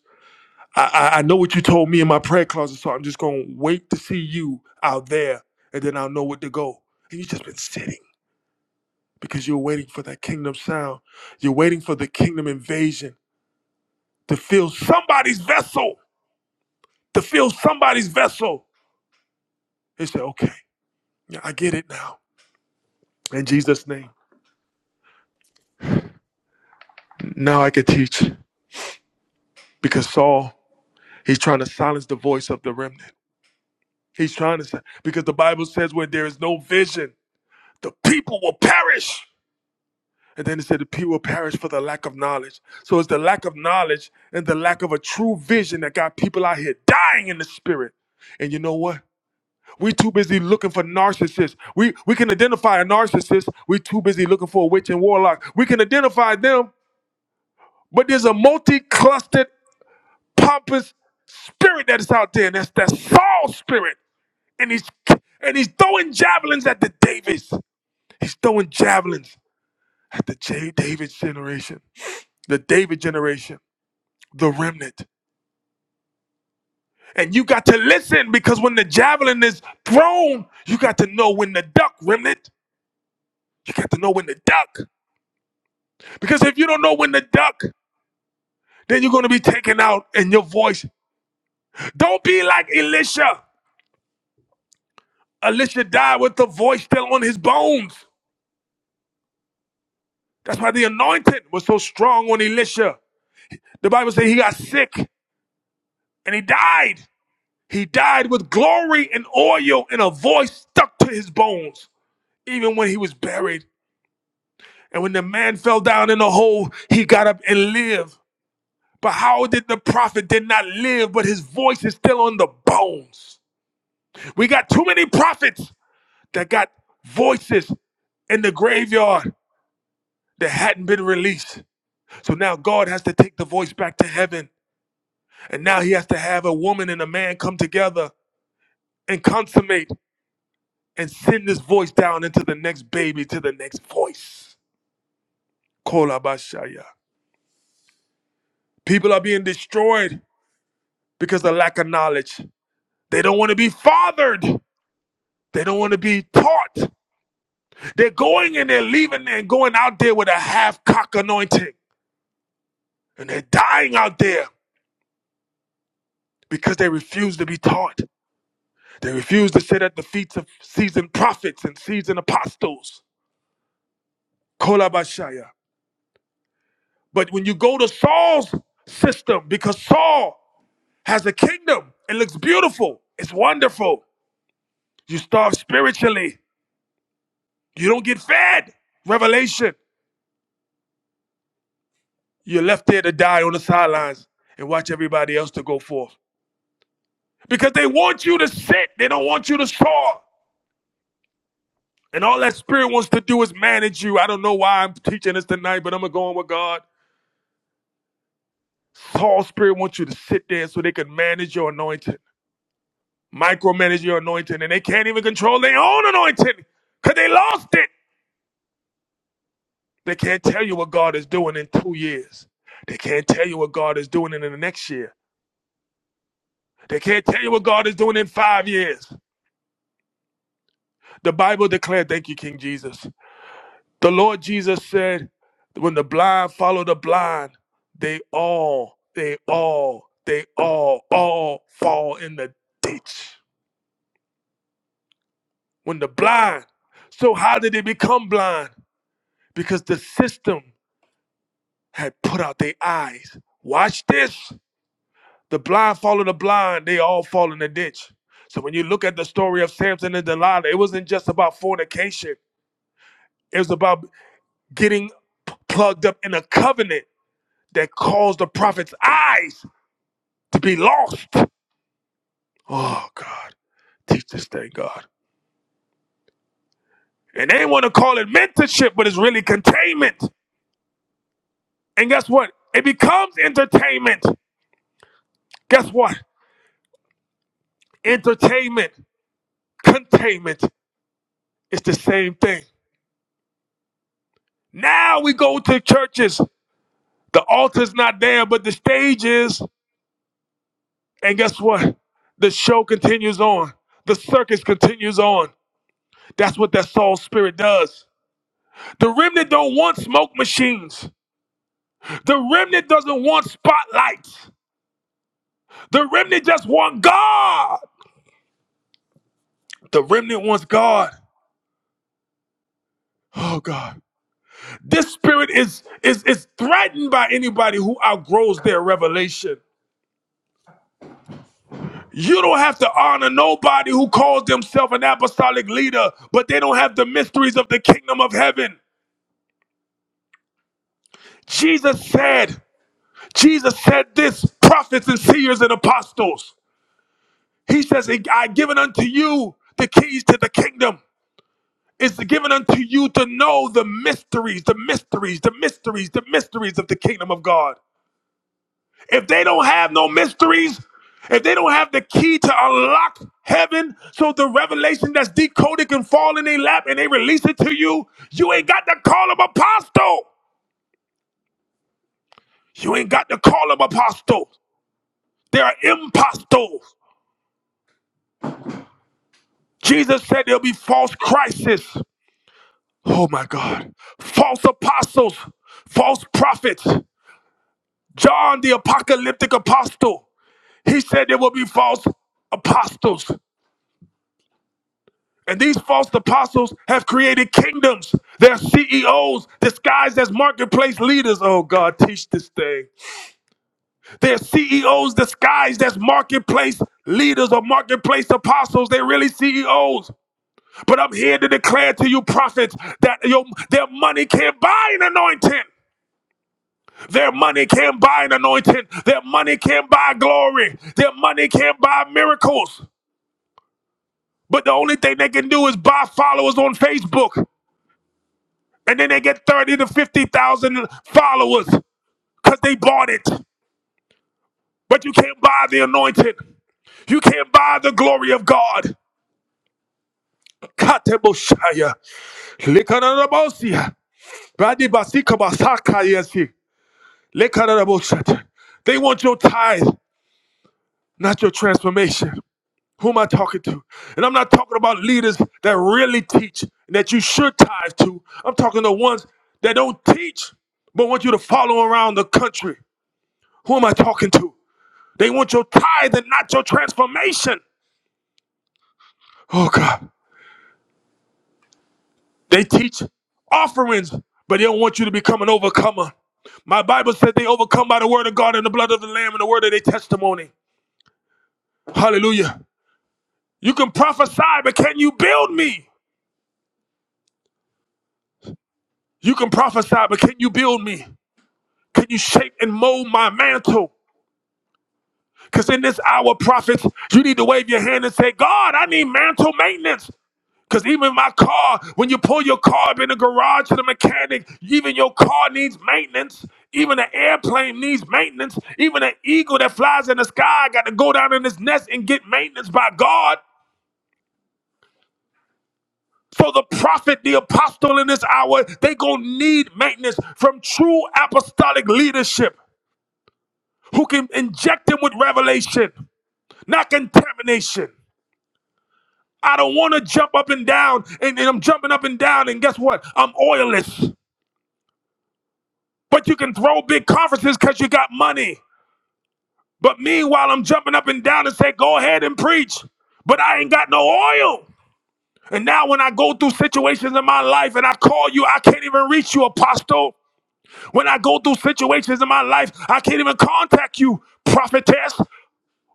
A: I, I I know what you told me in my prayer closet, so I'm just gonna wait to see you out there, and then I'll know where to go. And you've just been sitting because you're waiting for that kingdom sound. You're waiting for the kingdom invasion to fill somebody's vessel. To fill somebody's vessel. They said, "Okay, yeah, I get it now." In Jesus' name, now I can teach because Saul he's trying to silence the voice of the remnant. He's trying to say because the Bible says where there is no vision, the people will perish. And then it said, The people perish for the lack of knowledge. So it's the lack of knowledge and the lack of a true vision that got people out here dying in the spirit. And you know what? We too busy looking for narcissists. We we can identify a narcissist. We too busy looking for a witch and warlock. We can identify them, but there's a multi-clustered, pompous spirit that is out there, and that's that Saul spirit. And he's and he's throwing javelins at the Davids. He's throwing javelins at the J- David generation, the David generation. the remnant. And you got to listen because when the javelin is thrown, you got to know when the duck, remnant. You got to know when the duck. Because if you don't know when the duck, then you're going to be taken out and your voice. Don't be like Elisha. Elisha died with the voice still on his bones. That's why the anointing was so strong on Elisha. The Bible says he got sick and he died. He died with glory and oil and a voice stuck to his bones, even when he was buried. And when the man fell down in the hole, he got up and lived. But how did the prophet did not live, but his voice is still on the bones? We got too many prophets that got voices in the graveyard that hadn't been released. So now God has to take the voice back to heaven. And now he has to have a woman and a man come together and consummate and send this voice down into the next baby, to the next voice. Kolabashaya. People are being destroyed because of lack of knowledge. They don't want to be fathered. They don't want to be taught. They're going and they're leaving and going out there with a half cock anointing. And they're dying out there because they refuse to be taught. They refuse to sit at the feet of seasoned prophets and seasoned apostles. Kolabashaya. But when you go to Saul's system, because Saul has a kingdom, it looks beautiful, it's wonderful. You starve spiritually, you don't get fed. Revelation. You're left there to die on the sidelines and watch everybody else to go forth. Because they want you to sit, they don't want you to soar. And all that spirit wants to do is manage you. I don't know why I'm teaching this tonight, but I'm going to go on with God. All spirit wants you to sit there so they can manage your anointing, micromanage your anointing, and they can't even control their own anointing because they lost it. They can't tell you what God is doing in two years. They can't tell you what God is doing in the next year. They can't tell you what God is doing in five years. The Bible declared, thank you, King Jesus. The Lord Jesus said, when the blind follow the blind, they all, they all, they all, all fall in the ditch. When the blind, so how did they become blind? Because the system had put out their eyes. Watch this. The blind follow the blind, they all fall in the ditch. So when you look at the story of Samson and Delilah, it wasn't just about fornication. It was about getting p- plugged up in a covenant that caused the prophet's eyes to be lost. Oh, God. Teach this thing, God. And they want to call it mentorship, but it's really containment. And guess what? It becomes entertainment. Guess what? Entertainment, containment is the same thing. Now we go to churches. The altar's not there, but the stage is. And guess what? The show continues on. The circus continues on. That's what that soul spirit does. The remnant don't want smoke machines. The remnant doesn't want spotlights. The remnant just wants God. The remnant wants God. Oh God. This spirit is is is threatened by anybody who outgrows their revelation. You don't have to honor nobody who calls themselves an apostolic leader, but they don't have the mysteries of the kingdom of heaven. Jesus said, Jesus said this, prophets and seers and apostles. He says, I I given unto you the keys to the kingdom. It's given unto you to know the mysteries, the mysteries, the mysteries, the mysteries of the kingdom of God. If they don't have no mysteries, if they don't have the key to unlock heaven so the revelation that's decoded can fall in their lap and they release it to you, you ain't got to call them apostle. You ain't got to call them apostles. They are impostors. Jesus said there'll be false crisis. Oh my God. False apostles, false prophets. John, the apocalyptic apostle, he said there will be false apostles. And these false apostles have created kingdoms. They're CEOs disguised as marketplace leaders. Oh, God, teach this thing. They're CEOs disguised as marketplace leaders or marketplace apostles. They're really CEOs. But I'm here to declare to you, prophets, that your, their money can't buy an anointing. Their money can't buy an anointing. Their money can't buy glory. Their money can't buy miracles. But the only thing they can do is buy followers on Facebook. And then they get 30 to 50,000 followers because they bought it. But you can't buy the anointing. You can't buy the glory of God. Kateboshaya. Likanarabosia. Badibasikamasakayasi. Likanaraboshata. They want your tithe, not your transformation. Who am I talking to? And I'm not talking about leaders that really teach and that you should tithe to. I'm talking to ones that don't teach but want you to follow around the country. Who am I talking to? They want your tithe and not your transformation. Oh God. They teach offerings, but they don't want you to become an overcomer. My Bible said they overcome by the word of God and the blood of the Lamb and the word of their testimony. Hallelujah. You can prophesy, but can you build me? You can prophesy, but can you build me? Can you shape and mold my mantle? Because in this hour, prophets, you need to wave your hand and say, God, I need mantle maintenance. Because even my car, when you pull your car up in the garage to the mechanic, even your car needs maintenance. Even an airplane needs maintenance. Even an eagle that flies in the sky got to go down in his nest and get maintenance by God. So the prophet, the apostle in this hour, they gonna need maintenance from true apostolic leadership who can inject them with revelation. not contamination. I don't want to jump up and down, and, and I'm jumping up and down, and guess what? I'm oilless. But you can throw big conferences because you got money. But meanwhile, I'm jumping up and down and say, go ahead and preach. But I ain't got no oil. And now when I go through situations in my life and I call you, I can't even reach you, apostle. When I go through situations in my life, I can't even contact you, prophetess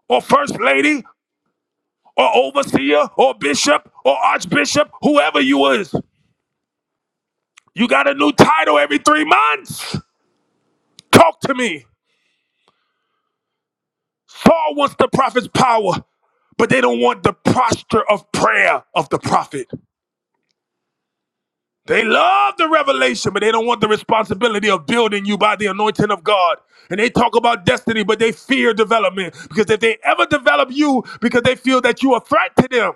A: or first lady or overseer or bishop or archbishop, whoever you is. You got a new title every three months. Talk to me. Saul wants the prophet's power, but they don't want the posture of prayer of the prophet. They love the revelation, but they don't want the responsibility of building you by the anointing of God. And they talk about destiny, but they fear development because if they ever develop you because they feel that you are a threat to them,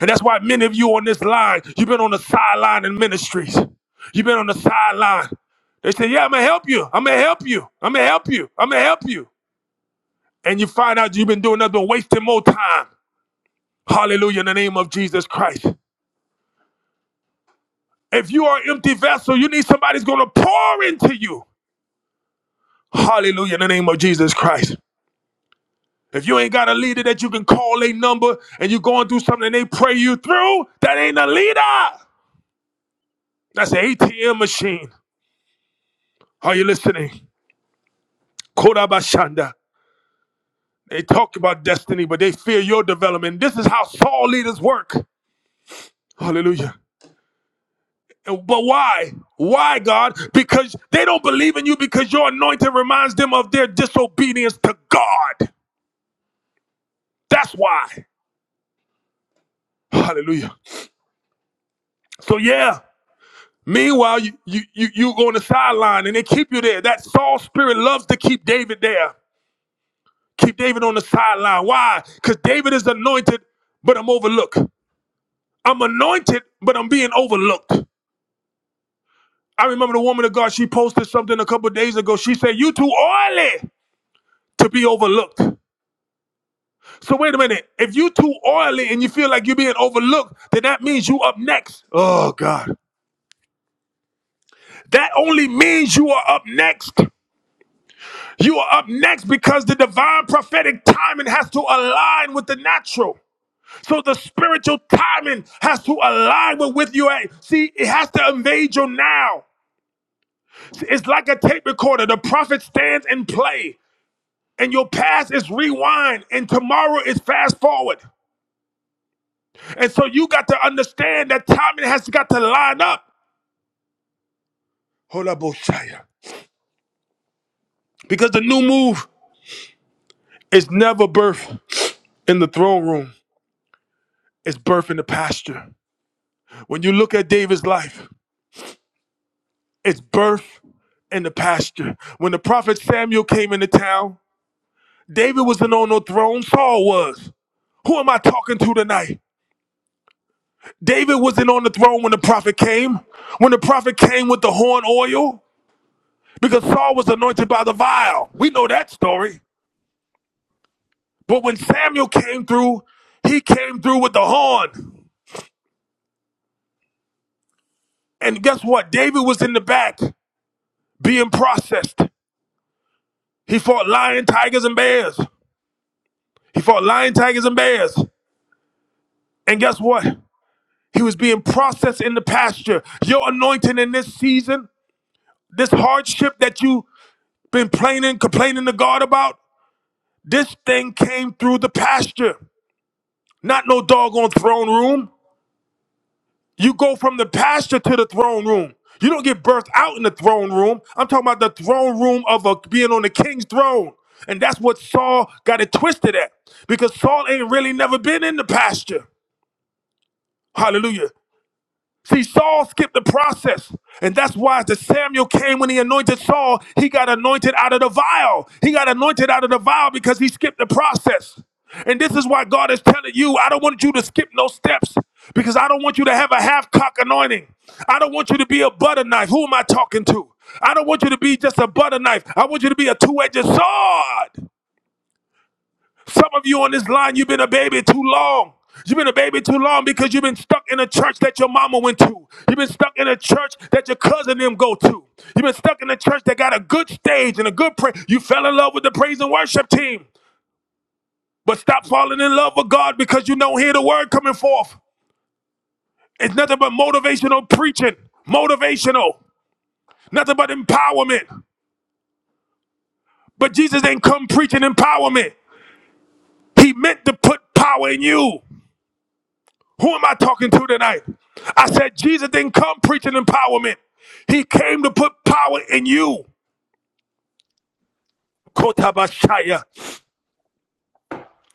A: And that's why many of you on this line, you've been on the sideline in ministries. You've been on the sideline. They say, Yeah, I'm gonna help you. I'm gonna help you. I'm gonna help you. I'm gonna help you. And you find out you've been doing nothing but wasting more time. Hallelujah, in the name of Jesus Christ. If you are an empty vessel, you need somebody's gonna pour into you. Hallelujah, in the name of Jesus Christ. If you ain't got a leader that you can call a number and you're going through something and they pray you through, that ain't a leader. That's an ATM machine. Are you listening? Kodabashanda. They talk about destiny, but they fear your development. This is how Saul leaders work. Hallelujah. And- But why? Why, God? Because they don't believe in you because your anointing reminds them of their disobedience to God. That's why. Hallelujah. So yeah. Meanwhile, you you you, you go on the sideline and they keep you there. That Saul spirit loves to keep David there. Keep David on the sideline. Why? Because David is anointed, but I'm overlooked. I'm anointed, but I'm being overlooked. I remember the woman of God, she posted something a couple of days ago. She said, You too oily to be overlooked. So wait a minute. If you too oily and you feel like you're being overlooked, then that means you up next. Ugh. that only means you are up next. You are up next because the divine prophetic timing has to align with the natural. So the spiritual timing has to align with with you. See, it has to invade your now. It's like a tape recorder. The prophet stands and play. and your past is rewind and tomorrow is fast forward. And so you got to understand that timing has got to line up. Hold up, Because the new move is never birth in the throne room, it's birth in the pasture. When you look at David's life, it's birth in the pasture. When the prophet Samuel came into town, David wasn't on no throne, Saul was. Who am I talking to tonight? David wasn't on the throne when the prophet came. When the prophet came with the horn oil, because Saul was anointed by the vial. We know that story. But when Samuel came through, he came through with the horn. And guess what? David was in the back being processed. He fought lion, tigers, and bears. He fought lion, tigers, and bears. And guess what? He was being processed in the pasture. Your anointing in this season, this hardship that you've been complaining, complaining to God about, this thing came through the pasture, not no doggone throne room. You go from the pasture to the throne room. You don't get birthed out in the throne room. I'm talking about the throne room of a, being on the king's throne. And that's what Saul got it twisted at because Saul ain't really never been in the pasture. Hallelujah. See, Saul skipped the process. And that's why as the Samuel came when he anointed Saul, he got anointed out of the vial. He got anointed out of the vial because he skipped the process. And this is why God is telling you, I don't want you to skip no steps because I don't want you to have a half cock anointing. I don't want you to be a butter knife. Who am I talking to? I don't want you to be just a butter knife. I want you to be a two edged sword. Some of you on this line, you've been a baby too long. You've been a baby too long because you've been stuck in a church that your mama went to. You've been stuck in a church that your cousin them go to. You've been stuck in a church that got a good stage and a good praise. You fell in love with the praise and worship team. But stop falling in love with God because you don't hear the word coming forth. It's nothing but motivational preaching. Motivational. Nothing but empowerment. But Jesus ain't come preaching empowerment. He meant to put power in you. Who am I talking to tonight? I said Jesus didn't come preaching empowerment. He came to put power in you. Kotabashaya.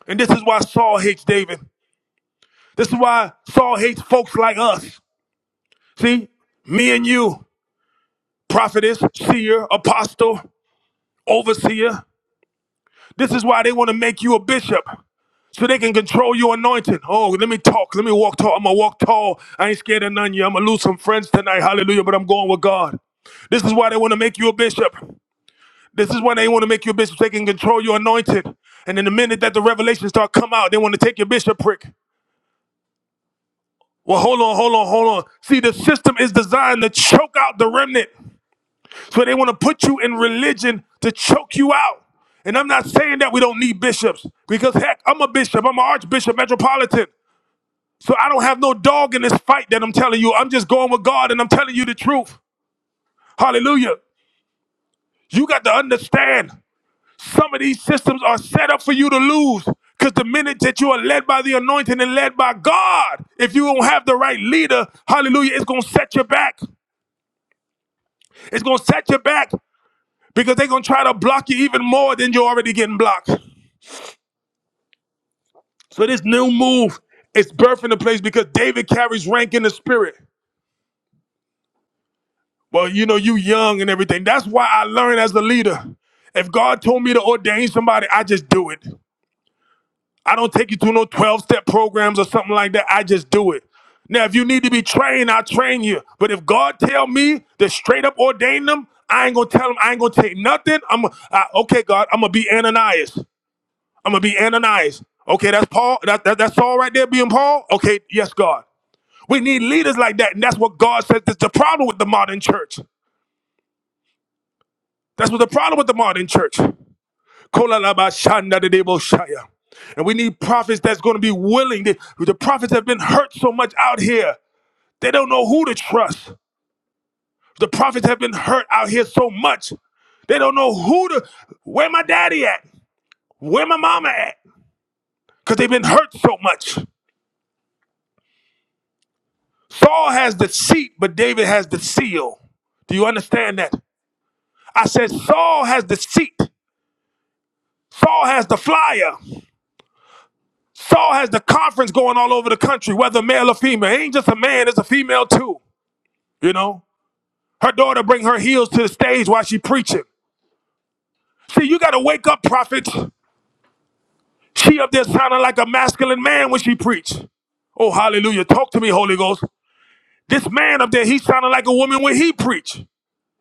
A: And this is why Saul hates David. This is why Saul hates folks like us. See, me and you, prophetess, seer, apostle, overseer. This is why they want to make you a bishop. So they can control your anointing. Oh, let me talk. Let me walk tall. I'm gonna walk tall. I ain't scared of none of you. I'm gonna lose some friends tonight. Hallelujah. But I'm going with God. This is why they want to make you a bishop. This is why they want to make you a bishop. so They can control your anointed. And in the minute that the revelations start come out, they want to take your bishop prick. Well, hold on, hold on, hold on. See, the system is designed to choke out the remnant. So they want to put you in religion to choke you out. And I'm not saying that we don't need bishops, because heck, I'm a bishop, I'm an archbishop, metropolitan. So I don't have no dog in this fight that I'm telling you. I'm just going with God and I'm telling you the truth. Hallelujah. You got to understand. Some of these systems are set up for you to lose. Because the minute that you are led by the anointing and led by God, if you don't have the right leader, hallelujah, it's going to set you back. It's going to set you back because they're going to try to block you even more than you're already getting blocked. So this new move is birthing the place because David carries rank in the spirit. Well, you know, you young and everything. That's why I learned as a leader. If God told me to ordain somebody, I just do it. I don't take you through no 12 step programs or something like that. I just do it. Now, if you need to be trained, I'll train you. But if God tell me to straight up ordain them, I ain't gonna tell him I ain't gonna take nothing. I'm I, okay, God, I'm gonna be Ananias. I'm gonna be Ananias. Okay, that's Paul. That, that, that's Saul right there being Paul. Okay, yes, God. We need leaders like that, and that's what God says. That's the problem with the modern church. That's what the problem with the modern church. Kolalabashanda de deboshaya. And we need prophets that's going to be willing. The, the prophets have been hurt so much out here. They don't know who to trust. The prophets have been hurt out here so much. They don't know who to, where my daddy at? Where my mama at? Because they've been hurt so much. Saul has the seat, but David has the seal. Do you understand that? I said Saul has the seat. Saul has the flyer. Saul has the conference going all over the country, whether male or female. It ain't just a man, it's a female too. You know? Her daughter bring her heels to the stage while she preaching. See, you gotta wake up, prophets. She up there sounding like a masculine man when she preach. Oh, hallelujah. Talk to me, Holy Ghost. This man up there, he sounded like a woman when he preach.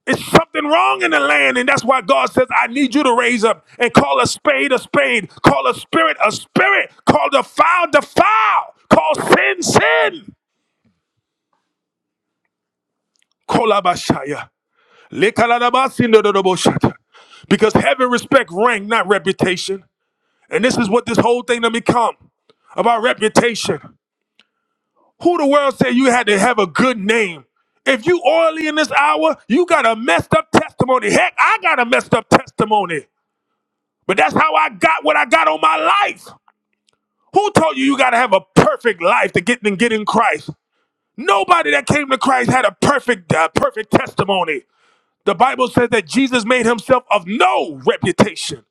A: It's something wrong in the land, and that's why God says, I need you to raise up and call a spade a spade, call a spirit a spirit, call the foul the foul, call sin sin. Kolabashaya. Lekalalabasindodoroboshata. Because having respect rank, not reputation. And this is what this whole thing to become about reputation. Who the world said you had to have a good name? If you oily in this hour, you got a messed up testimony. Heck, I got a messed up testimony. But that's how I got what I got on my life. Who told you you got to have a perfect life to get and get in Christ? Nobody that came to Christ had a perfect, uh, perfect testimony. The Bible says that Jesus made himself of no reputation.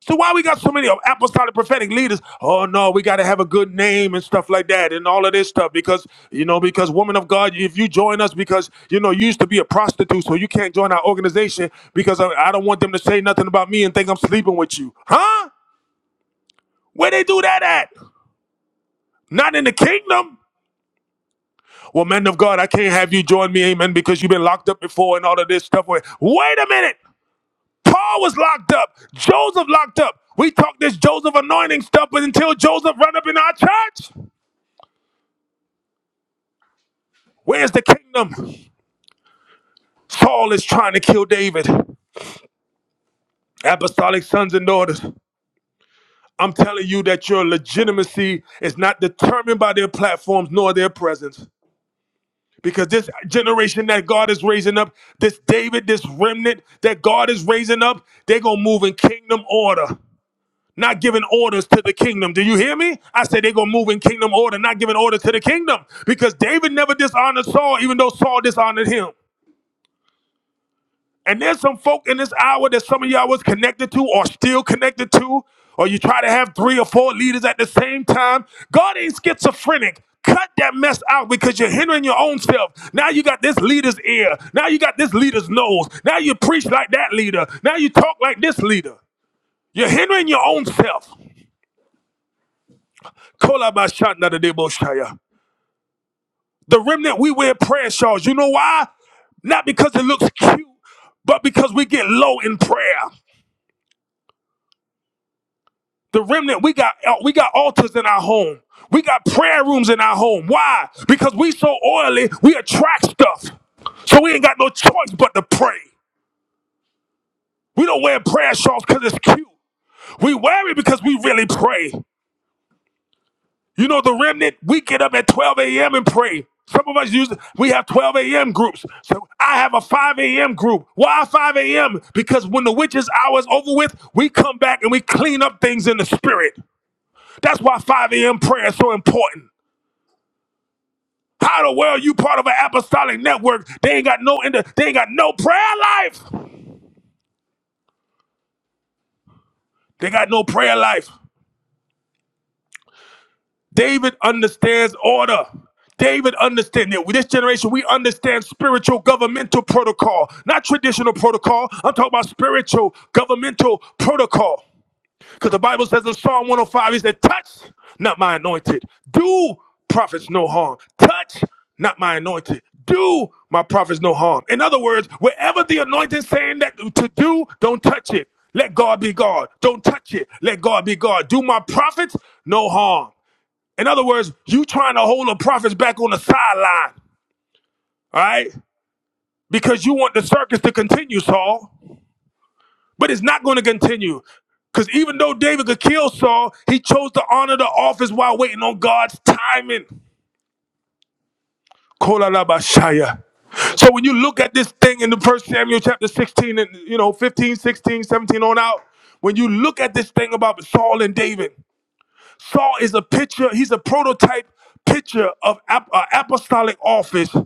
A: So why we got so many of apostolic prophetic leaders? Oh no, we got to have a good name and stuff like that and all of this stuff because you know because woman of God, if you join us because you know you used to be a prostitute, so you can't join our organization because I, I don't want them to say nothing about me and think I'm sleeping with you, huh? Where they do that at? Not in the kingdom. Well, men of God, I can't have you join me, amen, because you've been locked up before and all of this stuff. Wait wait a minute. Paul was locked up. Joseph locked up. We talk this Joseph anointing stuff, but until Joseph run up in our church, where's the kingdom? Saul is trying to kill David. Apostolic sons and daughters. I'm telling you that your legitimacy is not determined by their platforms nor their presence. Because this generation that God is raising up, this David, this remnant that God is raising up, they're going to move in kingdom order. not giving orders to the kingdom. Do you hear me? I say they're going to move in kingdom order, not giving orders to the kingdom because David never dishonored Saul, even though Saul dishonored him. And there's some folk in this hour that some of y'all was connected to or still connected to, or you try to have three or four leaders at the same time. God ain't schizophrenic. Cut that mess out because you're hindering your own self. Now you got this leader's ear. Now you got this leader's nose. Now you preach like that leader. Now you talk like this leader. You're hindering your own self. Kolabashanda de Deboshaya. The remnant, we wear prayer shawls. You know why? Not because it looks cute, but because we get low in prayer. The remnant, we got uh, we got altars in our home. We got prayer rooms in our home. Why? Because we so oily, we attract stuff. So we ain't got no choice but to pray. We don't wear prayer shawls because it's cute. We wear it because we really pray. You know, the remnant, we get up at 12 a.m. and pray. Some of us use, we have 12 a.m. groups. So I have a 5 a.m. group. Why 5 a.m.? Because when the witch's hour is over with, we come back and we clean up things in the spirit. That's why 5 a.m. prayer is so important. How the world you part of an apostolic network? They ain't got no, inter- they ain't got no prayer life. They got no prayer life. David understands order. David understands it. with this generation, we understand spiritual governmental protocol, not traditional protocol. I'm talking about spiritual governmental protocol. Because the Bible says in Psalm 105, he said, Touch not my anointed. Do prophets no harm. Touch not my anointed. Do my prophets no harm. In other words, wherever the anointing is saying that to do, don't touch it. Let God be God. Don't touch it. Let God be God. Do my prophets no harm. In other words, you trying to hold the prophets back on the sideline, all right? Because you want the circus to continue, Saul. But it's not going to continue. Because even though David could kill Saul, he chose to honor the office while waiting on God's timing. Kolalabashaya. So when you look at this thing in the first Samuel chapter 16 and you know 15, 16, 17 on out, when you look at this thing about Saul and David, Saul is a picture, he's a prototype picture of ap- uh, apostolic office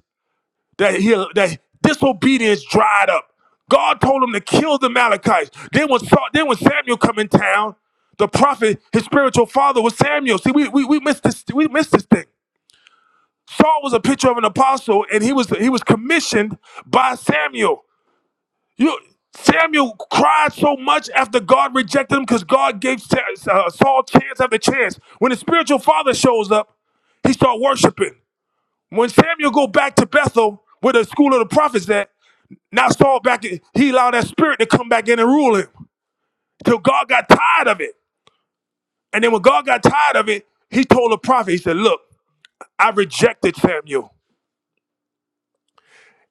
A: that he that disobedience dried up. God told him to kill the Malachites. Then when Saul, then when Samuel come in town, the prophet, his spiritual father was Samuel. See, we, we we missed this we missed this thing. Saul was a picture of an apostle, and he was he was commissioned by Samuel. You Samuel cried so much after God rejected him because God gave Sa- uh, Saul chance after chance. When his spiritual father shows up, he start worshiping. When Samuel go back to Bethel, where the school of the prophets at, now Saul back, in- he allowed that spirit to come back in and rule him till God got tired of it. And then when God got tired of it, he told the prophet, he said, Look, I rejected Samuel.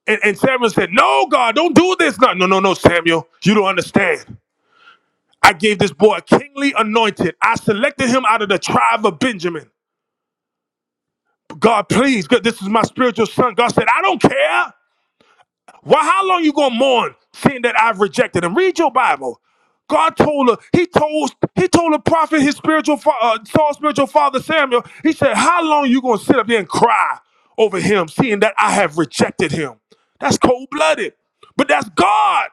A: And, and Samuel said, No, God, don't do this. No, no, no, no, Samuel, you don't understand. I gave this boy a kingly anointed. I selected him out of the tribe of Benjamin. God, please, God, this is my spiritual son. God said, I don't care. Why? How long you gonna mourn seeing that I've rejected him? Read your Bible. God told her. He told he told the prophet his spiritual fa- uh, Saul's spiritual father Samuel. He said, "How long you gonna sit up here and cry over him, seeing that I have rejected him? That's cold blooded, but that's God.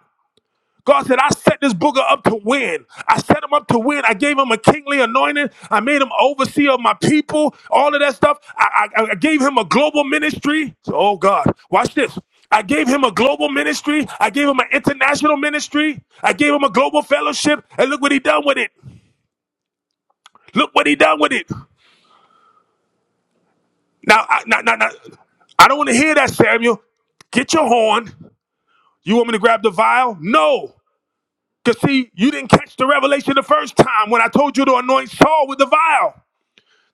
A: God said, I set this booger up to win. I set him up to win. I gave him a kingly anointing. I made him overseer of my people, all of that stuff. I, I, I gave him a global ministry. Oh, God, watch this. I gave him a global ministry. I gave him an international ministry. I gave him a global fellowship. And look what he done with it. Look what he done with it. Now, I, now, now, now I don't want to hear that, Samuel. Get your horn. You want me to grab the vial? No. Because, see, you didn't catch the revelation the first time when I told you to anoint Saul with the vial.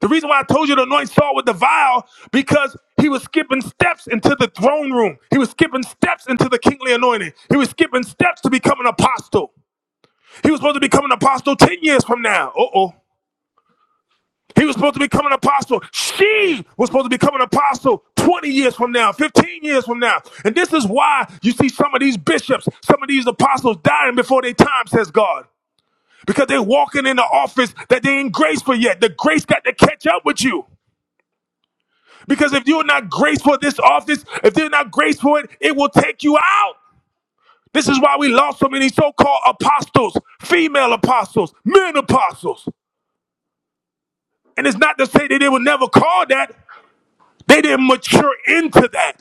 A: The reason why I told you to anoint Saul with the vial, because he was skipping steps into the throne room. He was skipping steps into the kingly anointing. He was skipping steps to become an apostle. He was supposed to become an apostle 10 years from now. Uh oh. He was supposed to become an apostle. She was supposed to become an apostle 20 years from now, 15 years from now. And this is why you see some of these bishops, some of these apostles dying before their time, says God because they're walking in the office that they ain't graceful yet. The grace got to catch up with you. Because if you're not graceful in this office, if they're not graceful it, it will take you out. This is why we lost so many so-called apostles, female apostles, men apostles. And it's not to say that they were never called that. They didn't mature into that.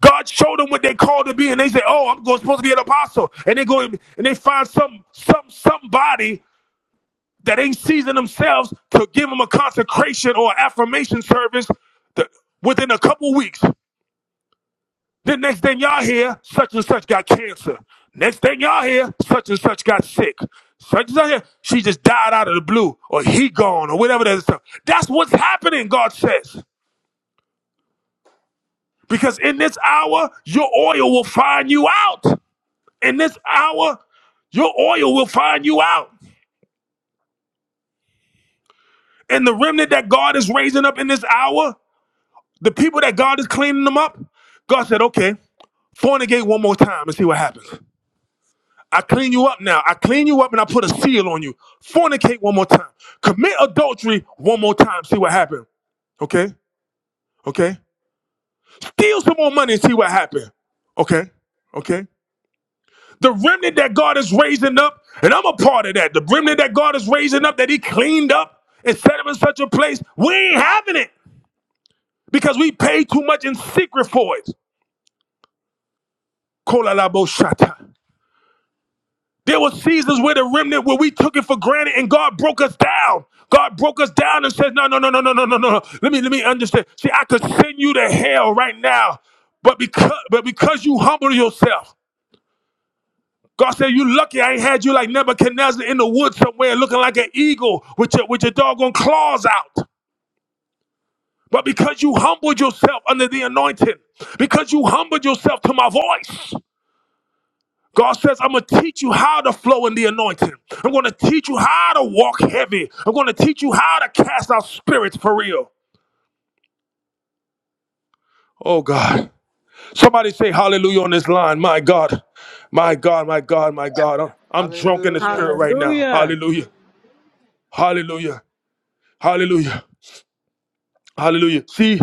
A: God showed them what they called to be, and they say, "Oh, I'm supposed to be an apostle," and they go and they find some some somebody that ain't seasoned themselves to give them a consecration or affirmation service th- within a couple weeks. Then next thing y'all hear, such and such got cancer. Next thing y'all hear, such and such got sick. Such and such, here, she just died out of the blue, or he gone, or whatever that is. That's what's happening, God says. Because in this hour, your oil will find you out. In this hour, your oil will find you out. And the remnant that God is raising up in this hour The people that God is cleaning them up, God said, okay, fornicate one more time and see what happens. I clean you up now. I clean you up and I put a seal on you. Fornicate one more time. Commit adultery one more time. See what happens. Okay? Okay? Steal some more money and see what happens. Okay? Okay? The remnant that God is raising up, and I'm a part of that. The remnant that God is raising up that He cleaned up and set him in such a place, we ain't having it because we paid too much in secret for it. Kola la bo shata. There were seasons where the remnant where we took it for granted and God broke us down. God broke us down and said, No, no, no, no, no, no, no, no. no. Let me let me understand. See, I could send you to hell right now, but because but because you humble yourself. God said, You lucky I ain't had you like Nebuchadnezzar in the woods somewhere looking like an eagle with your with your doggone claws out. But because you humbled yourself under the anointing, because you humbled yourself to my voice. God says, I'm going to teach you how to flow in the anointing. I'm going to teach you how to walk heavy. I'm going to teach you how to cast out spirits for real. Oh, God. Somebody say hallelujah on this line. My God. My God, my God, my God. I'm I'm drunk in the
C: Hallelujah.
A: spirit right now.
I: Hallelujah.
A: Hallelujah. Hallelujah. Hallelujah. Hallelujah. See,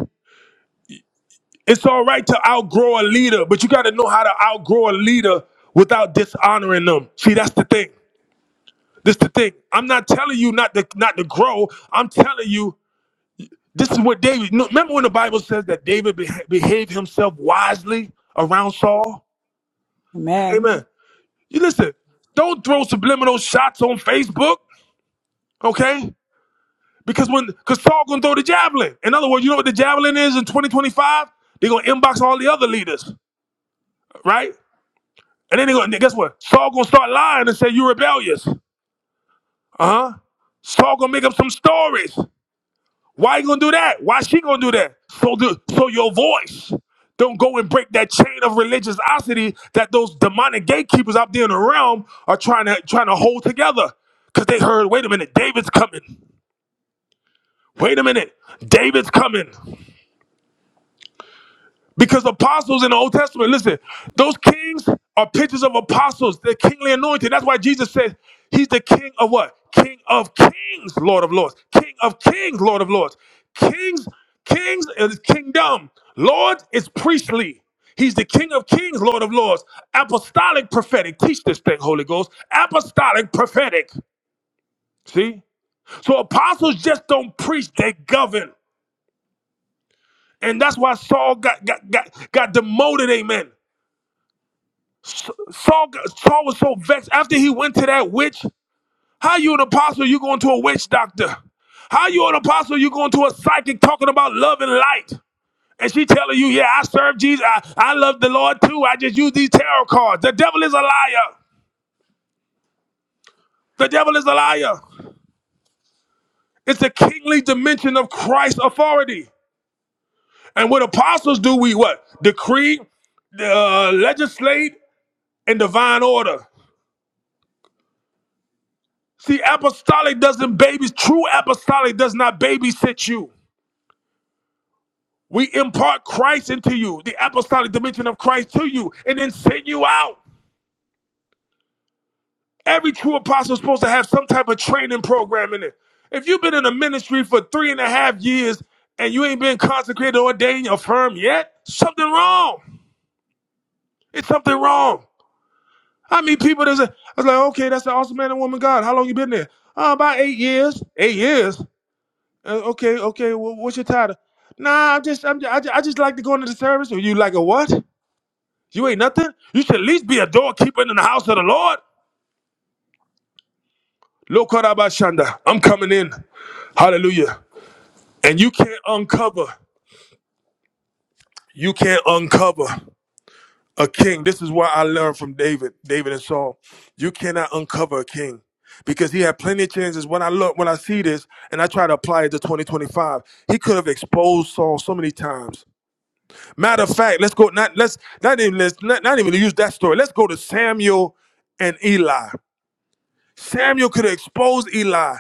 A: it's all right to outgrow a leader, but you got to know how to outgrow a leader without dishonoring them. See, that's the thing. This the thing. I'm not telling you not to not to grow. I'm telling you This is what David. no, Remember when the Bible says that David beha- behaved himself wisely around Saul?
F: Amen.
A: Amen. You listen. Don't throw subliminal shots on Facebook, okay? Because when because Saul gonna throw the javelin. In other words, you know what the javelin is in 2025? They're gonna inbox all the other leaders, right? And then they gonna guess what? Saul gonna start lying and say you're rebellious. Uh huh. Saul gonna make up some stories. Why you gonna do that? Why she gonna do that? So the, so your voice don't go and break that chain of religiosity that those demonic gatekeepers out there in the realm are trying to trying to hold together. Cause they heard, wait a minute, David's coming. Wait a minute, David's coming. Because apostles in the Old Testament, listen, those kings are pictures of apostles, the kingly anointing. That's why Jesus said he's the king of what? King of kings, Lord of lords. King of kings, Lord of lords. Kings, kings is kingdom. Lord is priestly. He's the King of kings, Lord of lords. Apostolic, prophetic. Teach this thing, Holy Ghost. Apostolic, prophetic. See? So apostles just don't preach, they govern. And that's why Saul got, got, got, got demoted, amen. Saul, got- Saul was so vexed after he went to that witch. How you an apostle? You going to a witch doctor? How you an apostle? You going to a psychic talking about love and light? And she telling you, yeah, I serve Jesus. I, I love the Lord too. I just use these tarot cards. The devil is a liar. The devil is a liar. It's the kingly dimension of Christ's authority. And what apostles do, we what? Decree, uh, legislate, and divine order. See, apostolic doesn't baby. True apostolic does not babysit you. We impart Christ into you, the apostolic dimension of Christ to you, and then send you out. Every true apostle is supposed to have some type of training program in it. If you've been in a ministry for three and a half years and you ain't been consecrated ordained affirmed yet, something wrong. It's something wrong. I meet people that's a, I was like, okay, that's an awesome man and woman of God. How long you been there? Uh, about eight years. Eight years. Uh, okay, okay. wh- what's your title? Nah, I just, I'm, I just, I just like to go into the service. Or you like a what? You ain't nothing. You should at least be a doorkeeper in the house of the Lord. Lokorabashanda. I'm coming in. Hallelujah. And you can't uncover. You can't uncover a king. This is why I learned from David, David and Saul. You cannot uncover a king. Because he had plenty of chances. When I look, when I see this, and I try to apply it to 2025, he could have exposed Saul so many times. Matter of fact, let's go. Not let's not even let's not, not even use that story. Let's go to Samuel and Eli. Samuel could have exposed Eli.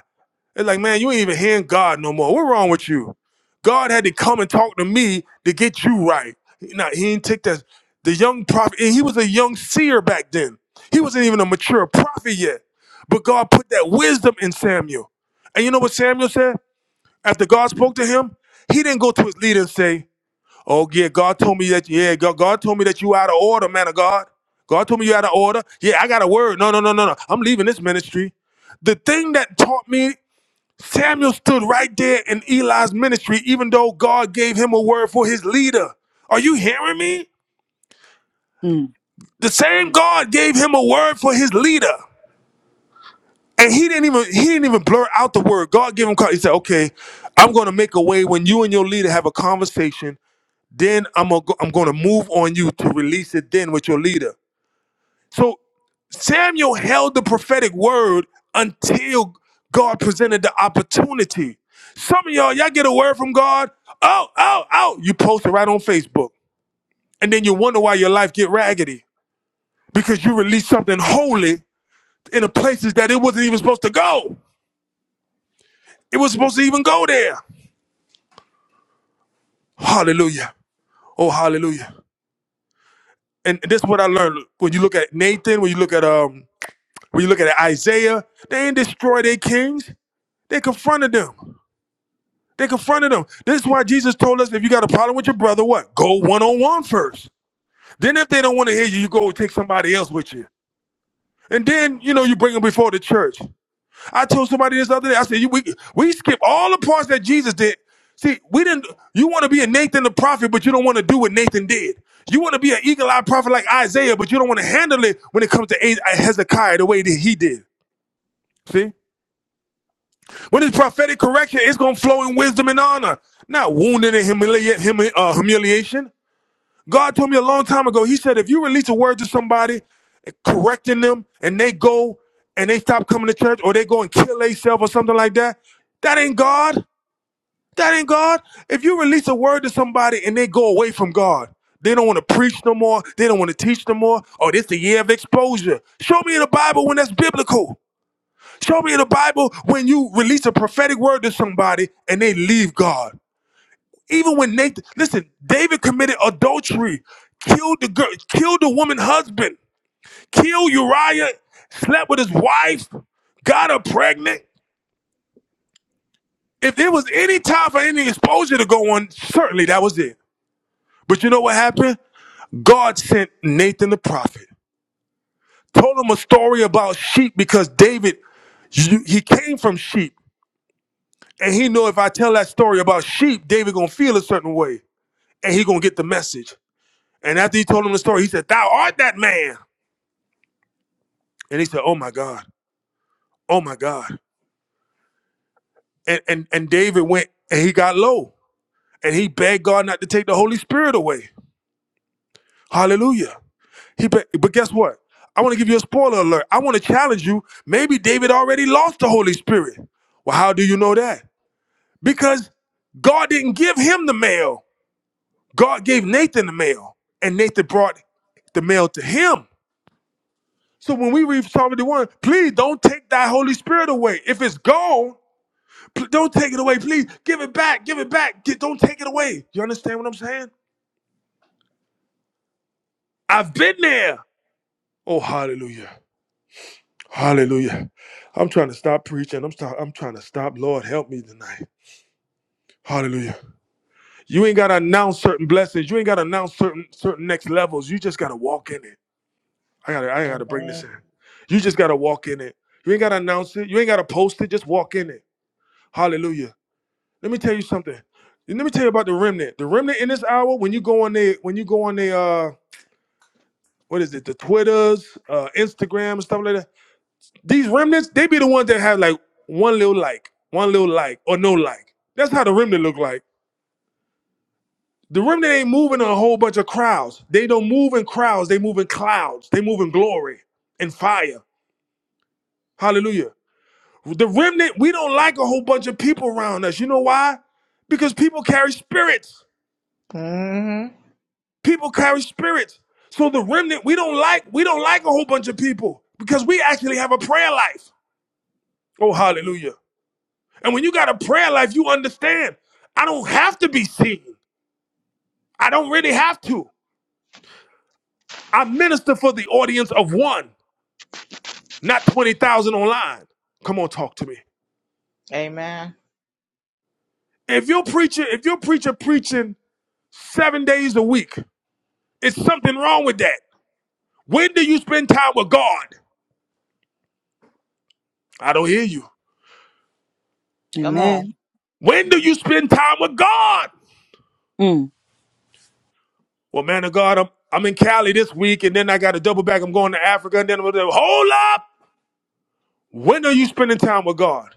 A: It's like, man, you ain't even hearing God no more. What's wrong with you? God had to come and talk to me to get you right. Now he didn't take that. The young prophet, and he was a young seer back then. He wasn't even a mature prophet yet. But God put that wisdom in Samuel. And you know what Samuel said? After God spoke to him, he didn't go to his leader and say, Oh yeah, God told me that. Yeah, God, God told me that you out of order, man of God. God told me you out of order. Yeah, I got a word. No, no, no, no, no. I'm leaving this ministry. The thing that taught me, Samuel stood right there in Eli's ministry, even though God gave him a word for his leader. Are you hearing me?
F: Mm.
A: The same God gave him a word for his leader. And he didn't even he didn't even blur out the word. God gave him He said, Okay, I'm gonna make a way when you and your leader have a conversation Then I'm gonna go, I'm gonna move on you to release it then with your leader. So Samuel held the prophetic word until God presented the opportunity. Some of y'all, y'all get a word from God. Oh, oh, oh, you post it right on Facebook. And then you wonder why your life get raggedy. Because you released something holy in the places that it wasn't even supposed to go. It was supposed to even go there. Hallelujah. Oh, hallelujah. And this is what I learned. When you look at Nathan, when you look at um When you look at Isaiah, they didn't destroy their kings. They confronted them. They confronted them. This is why Jesus told us if you got a problem with your brother, what? Go one on one first. Then if they don't want to hear you, you go take somebody else with you. And then, you know, you bring them before the church. I told somebody this other day, I said, you, we, we skip all the parts that Jesus did. See, we didn't, you want to be a Nathan the prophet, but you don't want to do what Nathan did. You want to be an eagle eyed prophet like Isaiah, but you don't want to handle it when it comes to Hezekiah the way that he did. See? When it's prophetic correction, it's going to flow in wisdom and honor, not wounding and humili- humi- uh, humiliation. God told me a long time ago, He said, if you release a word to somebody, correcting them, and they go and they stop coming to church or they go and kill themselves or something like that, that ain't God. That ain't God. If you release a word to somebody and they go away from God, they don't want to preach no more, they don't want to teach no more, Oh, this the year of exposure. Show me in the Bible when that's biblical. Show me in the Bible when you release a prophetic word to somebody and they leave God. Even when Nathan, listen, David committed adultery, killed the girl, killed the woman husband, killed Uriah, slept with his wife, got her pregnant. If there was any time for any exposure to go on, certainly that was it. But you know what happened? God sent Nathan the prophet, told him a story about sheep because David, you- he came from sheep. And he know if I tell that story about sheep, David gonna feel a certain way, and he gonna get the message. And after he told him the story, he said, "Thou art that man." And he said, "Oh my God, oh my God." And and and David went and he got low and he begged God not to take the Holy Spirit away. Hallelujah. He be- but guess what? I want to give you a spoiler alert. I want to challenge you. Maybe David already lost the Holy Spirit. Well, how do you know that? Because God didn't give him the mail. God gave Nathan the mail, and Nathan brought the mail to him. So when we read Psalm 51, please don't take thy Holy Spirit away. If it's gone, pl- don't take it away. Please give it back. Give it back. Get- don't take it away. You understand what I'm saying? I've been there. Oh, hallelujah. Hallelujah. I'm trying to stop preaching. I'm, stop, I'm trying to stop. Lord, help me tonight. Hallelujah. You ain't got to announce certain blessings. You ain't got to announce certain certain next levels. You just got to walk in it. I gotta, I gotta bring this
H: Amen.
A: in. You just gotta walk in it. You ain't gotta announce it. You ain't gotta post it. Just walk in it. Hallelujah. Let me tell you something. Let me tell you about the remnant. The remnant in this hour, when you go on the, when you go on the, uh, what is it? The Twitters, uh, Instagram, and stuff like that. These remnants, they be the ones that have like one little like, one little like, or no like. That's how the remnant look like. The remnant ain't moving a whole bunch of crowds. They don't move in crowds. They move in clouds. They move in glory and fire. Hallelujah. The remnant, we don't like a whole bunch of people around us. You know why? Because people carry spirits.
H: Mm-hmm.
A: People carry spirits. So the remnant, we don't like, we don't like a whole bunch of people because we actually have a prayer life. Oh, hallelujah. And when you got a prayer life, you understand. I don't have to be seen. I don't really have to. I minister for the audience of one, not 20,000 online. Come on, talk to me.
H: Amen.
A: If your preacher, if your preacher preaching seven days a week, it's something wrong with that. When do you spend time with God? I don't hear you.
H: Come
F: Amen.
H: on.
A: When do you spend time with God?
F: Mm.
A: Well, man of God, I'm, I'm in Cali this week, and then I got to double back. I'm going to Africa, and then I'm going to hold up. When are you spending time with God?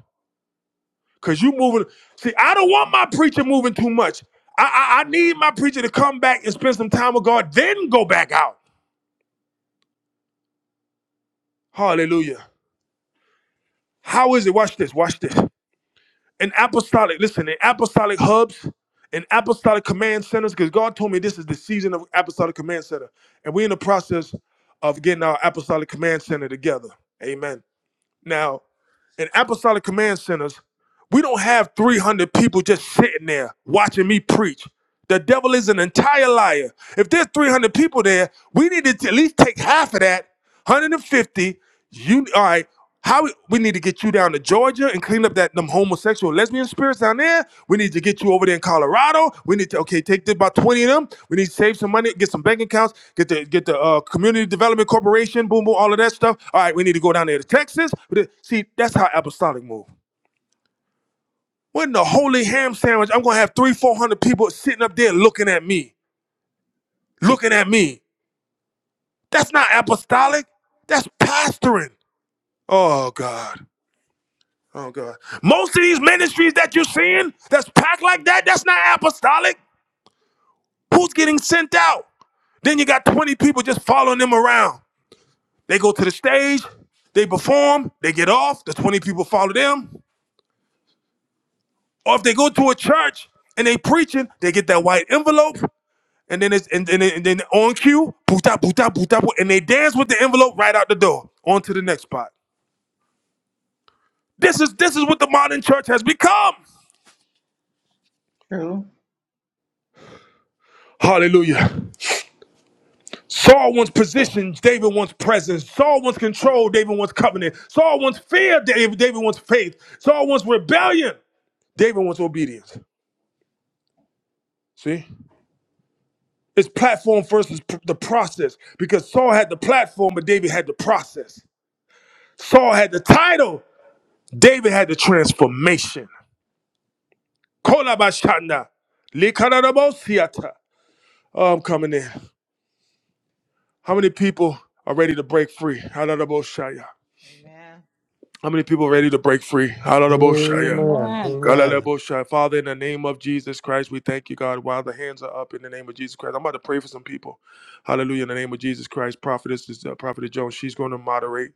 A: Cause you moving. See, I don't want my preacher moving too much. I, I I need my preacher to come back and spend some time with God, then go back out. Hallelujah. How is it? Watch this. Watch this. in apostolic, listen, in apostolic hubs, in apostolic command centers, because God told me this is the season of apostolic command center. And we're in the process of getting our apostolic command center together. Amen. Now, in apostolic command centers, we don't have 300 people just sitting there watching me preach. The devil is an entire liar. If there's 300 people there, we need to at least take half of that, 150. You all right? How we, we need to get you down to Georgia and clean up that them homosexual lesbian spirits down there. We need to get you over there in Colorado. We need to okay take this, about 20 of them. We need to save some money, get some bank accounts, get the get the uh, community development corporation, boom boom, all of that stuff. All right, we need to go down there to Texas. We- See, that's how apostolic move. What in the holy ham sandwich? I'm gonna have three, four hundred people sitting up there looking at me looking at me. That's not apostolic. That's pastoring. Oh God. Oh God. Most of these ministries that you're seeing that's packed like that, that's not apostolic. Who's getting sent out? Then you got 20 people just following them around. They go to the stage, they perform, they get off, the 20 people follow them. Or if they go to a church and they preaching, they get that white envelope, and then it's and, and, and then on cue, boota, boota, boota, boota, and they dance with the envelope right out the door. On to the next spot. This is this is what the modern church has become.
H: True.
A: Hallelujah. Saul wants position, David wants presence. Saul wants control, David wants covenant. Saul wants fear, David, David wants faith. Saul wants rebellion, David wants obedience. See? It's platform versus the process because Saul had the platform, but David had the process. Saul had the title, David had the transformation. Kolabashana, likarabosiata. Oh, I'm coming in. How many people are ready to break free? Hallelujah.
H: Amen.
A: How many people are ready to break free? Hallelujah.
C: Amen. Amen.
H: Amen.
A: Hallelujah. Father, in the name of Jesus Christ, we thank you, God. While the hands are up in the name of Jesus Christ, I'm about to pray for some people. Hallelujah. In the name of Jesus Christ, prophetess is uh, prophetess Jones. She's going to moderate.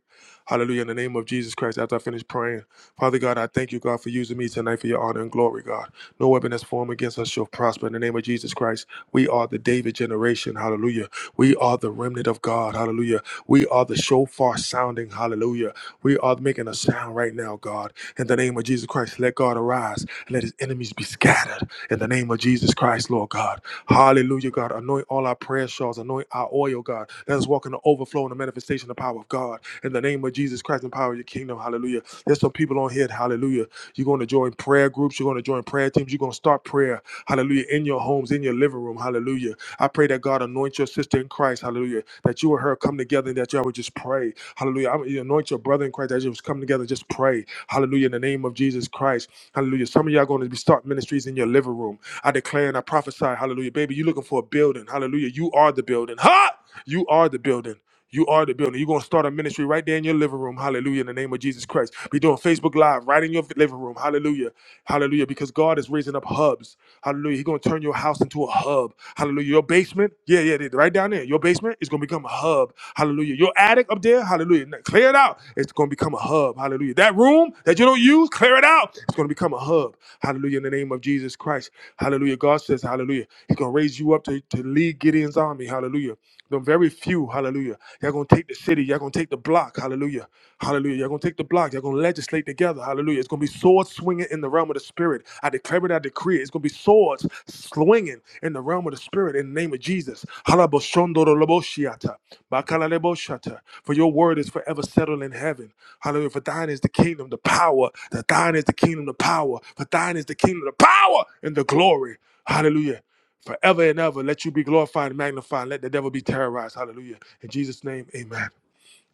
A: Hallelujah. In the name of Jesus Christ, after I finish praying, Father God, I thank you, God, for using me tonight for your honor and glory, God. No weapon that's formed against us shall prosper. In the name of Jesus Christ, we are the David generation. Hallelujah. We are the remnant of God. Hallelujah. We are the shofar sounding. Hallelujah. We are making a sound right now, God. In the name of Jesus Christ, let God arise and let his enemies be scattered. In the name of Jesus Christ, Lord God. Hallelujah, God. Anoint all our prayer shawls. Anoint our oil, God. Let us walk in the overflow and the manifestation manifestation of the power of God. In the name of Jesus Christ and power of your kingdom. Hallelujah. There's some people on here. Hallelujah. You're going to join prayer groups. You're going to join prayer teams. You're going to start prayer. Hallelujah. In your homes, in your living room. Hallelujah. I pray that God anoint your sister in Christ. Hallelujah. That you and her come together and that y'all would just pray. Hallelujah. I, you anoint your brother in Christ that you just come together and just pray. Hallelujah. In the name of Jesus Christ. Hallelujah. Some of y'all going to be start ministries in your living room. I declare and I prophesy. Hallelujah. Baby, you looking for a building. Hallelujah. You are the building. Ha! You are the building. You are the building. You're going to start a ministry right there in your living room. Hallelujah. In the name of Jesus Christ. Be doing Facebook Live right in your living room. Hallelujah. Hallelujah. Because God is raising up hubs. Hallelujah. He's going to turn your house into a hub. Hallelujah. Your basement. Yeah, yeah. yeah, Right down there. Your basement is going to become a hub. Hallelujah. Your attic up there. Hallelujah. Now Clear it out. It's going to become a hub. Hallelujah. That room that you don't use, clear it out. It's going to become a hub. Hallelujah. In the name of Jesus Christ. Hallelujah. God says, Hallelujah. He's going to raise you up to, to lead Gideon's army army, hallelujah. The very few, hallelujah. Y'all gonna take the city, y'all gonna take the block, hallelujah. Hallelujah. Y'all gonna take the block, y'all gonna legislate together, hallelujah. It's gonna be sword swinging in the realm of the spirit. I declare it, I decree it. It's gonna be swords swinging in the realm of the spirit in the name of Jesus. Halaboshondoroloboshiata, bakalaleboshata. For your word is forever settled in heaven. Hallelujah. For thine is the kingdom, the power. That thine is the kingdom, the power. For thine is the kingdom, the power and the glory. Hallelujah forever and ever. Let you be glorified and magnified. Let the devil be terrorized. Hallelujah. In Jesus' name, amen.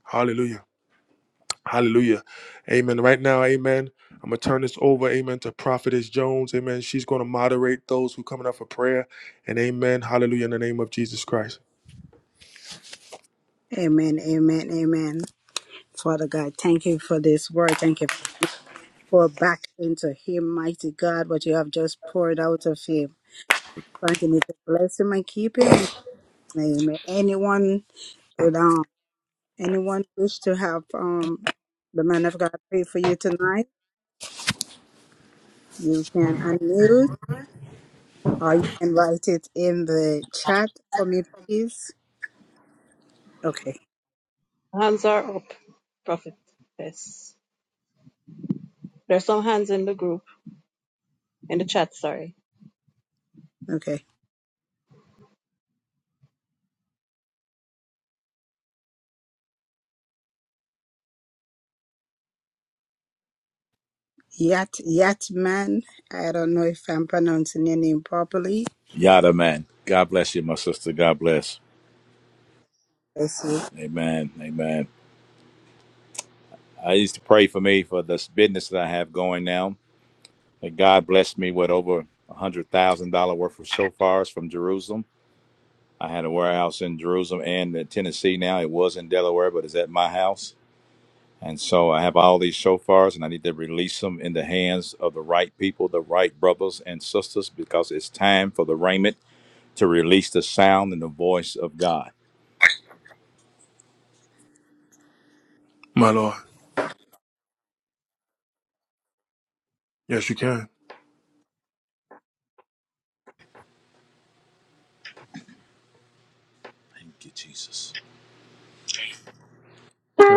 A: Hallelujah. Hallelujah. Amen. Right now, amen. I'm going to turn this over, amen, to Prophetess Jones. Amen. She's going to moderate those who coming up for prayer. And amen. Hallelujah. In the name of Jesus Christ.
F: Amen, amen, amen. Father God, thank you for this word. Thank you pour back into him, mighty God, what you have just poured out of him. Continue to bless him and keep him in his name. Anyone would um anyone wish to have um the man of God pray for you tonight, you can unmute or you can write it in the chat for me, please. Okay,
G: are up, Prophet. Yes. There's some hands in the group, in the chat, sorry.
F: okay. Yat Yat man, I don't know if I'm pronouncing your name properly. Bless you.
A: My Lord. Yes, you can.
J: Thank
A: My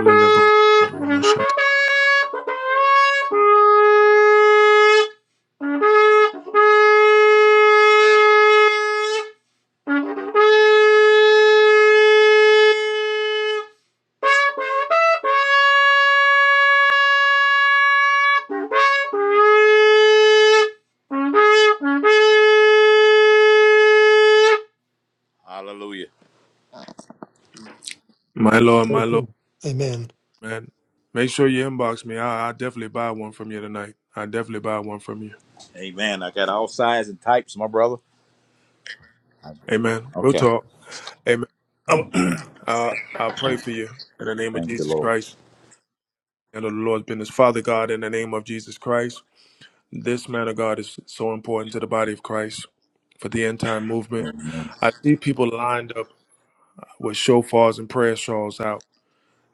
J: you.
A: Lord, my Lord,
C: Amen.
A: man. Make sure you inbox me. I, I definitely buy one from you tonight. I definitely buy one from you. Amen. We'll talk. Amen. Um, uh, I pray for you in the name of Jesus Christ and of the Lord's business. Father God, in the name of Jesus Christ, this man of God is so important to the body of Christ for the end time movement. I see people lined up with shofars and prayer shawls out,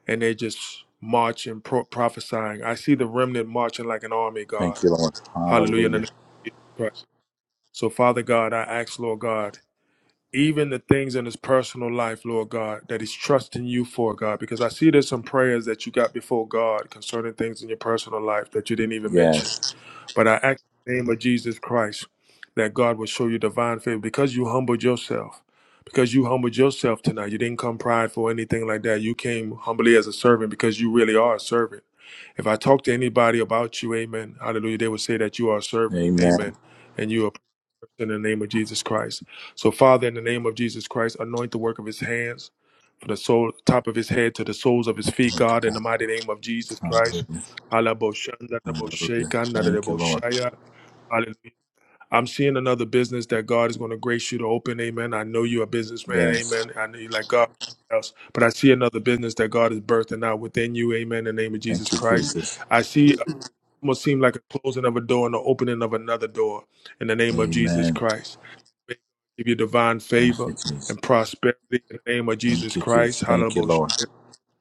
A: and they just marching, pro- prophesying. I see the remnant marching like an army, God. Hallelujah. In the name of Jesus Christ. So, Father God, I ask, Lord God, even the things in his personal life, Lord God, that he's trusting you for, God, because I see there's some prayers that you got before God concerning things in your personal life that you didn't even mention. But I ask in the name of Jesus Christ that God will show you divine favor because you humbled yourself. Because you humbled yourself tonight. You didn't come prideful or anything like that. You came humbly as a servant because you really are a servant. If I talk to anybody about you, amen, hallelujah, they would say that you are a servant, amen and you are in the name of Jesus Christ. So, Father, in the name of Jesus Christ, anoint the work of his hands from the sole, top of his head to the soles of his feet, God, in the mighty name of Jesus Christ. Hallelujah. Hallelujah. I'm seeing another business that God is going to grace you to open. Amen. I know you're a businessman. Amen. I know you like God. Else. But I see another business that God is birthing out within you. Amen. In the name of Jesus Christ. I see it almost seem like a closing of a door and the opening of another door in the name of Jesus Christ. May God give you divine favor and prosperity in the name of Jesus Christ. Hallelujah.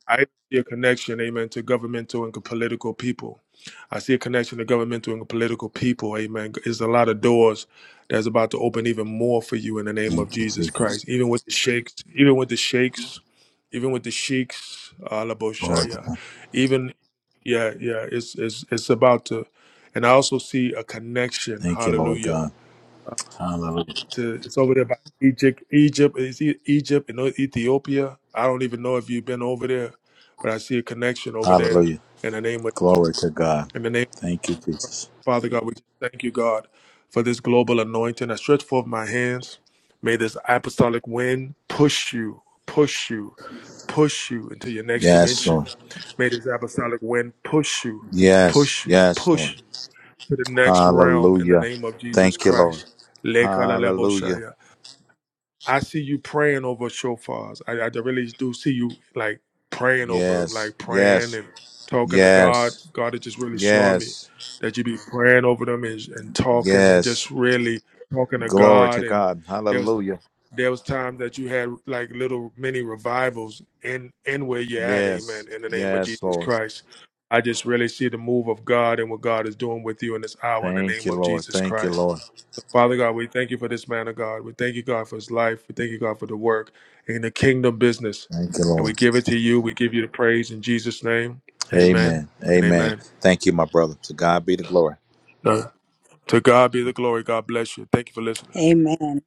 A: I see a connection, amen, to governmental and political people. I see a connection to governmental and political people, amen. There's a lot of doors that's about to open even more for you in the name of Jesus Christ. Even with the sheikhs, even with the sheikhs, even with the sheikhs, Alaboshaya, even, yeah, yeah, it's, it's, it's about to, and I also see a connection, hallelujah to it's over there by Egypt. Egypt is Egypt and Ethiopia. I don't even know if you've been over there, but I see a connection over there. In the name of in the name of Father God, we just thank you, God, for this global anointing. I stretch forth my hands. May this apostolic wind push you, push you, push you into your next dimension. May this apostolic wind push you, push you, push to the next realm in the name of Jesus Christ. Lekala I see you praying over shofars. I, I really do see you like praying over them, like praying and talking to God. God is just really showing me that you be praying over them and, and talking and just really talking to God. And there was there was times that you had like little mini revivals in in where you're at. Amen. In the name of Jesus Christ, I just really see the move of God and what God is doing with you in this hour. In the name of Jesus Christ. Father God, we thank you for this man of God. We thank you, God, for his life. We thank you, God, for the work in the kingdom business. And we give it to you. We give you the praise in Jesus' name. Amen and amen. Uh, to God be the glory. God bless you. Thank you for listening.
F: Amen.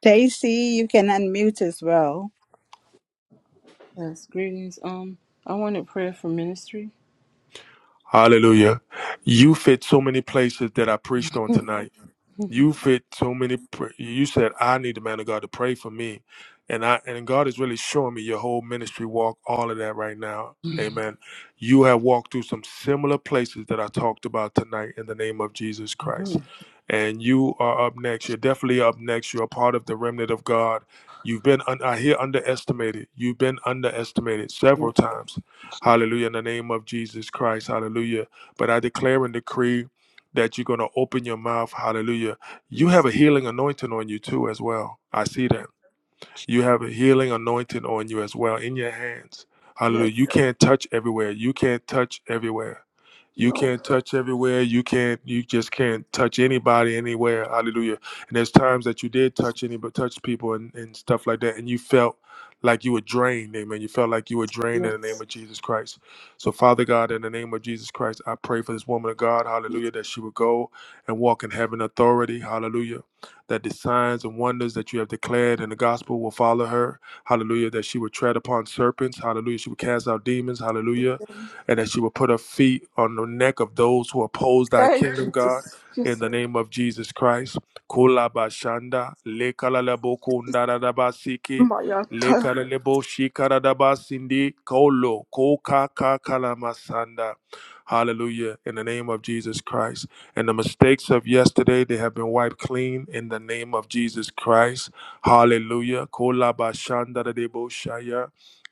F: Stacy, you can unmute as well.
I: Yes, greetings. Um, I wanted prayer for ministry.
A: Hallelujah.
I: hmm
A: You fit so many places that I preached on tonight. you fit so many pr- you said i need the man of god to pray for me and i and god is really showing me your whole ministry walk all of that right now amen you have walked through some similar places that i talked about tonight in the name of jesus christ and you are up next you're definitely up next you're a part of the remnant of god you've been un- i hear underestimated you've been underestimated
I: yes,
A: several times
I: yes,
A: hallelujah in the name of jesus christ hallelujah but i declare and decree that you're going to open your mouth hallelujah you have a
I: yes,
A: healing anointing on you too, as well. I see that. You have a healing anointing on you as well in your hands.
I: yes,
A: Hallelujah. You can't touch everywhere. You can't touch everywhere. You
I: no,
A: can't touch everywhere. You can't. You just can't touch anybody anywhere. Hallelujah. And there's times that you did touch any, but touch people and, and stuff like that, and you felt like you were drained. Amen. You felt like you were drained in the name
I: yes.
A: of Jesus Christ. So, Father God, in the name of Jesus Christ, I pray for this woman of God. Hallelujah. That she would go and walk in heaven authority. Hallelujah. That the signs and wonders that you have declared in the gospel will follow her. Hallelujah. That she would tread upon serpents. Hallelujah. She would cast out demons. Hallelujah and that she will put her feet on the neck of those who oppose thy
I: Hey,
A: kingdom, God.
I: Jesus,
A: In
I: yes,
A: the name of Jesus Christ. Kula bashanda, lekala lebo kunda da da basiki,
I: my entire,
A: lekala lebo shikara da basindi, kolo, koka kakala masanda. Hallelujah. In the name of Jesus Christ. And the mistakes of yesterday, they have been wiped clean in the name of Jesus Christ. Hallelujah. Kola bashanda da debo shaya.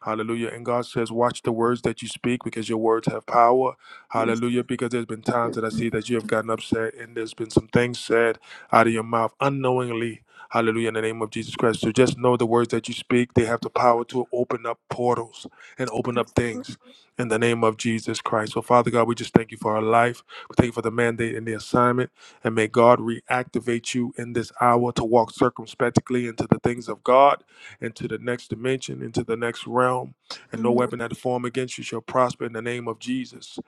A: Hallelujah. And God says, Watch the words that you speak because your words have power.
I: yes,
A: Hallelujah. Because there's been
I: yes.
A: times that I see that you have gotten upset and there's been some things said out of your mouth unknowingly. Hallelujah. In the name of Jesus Christ. So just know the words that you speak, they have the power to open up portals and open up things in the name of Jesus Christ. So, Father God, we just thank you for our life. We thank you for the mandate and the assignment. And may God reactivate you in this hour to walk circumspectly into the things of God into the next dimension, into the next realm, and no weapon that is formed against you shall prosper in the name of Jesus.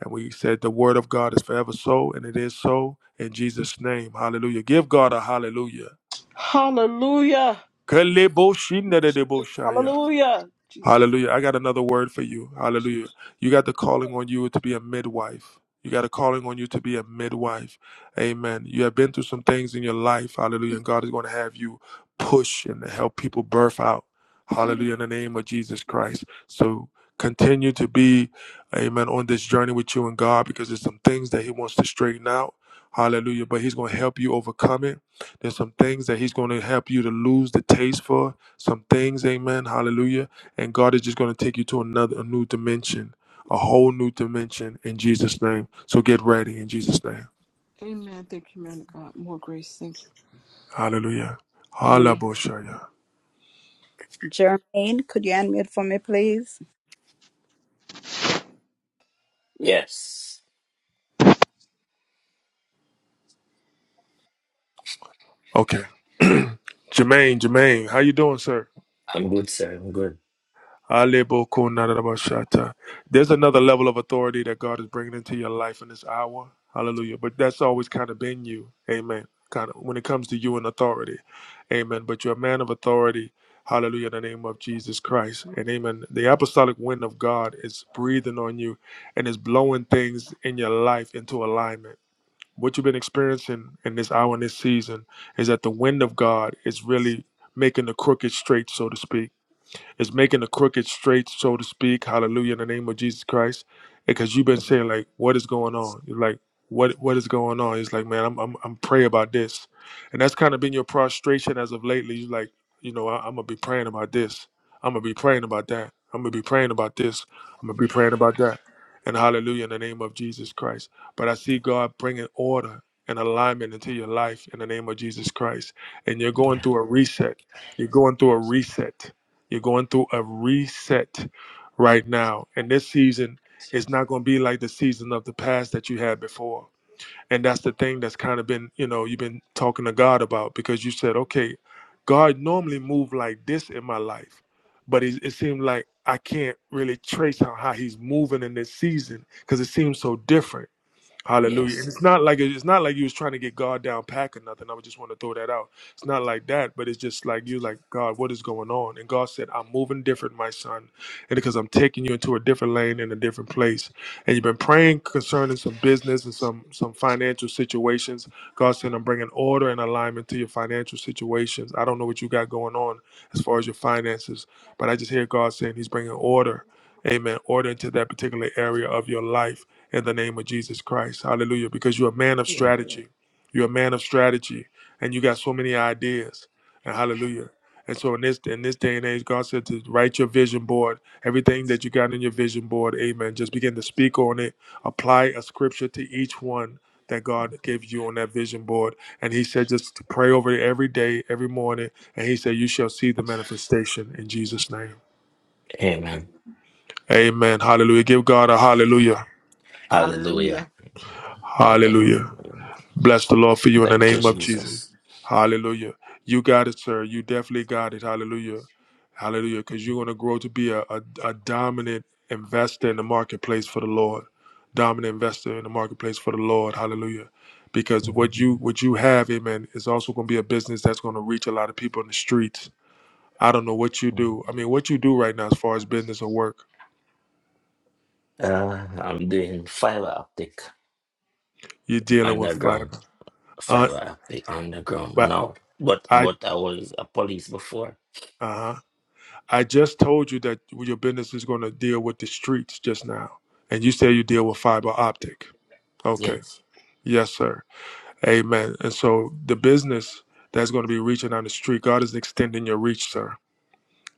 A: And we said the word of God is forever so, and it is so in Jesus' name. Hallelujah. Give God a hallelujah.
I: Hallelujah, Jesus,
A: Kaleboshindadeboshaya.
I: hallelujah, Jesus.
A: Hallelujah. I got another word for you. Hallelujah. You got the calling on you to be a midwife. You got a calling on you to be a midwife. Amen. You have been through some things in your life. Hallelujah. And God is going to have you push and help people birth out. Hallelujah. In the name of Jesus Christ. So continue to be, amen, on this journey with you and God because there's some things that He wants to straighten out. Hallelujah. But He's going to help you overcome it. There's some things that He's going to help you to lose the taste for. Some things, amen. Hallelujah and God is just going to take you to another a new dimension, a
I: Yes,
A: whole new dimension in Jesus' name. So get ready in Jesus' name.
I: Amen. Thank you, man of God. More grace. Thank you.
A: Hallelujah.
F: Amen.
A: Hallelujah.
F: Jermaine, could you unmute for me, please?
E: Yes.
A: Okay. Jermaine, Jermaine, how you doing, sir?
E: I'm good, sir. I'm good.
A: Alebo-kun-na-da-da-ba-shata. There's another level of authority that God is bringing into your life in this hour. Hallelujah. But that's always kind of been you. Amen. Kind of when it comes to you and authority. Amen. But you're a man of authority. Hallelujah. In the name of Jesus Christ. And amen. The apostolic wind of God is breathing on you and is blowing things in your life into alignment. What you've been experiencing in this hour and this season is that the wind of God is really making the crooked straight, so to speak is making the crooked straight, so to speak. Hallelujah in the name of Jesus Christ. Because you've been saying like, what is going on? You're like, what what is going on? It's like, man, I'm I'm I'm praying about this, and that's kind of been your prostration as of lately. You're like, you know, I, I'm gonna be praying about this. I'm gonna be praying about that. I'm gonna be praying about this. I'm gonna be praying about that. And hallelujah in the name of Jesus Christ. But I see God bringing order and alignment into your life in the name of Jesus Christ. And you're going
E: Yeah.
A: through a reset. You're going through a reset. You're going through a reset right now. And this season is not going to be like the season of the past that you had before. And that's the thing that's kind of been, you know, you've been talking to God about because you said, okay, God normally moved like this in my life, but it, it seemed like I can't really trace how, how he's moving in this season because it seems so different Hallelujah. And
E: Yes.
A: it's not like it's not like you was trying to get God down pack or nothing. I would just want to throw that out. It's not like that, but it's just like you like, God, what is going on? And God said, I'm moving different, my son. And because I'm taking you into a different lane and a different place. And you've been praying concerning some business and some some financial situations. God said, I'm bringing order and alignment to your financial situations. I don't know what you got going on as far as your finances, but I just hear God saying he's bringing order. Amen. Order into that particular area of your life in the name of Jesus Christ. Hallelujah. Because you're a man of
E: Yeah.
A: strategy. You're a man of strategy. And you got so many ideas. And hallelujah. And so in this in this day and age, God said to write your vision board, everything that you got in your vision board, amen. Just begin to speak on it. Apply a scripture to each one that God gave you on that vision board. And he said just to pray over it every day, every morning. And he said, You shall see the manifestation in Jesus' name.
E: Amen.
A: Amen. Hallelujah. Give God a hallelujah.
E: Hallelujah.
H: Hallelujah.
A: Hallelujah.
E: Hallelujah.
A: Bless the Lord for you in the
E: Thank you,
A: name of Jesus.
E: Jesus.
A: Hallelujah. You got it, sir. You definitely got it. Hallelujah. Hallelujah. Because you're going to grow to be a, a, a dominant investor in the marketplace for the Lord. Dominant investor in the marketplace for the Lord. Hallelujah. Because what you what you have, amen, is also going to be a business that's going to reach a lot of people in the streets. I don't know what you
E: Mhm.
A: do. I mean, what you do right now as far as business or work,
E: Uh, I'm doing fiber optic
A: you're dealing with fiber.
E: underground,
A: Uh,
E: fiber optic underground
A: but
E: now. But
A: I
E: but I was a police before.
A: uh-huh. I just told you that your business is going to deal with the streets just now, and you say you deal with fiber optic. Okay.
E: Yes,
A: Yes, sir. Amen. And so the business that's going to be reaching on the street, God is extending your reach, sir.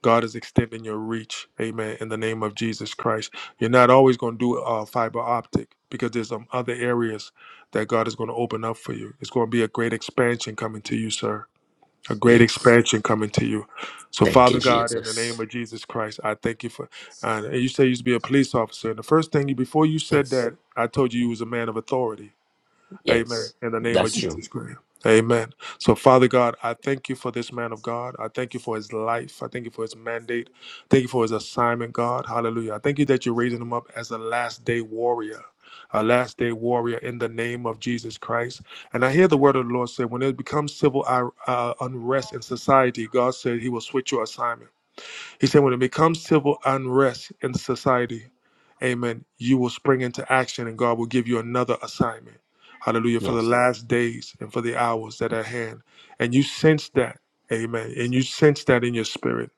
A: God is extending your reach. Amen. In the name of Jesus Christ. You're not always going to do uh, fiber optic because there's some other areas that God is going to open up for you. It's going to be a great expansion coming to you, sir a great
E: yes.
A: expansion coming to you. So,
E: Thank
A: Father
E: you,
A: God, in the name
E: Jesus.
A: of Jesus Christ, I thank you for. Uh, and you say you used to be a police officer, and the first thing you before you said
E: Yes,
A: that, I told you you was a man of authority. Amen.
E: yes.
A: In the name of
E: That's true.
A: Jesus Christ. Amen. So, Father God, I thank you for this man of God. I thank you for his life. I thank you for his mandate. Thank you for his assignment, God. Hallelujah. I thank you that you're raising him up as a last day warrior, a last day warrior in the name of Jesus Christ. And I hear the word of the Lord say, when it becomes civil uh, uh, unrest in society, God said he will switch your assignment. He said, when it becomes civil unrest in society, amen, you will spring into action and God will give you another assignment. Hallelujah. For the
E: Yes,
A: last days and for the hours that are at hand. And you sense that, amen. And you sense that in your spirit.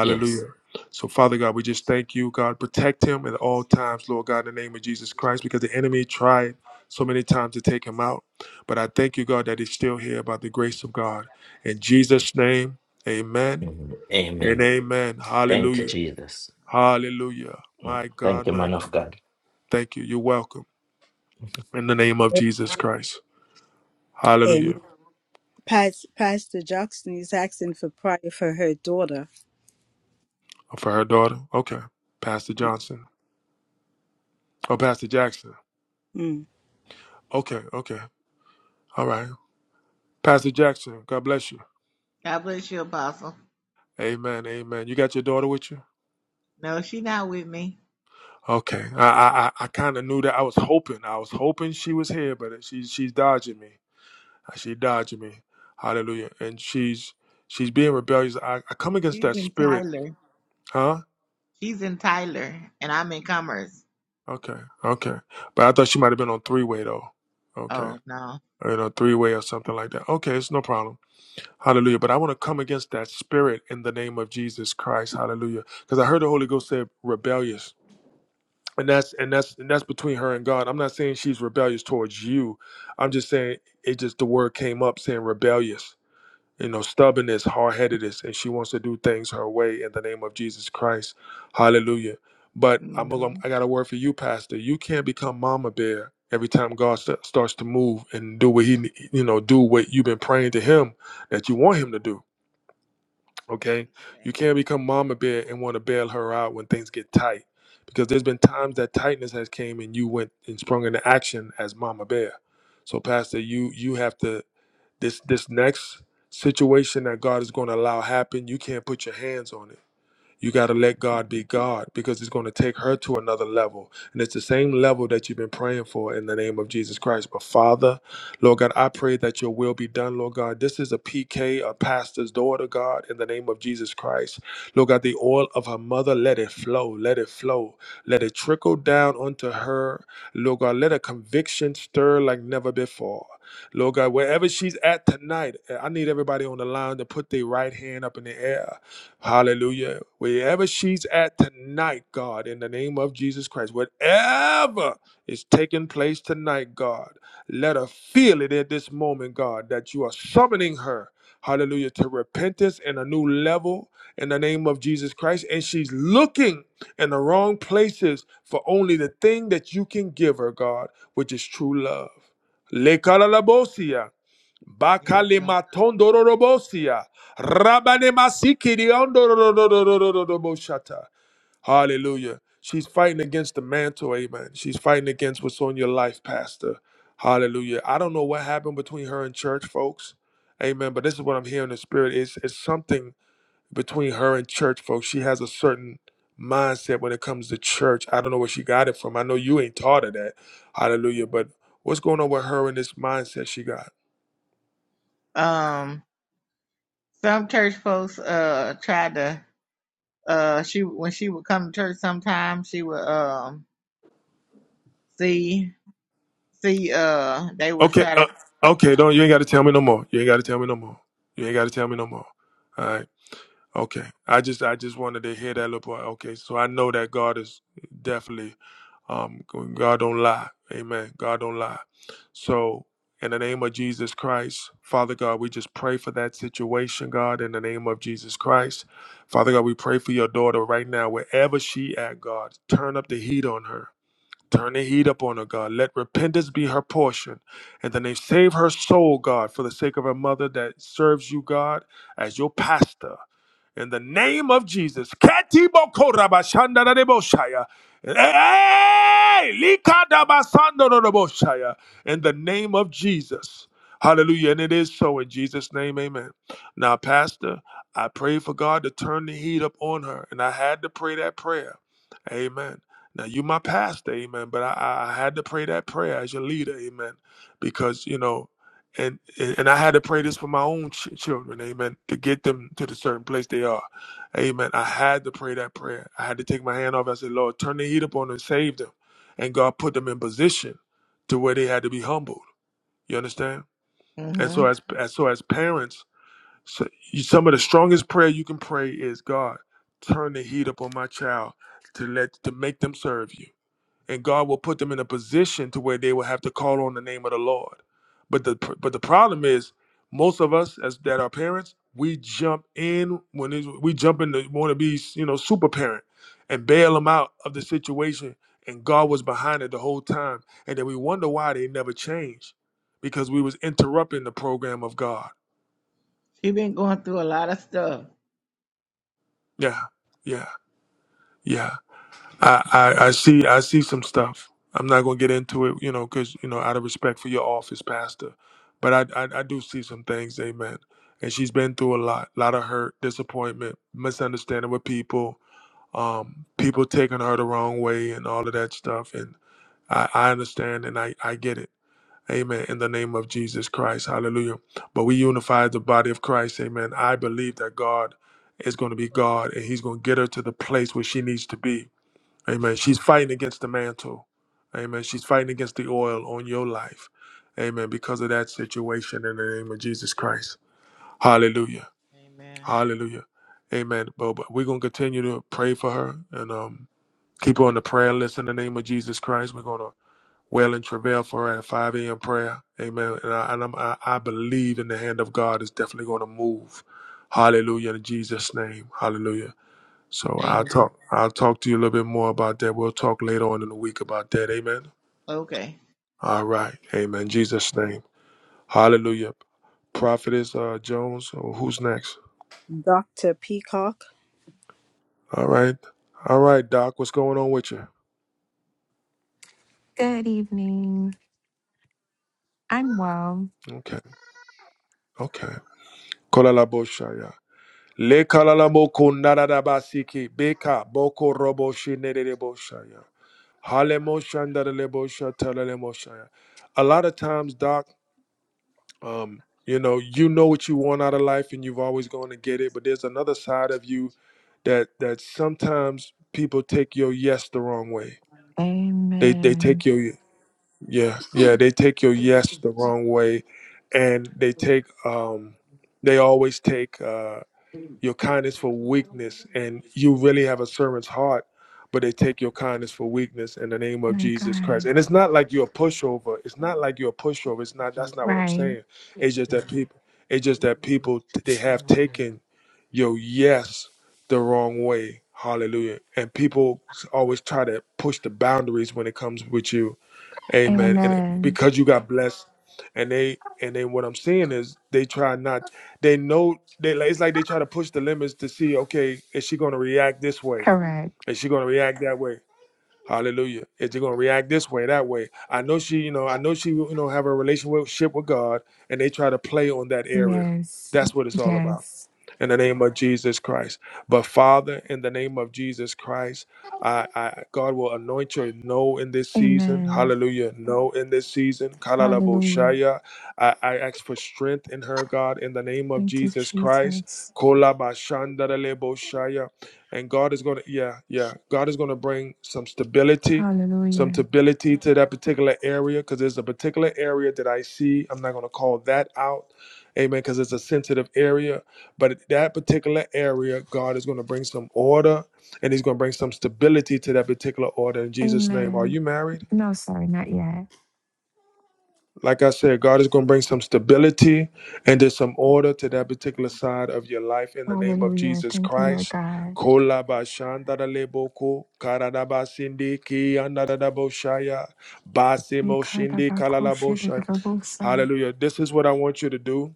E: yes.
A: So, Father God, we just thank you, God. Protect him at all times, Lord God, in the name of Jesus Christ, because the enemy tried so many times to take him out. But I thank you, God, that he's still here by the grace of God. In Jesus' name, amen
E: Mhm.
A: and
E: Amen.
A: amen.
E: Thank you,
A: Hallelujah.
E: Jesus.
A: Hallelujah.
E: Mm.
A: My
E: Thank
A: God,
E: you,
A: my
E: man
A: God.
E: of God.
A: Thank you. You're welcome. In the name of Jesus Christ. Hallelujah.
F: Amen. Pas- Pastor Jackson is asking for prayer for her daughter,
A: Oh, For her daughter. Okay. Pastor
F: Yeah.
A: Johnson. Oh, Pastor Jackson.
F: Mm.
A: Okay. Okay. All right. Pastor Jackson. God bless you.
H: God bless you, Apostle.
A: Amen. Amen. You got your daughter with you?
H: No, she's not with me.
A: Okay. I I I kind of knew that. I was hoping. I was hoping she was here, but she she's dodging me. Uh, She dodging me. Hallelujah. And she's she's being rebellious. I, I come against
H: She's
A: that
H: in
A: spirit,
H: Tyler.
A: huh?
H: She's in Tyler, and I'm in Commerce.
A: Okay, okay. But I thought she might have been on three way though. Okay.
H: Oh no.
A: Or you know, three way or something like that. Okay, it's no problem. Hallelujah. But I want to come against that spirit in the name of Jesus Christ. Hallelujah. Because I heard the Holy Ghost say rebellious. And that's and that's and that's between her and God. I'm not saying she's rebellious towards you. I'm just saying it just the word came up saying rebellious you know, stubbornness, hard headedness, and she wants to do things her way in the name of Jesus Christ. Hallelujah. But I'm gonna,
H: Mm-hmm.
A: I got a word for you, Pastor. You can't become Mama Bear every time God sta- starts to move and do what He, you know, do what you've been praying to Him that you want Him to do. Okay, you
H: Okay.
A: can't become Mama Bear and want to bail her out when things get tight, because there's been times that tightness has came and you went and sprung into action as Mama Bear. So, Pastor, you you have to this this next situation that God is going to allow happen, you can't put your hands on it you got to let God be God because it's going to take her to another level. And it's the same level that you've been praying for in the name of Jesus Christ. But Father, Lord God, I pray that your will be done, Lord God. This is a PK, a pastor's daughter, God, in the name of Jesus Christ. Lord God, the oil of her mother, let it flow, let it flow, let it trickle down onto her. Lord God, let a conviction stir like never before. Lord God, wherever she's at tonight, I need everybody on the line to put their right hand up in the air Hallelujah. Wherever she's at tonight, God, in the name of Jesus Christ, whatever is taking place tonight, God, let her feel it at this moment, God, that you are summoning her, hallelujah, to repentance and a new level in the name of Jesus Christ. And she's looking in the wrong places for only the thing that you can give her, God, which is true love. Le kalalabosia.
H: There you go.
A: Bakalima tondororobosia. Rabane masikiri ondororororororoboshata. Hallelujah. She's fighting against the mantle, amen. She's fighting against what's on your life, Pastor. Hallelujah. I don't know what happened between her and church folks. Amen. But this is what I'm hearing in the spirit. It's, it's something between her and church folks. She has a certain mindset when it comes to church. I don't know where she got it from. I know you ain't taught her that. Hallelujah. But
H: Mhm.
A: what's going on with her and this mindset she got?
H: Um, some church folks uh tried to uh she when she would come to church sometimes she would um see. See, uh, they would
A: Okay,
H: try
A: uh,
H: to.
A: okay. Don't you ain't got to tell me no more. You ain't got to tell me no more. You ain't got to tell me no more. All right. Okay. I just I just wanted to hear that little part. Okay. So I know that God is definitely um God don't lie. Amen. God don't lie. So in the name of Jesus Christ, Father God, we just pray for that situation, God, in the name of Jesus Christ. Father God, we pray for your daughter right now, wherever she at, God. Turn up the heat on her. Turn the heat up on her, God. Let repentance be her portion. And then they save her soul, God, for the sake of her mother that serves you, God, as your pastor in the name of Jesus. Ketiboko-rabashandarabosaya. Hey! Likadabasandorobosaya. In the name of Jesus. Hallelujah. And it is so in Jesus' name. Amen. Now, Pastor, I pray for God to turn the heat up on her. And I had to pray that prayer. Amen. Now you my pastor, amen. But I, I I had to pray that prayer as your leader, amen. Because you know, and and I had to pray this for my own ch- children, amen, to get them to the certain place they are, amen. I had to pray that prayer. I had to take my hand off. I said, Lord, turn the heat up on them, save them, and God put them in position to where they had to be humbled. You understand? And
H: Mm-hmm.
A: so as as so as parents, so you, some of the strongest prayer you can pray is, God, turn the heat up on my child to let to make them serve you and God will put them in a position to where they will have to call on the name of the Lord. But the but the problem is, most of us as that are parents, we jump in when it's, we jump in to want to be you know super parent and bail them out of the situation, and God was behind it the whole time, and then we wonder why they never changed because we was interrupting the program of God.
H: She been going through a lot of stuff.
A: Yeah, yeah, yeah. I, I I see I see some stuff. I'm not gonna get into it, you know, because you know, out of respect for your office, Pastor. But I, I I do see some things, Amen. And she's been through a lot, lot of hurt, disappointment, misunderstanding with people, um, people taking her the wrong way, and all of that stuff. And I, I understand and I I get it, Amen. In the name of Jesus Christ, Hallelujah. But we unify the body of Christ, Amen. I believe that God is going to be God, and He's going to get her to the place where she needs to be Amen. She's fighting against the mantle. Amen. She's fighting against the oil on your life. Amen. Because of that situation in the name of Jesus Christ. Hallelujah.
H: Amen.
A: Hallelujah. Amen. But, but we're going to continue to pray for her and um, keep her on the prayer list in the name of Jesus Christ. We're going to wail and travail for her at 5 a.m. prayer. Amen. And, I, and I'm, I, I believe in the hand of God is definitely going to move. Hallelujah. In Jesus' name. Hallelujah. So I'll
H: Amen.
A: talk. I'll talk to you a little bit more about that. We'll talk later on in the week about that. Amen.
H: Okay.
A: All right. Amen. Jesus name. Hallelujah. Prophetess uh, Jones. Oh, who's next?
F: Dr. Peacock.
A: All right. All right, Doc. What's going on with you?
K: Good evening. I'm well.
A: Okay. Okay. Kolala boshaya. Le kalala moko narada basiki beka boko robo shinere boshaya. Hale moshandara le boshatala le moshaya. A lot of times, Doc. um, you know you know what you want out of life and you've always going to get it but there's another side of you that that sometimes people take your yes the wrong way they they take
K: Amen.
A: your yeah yeah they take your yes the wrong way and they take um they always take uh your kindness for weakness, and you really have a servant's heart, but they take your kindness for weakness in the name of
K: My
A: Jesus Christ.
K: God.
A: And it's not like you're a pushover. It's not like you're a pushover. It's not. That's not what I'm
K: Right.
A: saying. It's just that people. It's just that people they have taken your yes the wrong way. Hallelujah. And people always try to push the boundaries when it comes with you Amen. And it-
K: Amen.
A: because you got blessed, and they and then what I'm seeing is they try not. They know they. like- It's like they try to push the limits to see. Okay, is she going to react this way?
K: Correct.
A: Is she going to react that way? Hallelujah. Is she going to react this way, that way? I know she. You know. I know she. You know, have a relationship with God, and they try to play on that area.
K: Yes.
A: That's what it's all about
K: Yes.
A: in the name of Jesus Christ. But Father, in the name of Jesus Christ, I, I God will anoint your no in this season.
K: Amen.
A: Hallelujah. No in this season.
K: Hallelujah.
A: Kalalaboshaya. I, I ask for strength in her, God, in the name of
K: Thank you,
A: Jesus Christ.
K: Jesus.
A: Kolabashandareleboshaya. And God is gonna, yeah, yeah. God is gonna bring some stability. Some
K: Hallelujah.
A: stability to that particular area because there's a particular area that I see. I'm not going to call that out. Amen. Because it's a sensitive area but that particular area, God is going to bring some order and He's going to bring some stability to that particular order in Jesus' name. Are
K: Amen.
A: you married?
K: No, sorry, not yet.
A: Like I said, God is going to bring some stability and there's some order to that particular side of your life in the name of
K: Hallelujah.
A: Jesus
K: Thank you, Lord
A: Christ.
K: God.
A: Kola ba shanda da lebo ko, kara da ba sindi ki anda da da bo shaya, ba se
K: We
A: mo
K: called
A: shindi
K: about
A: kala la bo
K: kosher the
A: shaya.
K: Rabosa.
A: Hallelujah. This is what I want you to do.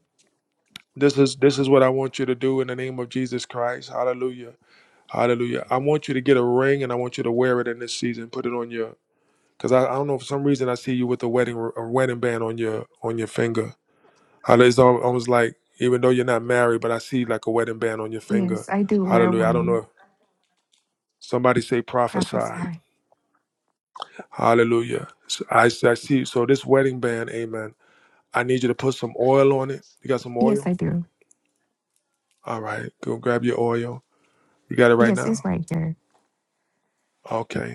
A: This is this is what I want you to do in the name of Jesus Christ. Hallelujah. Hallelujah. I want you to get a ring and I want you to wear it in this season. Put it on your because I, I don't know for some reason I see you with a wedding a wedding band on your on your finger. Hallelujah. It's al- almost like even though you're not married, but I see like a wedding band on your finger.
K: Yes, I do wear
A: Hallelujah. I don't know.
K: one.
A: if Somebody say prophesy.
K: Prophesy.
A: Hallelujah. So I, I see. So this wedding band, amen. I need you to put some oil on it. You got some
K: Yes, I
A: oil?
K: do.
A: All right. Go grab your oil. You got it right
K: Yes, it's
A: now.
K: right here.
A: Okay.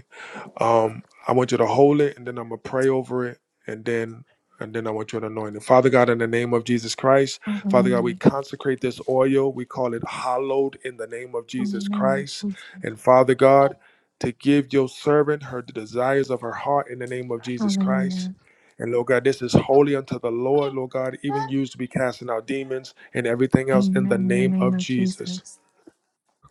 A: Um, I want you to hold it, and then I'm gonna pray over it, and then and then I want you to anoint it. Father God, in the name of Jesus Christ, Father God,
K: Hallelujah.
A: we consecrate this oil. We call it hallowed in the name of
K: In the
A: Jesus
K: name of
A: Christ,
K: Jesus.
A: and Father God, to give your servant her the desires of her heart in the name of Jesus Christ.
K: Hallelujah.
A: And Lord God, this is holy unto the Lord, Lord God, even used to be casting out demons and everything else in the
K: Amen. In the
A: name
K: name
A: of
K: of
A: Jesus.
K: Jesus.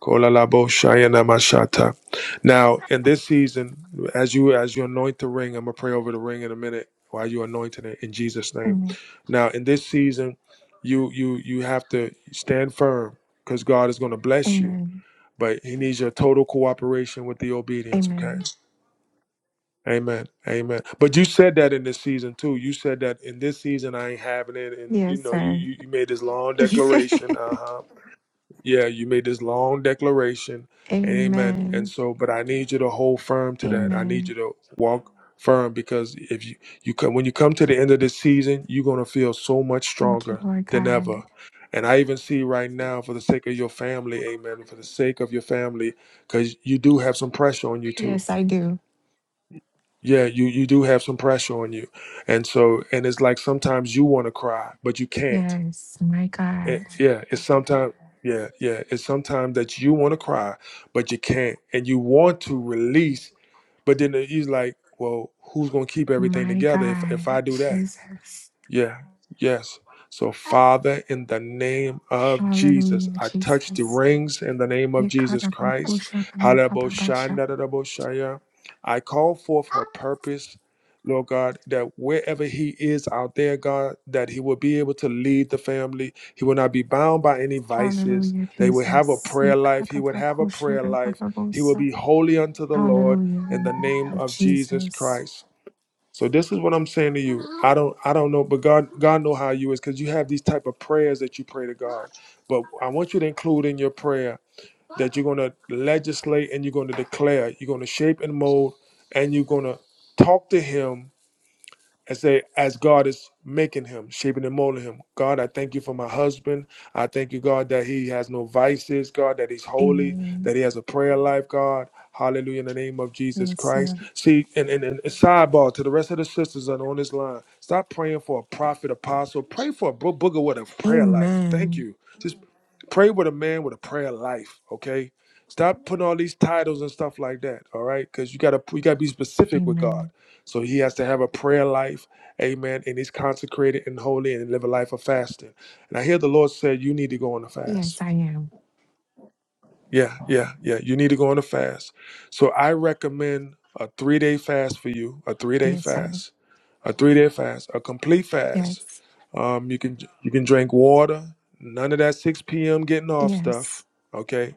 A: Kolalaboshayanamashata. Now, in this season, as you as you anoint the ring, I'm gonna pray over the ring in a minute while you anointing it in Jesus' name.
K: Amen.
A: Now, in this season, you you you have to stand firm because God is gonna bless you,
K: Amen.
A: but He needs your total cooperation with the obedience. Okay.
K: Amen.
A: Amen. Amen. But you said that in this season too. You said that in this season I ain't having it, and you
K: Yes,
A: know you
K: sir.
A: you, you made this long declaration. Uh huh. Yeah, you made this long declaration. Amen. And
K: Amen.
A: so, but I need you to hold firm to that. I need you
K: Amen.
A: to walk firm because if you, you come, when you come to the end of this season, you're going to feel so much
K: Thank you,
A: stronger
K: Lord
A: than ever.
K: God.
A: And I even see right now, for the sake of your family, amen, for the sake of your family, because you do have some pressure on you too.
K: Yes, I do.
A: Yeah, you, you do have some pressure on you. And so, and it's like sometimes you want to cry, but you can't
K: Yes, my
A: it,
K: God.
A: yeah, it's sometimes yeah, yeah, it's sometimes that you want to cry, but you can't, and you want to release, but then he's like, well, who's gonna keep everything
K: My
A: together if if
K: God.
A: I do that?
K: Jesus.
A: Yeah, yes. So, Father, in the name of Jesus,
K: Hallelujah,
A: I touch the
K: Jesus.
A: rings in the name of Jesus Christ.
K: Yekarabakushatabababasha.
A: Halaboshandadadaboshaya. I call forth her purpose, Lord God, that wherever he is out there, God, that he will be able to lead the family. He will not be bound by any vices.
K: Hallelujah,
A: They will have a
K: Jesus.
A: prayer life. He would have a prayer life. He will
K: Yekarabakushatabababasa.
A: be holy unto the
K: Hallelujah.
A: Lord
K: In the
A: in the
K: name
A: name
K: of
A: of Jesus
K: Jesus.
A: Christ. So this is what I'm saying to you. I don't I don't know, but God God know how you is because you have these type of prayers that you pray to God. But I want you to include in your prayer that you're gonna legislate and you're gonna declare, you're gonna shape and mold, and you're gonna talk to him and say, as God is making him, shaping and molding him, God, I thank you for my husband. I thank you, God, that he has no vices, God, that he's holy,
K: Amen.
A: that he has a prayer life, God. Hallelujah, in the name of Jesus
K: Yes,
A: Christ.
K: Lord.
A: See, and, and, and sidebar to the rest of the sisters that are on this line, stop praying for a prophet, apostle. Pray for a bro- booger with a prayer life. Thank
K: Amen.
A: you. Just pray with a man with a prayer life, okay? Stop putting all these titles and stuff like that, all right? Because you gotta you gotta be specific with God.
K: Amen.
A: So he has to have a prayer life, amen, and he's consecrated and holy and live a life of fasting. And I hear the Lord said, You need to go on a
K: Yes,
A: fast.
K: I am.
A: Yeah, yeah, yeah. You need to go on a fast. So I recommend a three day fast for you, a three day
K: Yes, sir.
A: fast, a three day fast, a complete fast.
K: Yes.
A: Um, you can you can drink water, none of that 6 p.m. getting off stuff.
K: Yes.
A: Okay.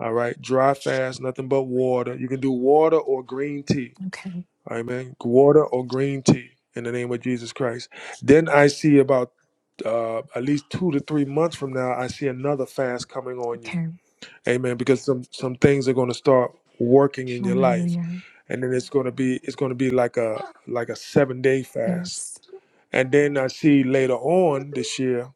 A: All right. Dry fast, nothing but water. You can do water or green tea
K: Okay.
A: Amen. Water or green tea in the name of Jesus Christ. Then I see about uh, at least two to three months from now, I see another fast coming on you.
K: Okay.
A: Amen. Because some some things are going to start working in your life,
K: Hallelujah.
A: and then it's going to be it's going to be like a like a seven day fast.
K: Yes.
A: And then I see later on this year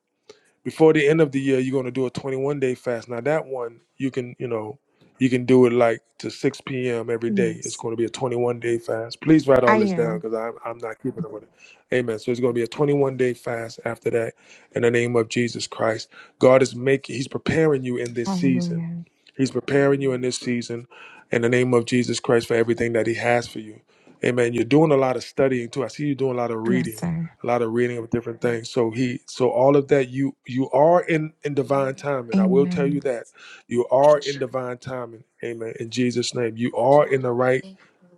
A: before the end of the year, you're going to do a 21 day fast. Now that one, you can, you know, you can do it like to 6 p.m. every day. It's
K: Yes.
A: going to be a 21 day fast. Please write all
K: I
A: this down
K: am.
A: because I'm, I'm not keeping up with it. Amen. So it's going to be a 21 day fast after that in the name of Jesus Christ. God is making, He's preparing you in this season.
K: Hallelujah.
A: He's preparing you in this season in the name of Jesus Christ for everything that He has for you. Amen. You're doing a lot of studying too. I see you doing a lot of
K: Yes,
A: reading
K: sir.
A: a lot of reading of different things. So he, so all of that, you you are in in divine timing. I will tell you
K: Amen.
A: that you are in divine timing. Amen. In Jesus' name, you are in the right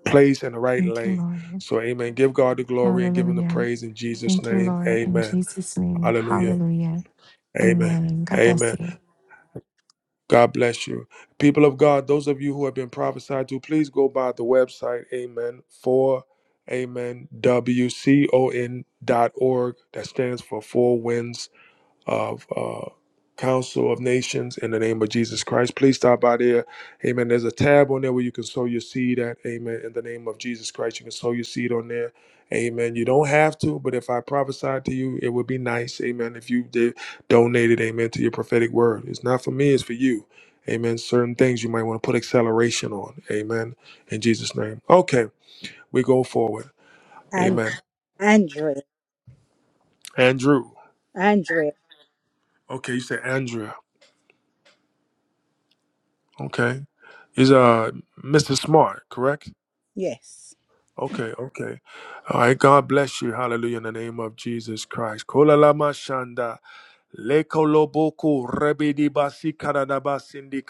A: place and the right
K: Thank you,
A: lane.
K: Lord.
A: So, Amen. Give God the glory and give Him the
K: Hallelujah.
A: praise in Jesus'
K: Thank you,
A: name.
K: Lord. In
A: Amen.
K: Jesus' name.
A: Hallelujah.
K: Hallelujah.
A: Amen.
K: Amen. God bless
A: Amen.
K: you.
A: God bless you. People of God, those of you who have been prophesied to, please go by the website, amen, for amen, W C O N dot org. That stands for Four Winds of uh, Council of Nations in the name of Jesus Christ. Please stop by there. Amen. There's a tab on there where you can sow your seed at. Amen. In the name of Jesus Christ, you can sow your seed on there. Amen. You don't have to, but if I prophesied to you, it would be nice. Amen. If you did donated, amen, to your prophetic word. It's not for me, it's for you. Amen. Certain things you might want to put acceleration on. Amen. In Jesus' name. Okay, we go forward.
F: And
A: Amen.
F: Andrea,
A: Andrew.
F: Andrea,
A: Okay, you said Andrea. Okay. He's uh Mr. Smart, correct?
F: yes.
A: Okay, okay. All right, God bless you. Hallelujah in the name of Jesus Christ. Kola shanda. Leko rebidi basi kanadaba sindi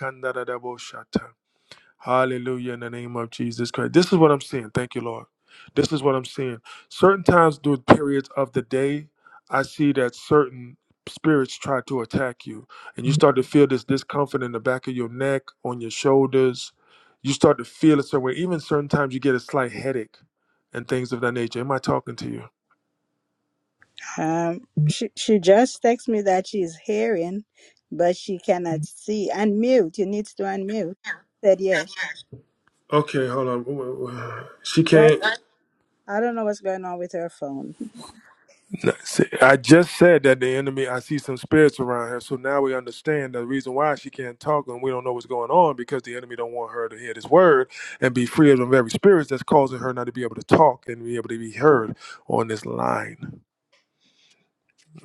A: Hallelujah in the name of Jesus Christ. This is what I'm seeing. Thank you, Lord. This is what I'm seeing. Certain times during periods of the day, I see that certain spirits try to attack you. And you start to feel this discomfort in the back of your neck, on your shoulders. You start to feel it somewhere. Even certain times you get a slight headache and things of that nature. Am I talking to you?
F: Um, she she just texts me that she's hearing, but she cannot see. Unmute. You need to unmute. Said yes.
A: Okay, hold on. She
F: Right.
A: can't.
F: I don't know what's going on with her phone.
A: No, see, I just said that the enemy, I see some spirits around her. So now we understand the reason why she can't talk and we don't know what's going on because the enemy don't want her to hear this word and be free of the very spirits that's causing her not to be able to talk and be able to be heard on this line.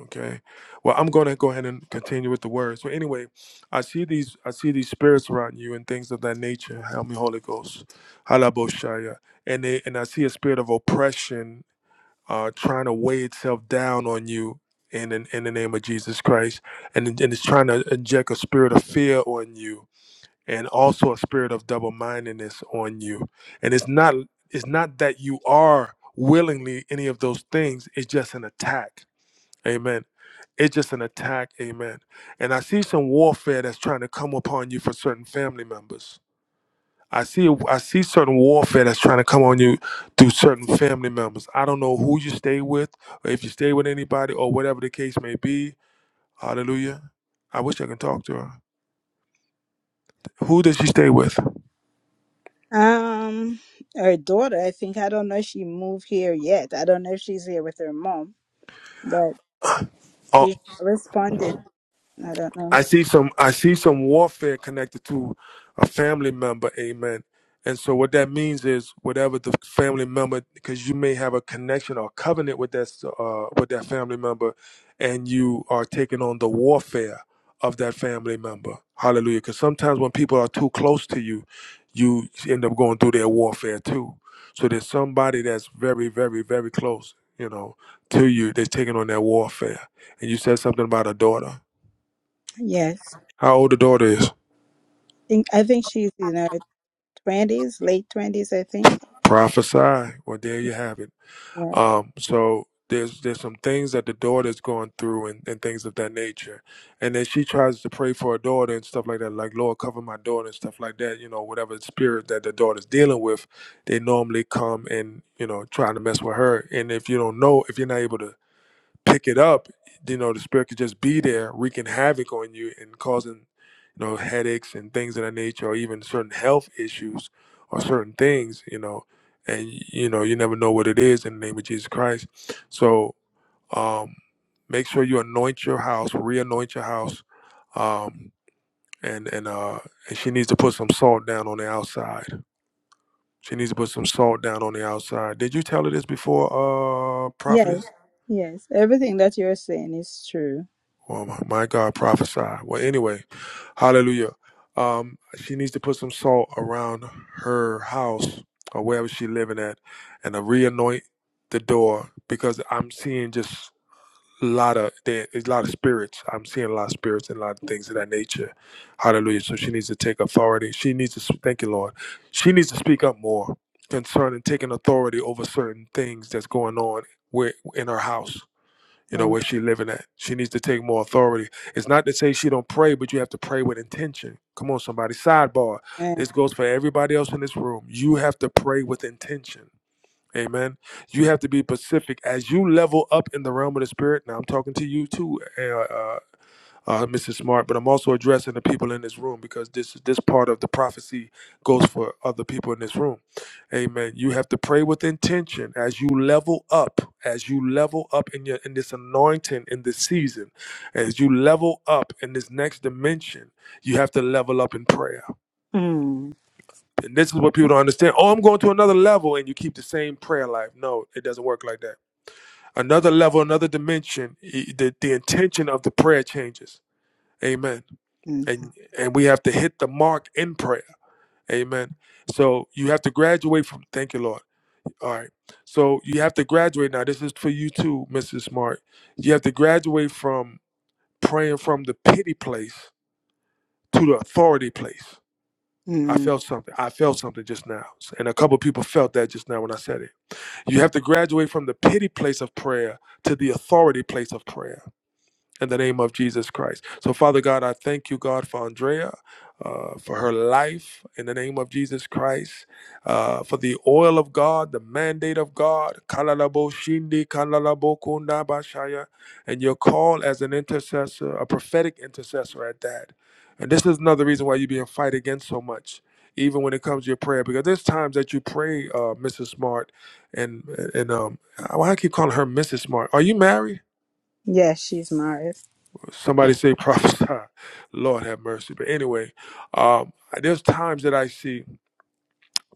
A: Okay. Well, I'm going to go ahead and continue with the word. So anyway, I see these, I see these spirits around you and things of that nature. Help me, Holy Ghost. Halaboshaya. And they, and I see a spirit of oppression uh, trying to weigh itself down on you in, in in the name of Jesus Christ, and it- and it's trying to inject a spirit of fear on you, and also a spirit of double mindedness on you. And it's not it's not that you are willingly any of those things. It's just an attack. Amen. It's just an attack. Amen. And I see some warfare that's trying to come upon you for certain family members I see I see certain warfare that's trying to come on you through certain family members. I don't know who you stay with, or if you stay with anybody, or whatever the case may be. Hallelujah. I wish I could talk to her. Who does she stay with?
F: Um, her daughter. I think I don't know if she moved here yet. I don't know if she's here with her mom, but she's not responding. I don't know.
A: I see some I see some warfare connected to a family member, amen. And so what that means is whatever the family member because you may have a connection or covenant with that uh, with that family member and you are taking on the warfare of that family member. Hallelujah. Cuz sometimes when people are too close to you, you end up going through their warfare too. So there's somebody that's very very very close, you know, to you They're taking on their warfare. And you said something about a daughter
F: Yes.
A: how old the daughter is.
F: I think I think she's in her twenties, late twenties. I think.
A: Prophesy. Well, there you have it.
F: Yeah.
A: Um, so there's there's some things that the daughter's going through and, and things of that nature. And then she tries to pray for her daughter and stuff like that, like Lord cover my daughter and stuff like that, you know, whatever spirit that the daughter's dealing with, they normally come and, you know, trying to mess with her. And if you don't know, if you're not able to pick it up, you know, the spirit could just be there, wreaking havoc on you and causing, you know, headaches and things of that nature, or even certain health issues or certain things, you know, and you know, you never know what it is in the name of Jesus Christ. So um make sure you anoint your house, re-anoint your house. Um and and uh and she needs to put some salt down on the outside. She needs to put some salt down on the outside. Did you tell her this before, uh prophetess?
F: Yes. Yes. Everything that you're saying is true.
A: Oh my, my God, prophesy. Well, anyway, hallelujah. Um, she needs to put some salt around her house or wherever she's living at, and to reanoint the door because I'm seeing just a lot of there is a lot of spirits. I'm seeing a lot of spirits and a lot of things of that nature. Hallelujah. So she needs to take authority. She needs to s- thank you, Lord. She needs to speak up more concerning taking authority over certain things that's going on where in her house you know where she living at she needs to take more authority it's not to say she don't pray but you have to pray with intention come on somebody sidebar
F: Amen.
A: this goes for everybody else in this room you have to pray with intention amen you have to be pacific as you level up in the realm of the spirit now i'm talking to you too uh, uh, uh, Mrs. Smart, but I'm also addressing the people in this room because this this part of the prophecy goes for other people in this room. Amen. You have to pray with intention as you level up, as you level up in your in this anointing in this season, as you level up in this next dimension. You have to level up in prayer,
F: Hmm.
A: and this is what people don't understand. Oh, I'm going to another level, and you keep the same prayer life. No, it doesn't work like that. Another level, another dimension. e- The the intention of the prayer changes. Amen and and we have to hit the mark in prayer amen so you have to graduate from thank you lord all right so you have to graduate now this is for you too mrs smart you have to graduate from praying from the pity place to the authority place i
F: Mm.
A: felt something i felt something just now and a couple of people felt that just now when i said it you have to graduate from the pity place of prayer to the authority place of prayer in the name of Jesus Christ. So, Father God, I thank you, God, for Andrea, uh, for her life in the name of Jesus Christ, uh, for the oil of God, the mandate of God, kalalabo shindi, kalalabo kunda bashaya, and your call as an intercessor, a prophetic intercessor at that. And this is another reason why you're being fight against so much. Even when it comes to your prayer, because there's times that you pray, uh, Mrs. Smart, and and um, why I keep calling her Mrs. Smart. Are you married?
F: Yes, she's married.
A: Somebody say prophesy. Lord have mercy. But anyway, um, there's times that I see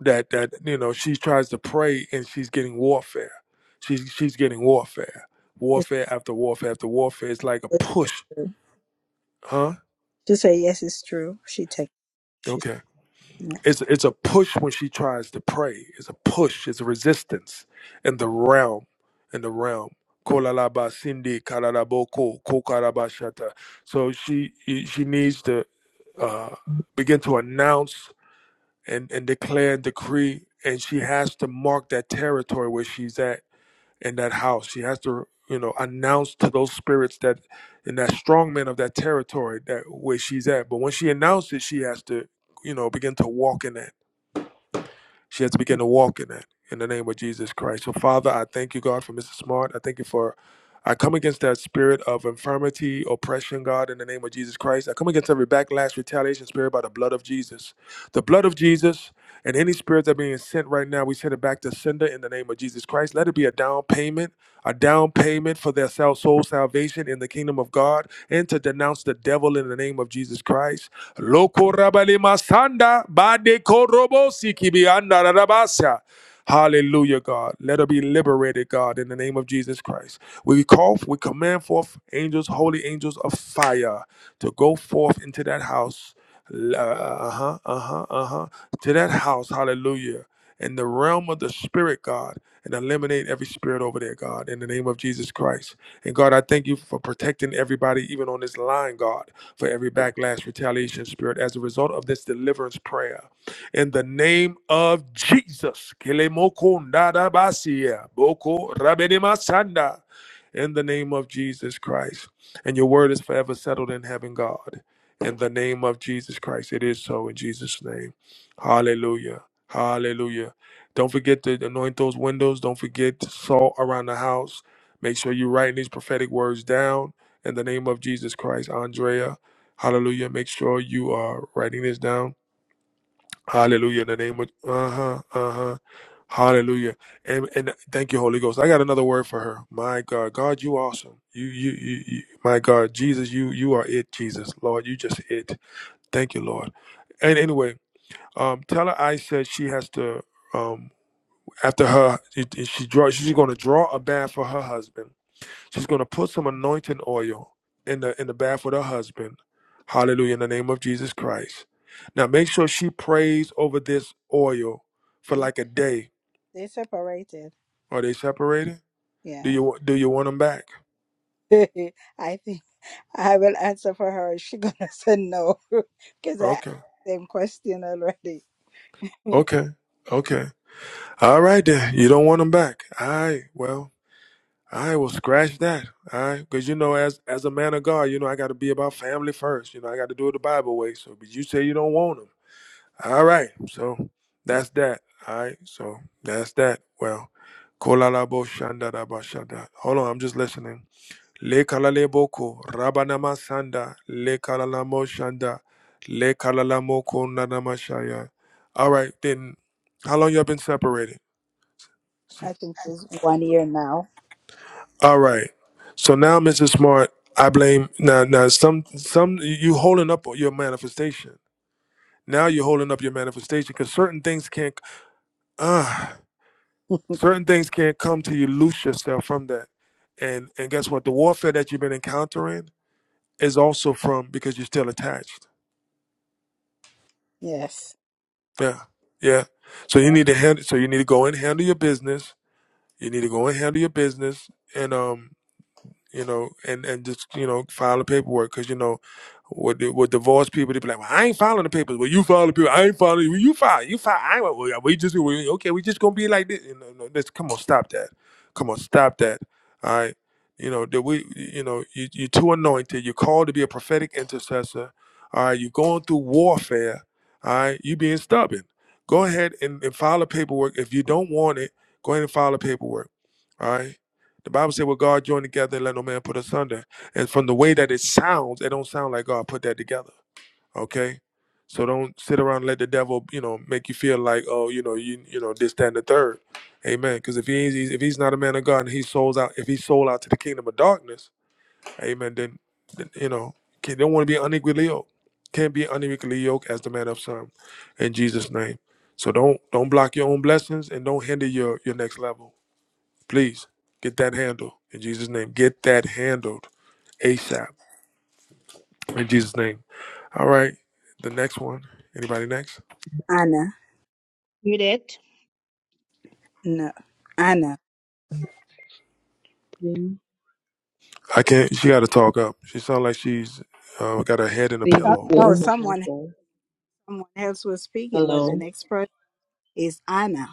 A: that that you know she tries to pray and she's getting warfare. She's she's getting warfare,
F: She
A: warfare after warfare after warfare. It's like a
F: said, yes,
A: push,
F: it's true.
A: huh?
F: She said yes, it's true. She take. She's
A: Okay.
F: yeah.
A: It's it's a push when she tries to pray. It's a push. It's a resistance in the realm. In the realm. Kolalaba Cindy Kalalaboko Kokarabashata. So she she needs to uh, begin to announce and, and declare and decree and she has to mark that territory where she's at in that house. She has to you know announce to those spirits that and that strong man of that territory that where she's at. But when she announces she has to you know begin to walk in that she has to begin to walk in it in the name of Jesus Christ. So, Father, I thank you, God, for Mrs. Smart. I thank you for. I come against that spirit of infirmity, oppression, God, in the name of Jesus Christ. I come against every backlash, retaliation spirit by the blood of Jesus. The blood of Jesus. And any spirits that are being sent right now, we send it back to sender in the name of Jesus Christ. Let it be a down payment, a down payment for their sal- soul salvation in the kingdom of God, and to denounce the devil in the name of Jesus Christ. Loko rabale masanda, bade korobo sikibi anda rabasa. Hallelujah, God. Let her be liberated, God, in the name of Jesus Christ. We call, we command forth angels, holy angels of fire, to go forth into that house uh huh, uh huh, uh huh. To that house, hallelujah. In the realm of the spirit, God, and eliminate every spirit over there, God, in the name of Jesus Christ. And God, I thank you for protecting everybody, even on this line, God, for every backlash, retaliation spirit as a result of this deliverance prayer. In the name of Jesus. Kelemokondadabasia, boko rabenimasanda, In the name of Jesus Christ. And your word is forever settled in heaven, God. In the name of Jesus Christ, it is so in Jesus' name. Hallelujah. Hallelujah. Don't forget to anoint those windows. Don't forget to salt around the house. Make sure you're writing these prophetic words down in the name of Jesus Christ. Andrea, hallelujah. Make sure you are writing this down. Hallelujah. In the name of, uh huh, uh huh. Hallelujah. And, and thank you, Holy Ghost. I got another word for her. My God, God, you awesome. You, you, you, you my God, Jesus, you, you are it, Jesus. Lord, you just it. Thank you, Lord. And anyway, um, tell her I said she has to. Um, after her, it- it- she draw. She's going to draw a bath for her husband. She's going to put some anointing oil in the in the bath with her husband. Hallelujah! In the name of Jesus Christ. Now make sure she prays over this oil for
F: they
A: like a day.
F: they separated.
A: Are they separated? Do
F: Yeah,
A: you wa- do you want them back?
F: I think I will answer for her. She gonna say no because I asked
A: Okay.
F: the same question already.
A: Okay. Okay. All right then. You don't want them back. All right. Well. All right, well, scratch that. All right, because you know, as as a man of God, you know, I got to be about family first. You know, I got to do it the Bible way. So, but you say you don't want them. All right, so that's that. All right, so that's that. Well, kolalabo shandaraba shanda. Hold on, I'm just listening. Le kalaleboko rabanama sanda le kalalamo shanda le kalalamoko nanamashaya. All right, then, how long y'all been separated? Si,
F: I think it's one year now.
A: All right. So now, Mrs. Smart, I blame now. Now, some some you holding up your manifestation. Now you're holding up your manifestation because certain things can't. Ah, certain things can't come to you. Loose yourself from that. And and guess what? The warfare that you've been encountering is also from because you're still attached.
F: Yes,
A: Yeah, yeah. So you
F: yeah.
A: need to handle. So you need to go and handle your business. You need to go and handle your business. And um. you know, and and just you know file the paperwork because you know, with the, with divorced people they be like, well, I ain't filing the papers. Well, you file the paper. I ain't filing. Well, you file. You file. I ain't. Well, yeah, we just we, okay. We just gonna be like this. You know, no, this. Come on, stop that. Come on, stop that. All right. You know that we. You know you you too anointed. You're called to be a prophetic intercessor. All right. You're going through warfare. All right. You being stubborn. Go ahead and, and file the paperwork. If you don't want it, go ahead and file the paperwork. All right the Bible said, "Well, God joined together, and let no man put asunder." And from the way that it sounds, it don't sound like God put that together. Okay, so don't sit around and let the devil, you know, make you feel like, oh, you know, you, you know, this, that, and the third. Amen. Because if he's if he's not a man of God, and he souls out, if he sold out to the kingdom of darkness, amen. Then, then you know, can, don't want to be unequally yoked. Can't be unequally yoked as the man of some, in Jesus' name. So don't don't block your own blessings and don't hinder your your next level. Please get that handled in Jesus' name. Get that handled ASAP in Jesus' name. All right. The next one. Anybody next?
F: Anna.
L: You did?
F: No, Anna.
A: I can't. She got to talk up. She sounds like she's uh, got her head in a
M: Good
F: No,
A: pillow.
F: no,
M: evening,
F: someone
M: Apostle.
F: someone else was speaking, but the
M: Hello.
F: next person is Anna.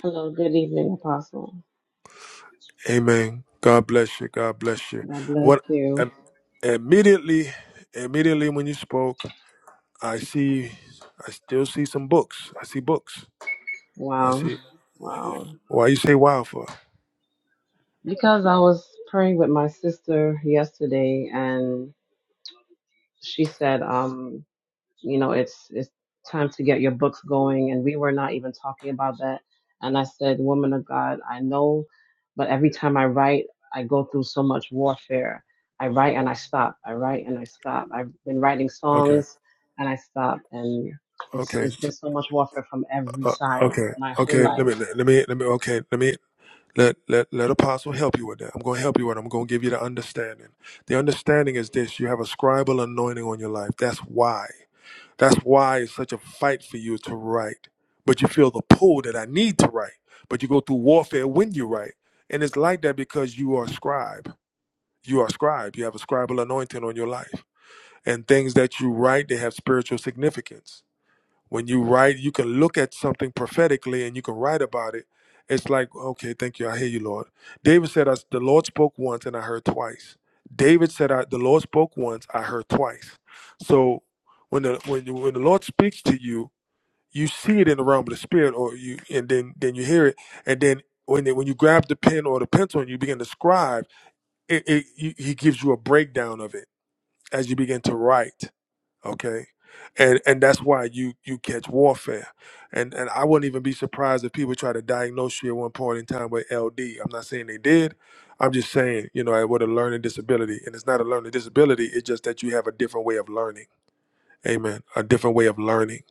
M: Hello. Good evening, Apostle.
A: Amen. God bless you. God bless you.
M: God bless
A: What?
M: you.
A: Um, immediately, immediately when you spoke, I see. I still see some books. I see books. I
M: Wow.
A: see.
M: Wow.
A: Why you say wow for?
M: Because I was praying with my sister yesterday and she said, um. you know, it's it's time to get your books going. And we were not even talking about that. And I said, Woman of God, I know, but every time I write, I go through so much warfare. I write and I stop. I write and I stop. I've been writing
A: Okay.
M: songs and I stop. And it's
A: Okay.
M: it's been
A: so,
M: so much warfare from every
A: Uh,
M: side
A: okay.
M: my whole
A: Okay. Let
M: life.
A: me. Let me. Let me. Okay. Let me. Let, let, let apostle help you with that. I'm going to help you with it. I'm going to give you the understanding. The understanding is this. You have a scribal anointing on your life. That's why. That's why it's such a fight for you to write. But you feel the pull that I need to write. But you go through warfare when you write. And it's like that because you are a scribe. You are a scribe. You have a scribal anointing on your life. And things that you write, they have spiritual significance when you write you can look at something prophetically and you can write about it it's like okay thank you i hear you lord david said us the lord spoke once and i heard twice david said I, the lord spoke once i heard twice so when the when, you, when the lord speaks to you you see it in the realm of the spirit or you and then then you hear it and then when, they, when you grab the pen or the pencil and you begin to scribe, it, it, you- he gives you a breakdown of it as you begin to write okay and and that's why you you catch warfare and and i wouldn't even be surprised if people try to diagnose you at one point in time with ld i'm not saying they did i'm just saying you know with a learning disability and it's not a learning disability it's just that you have a different way of learning amen a different way of learning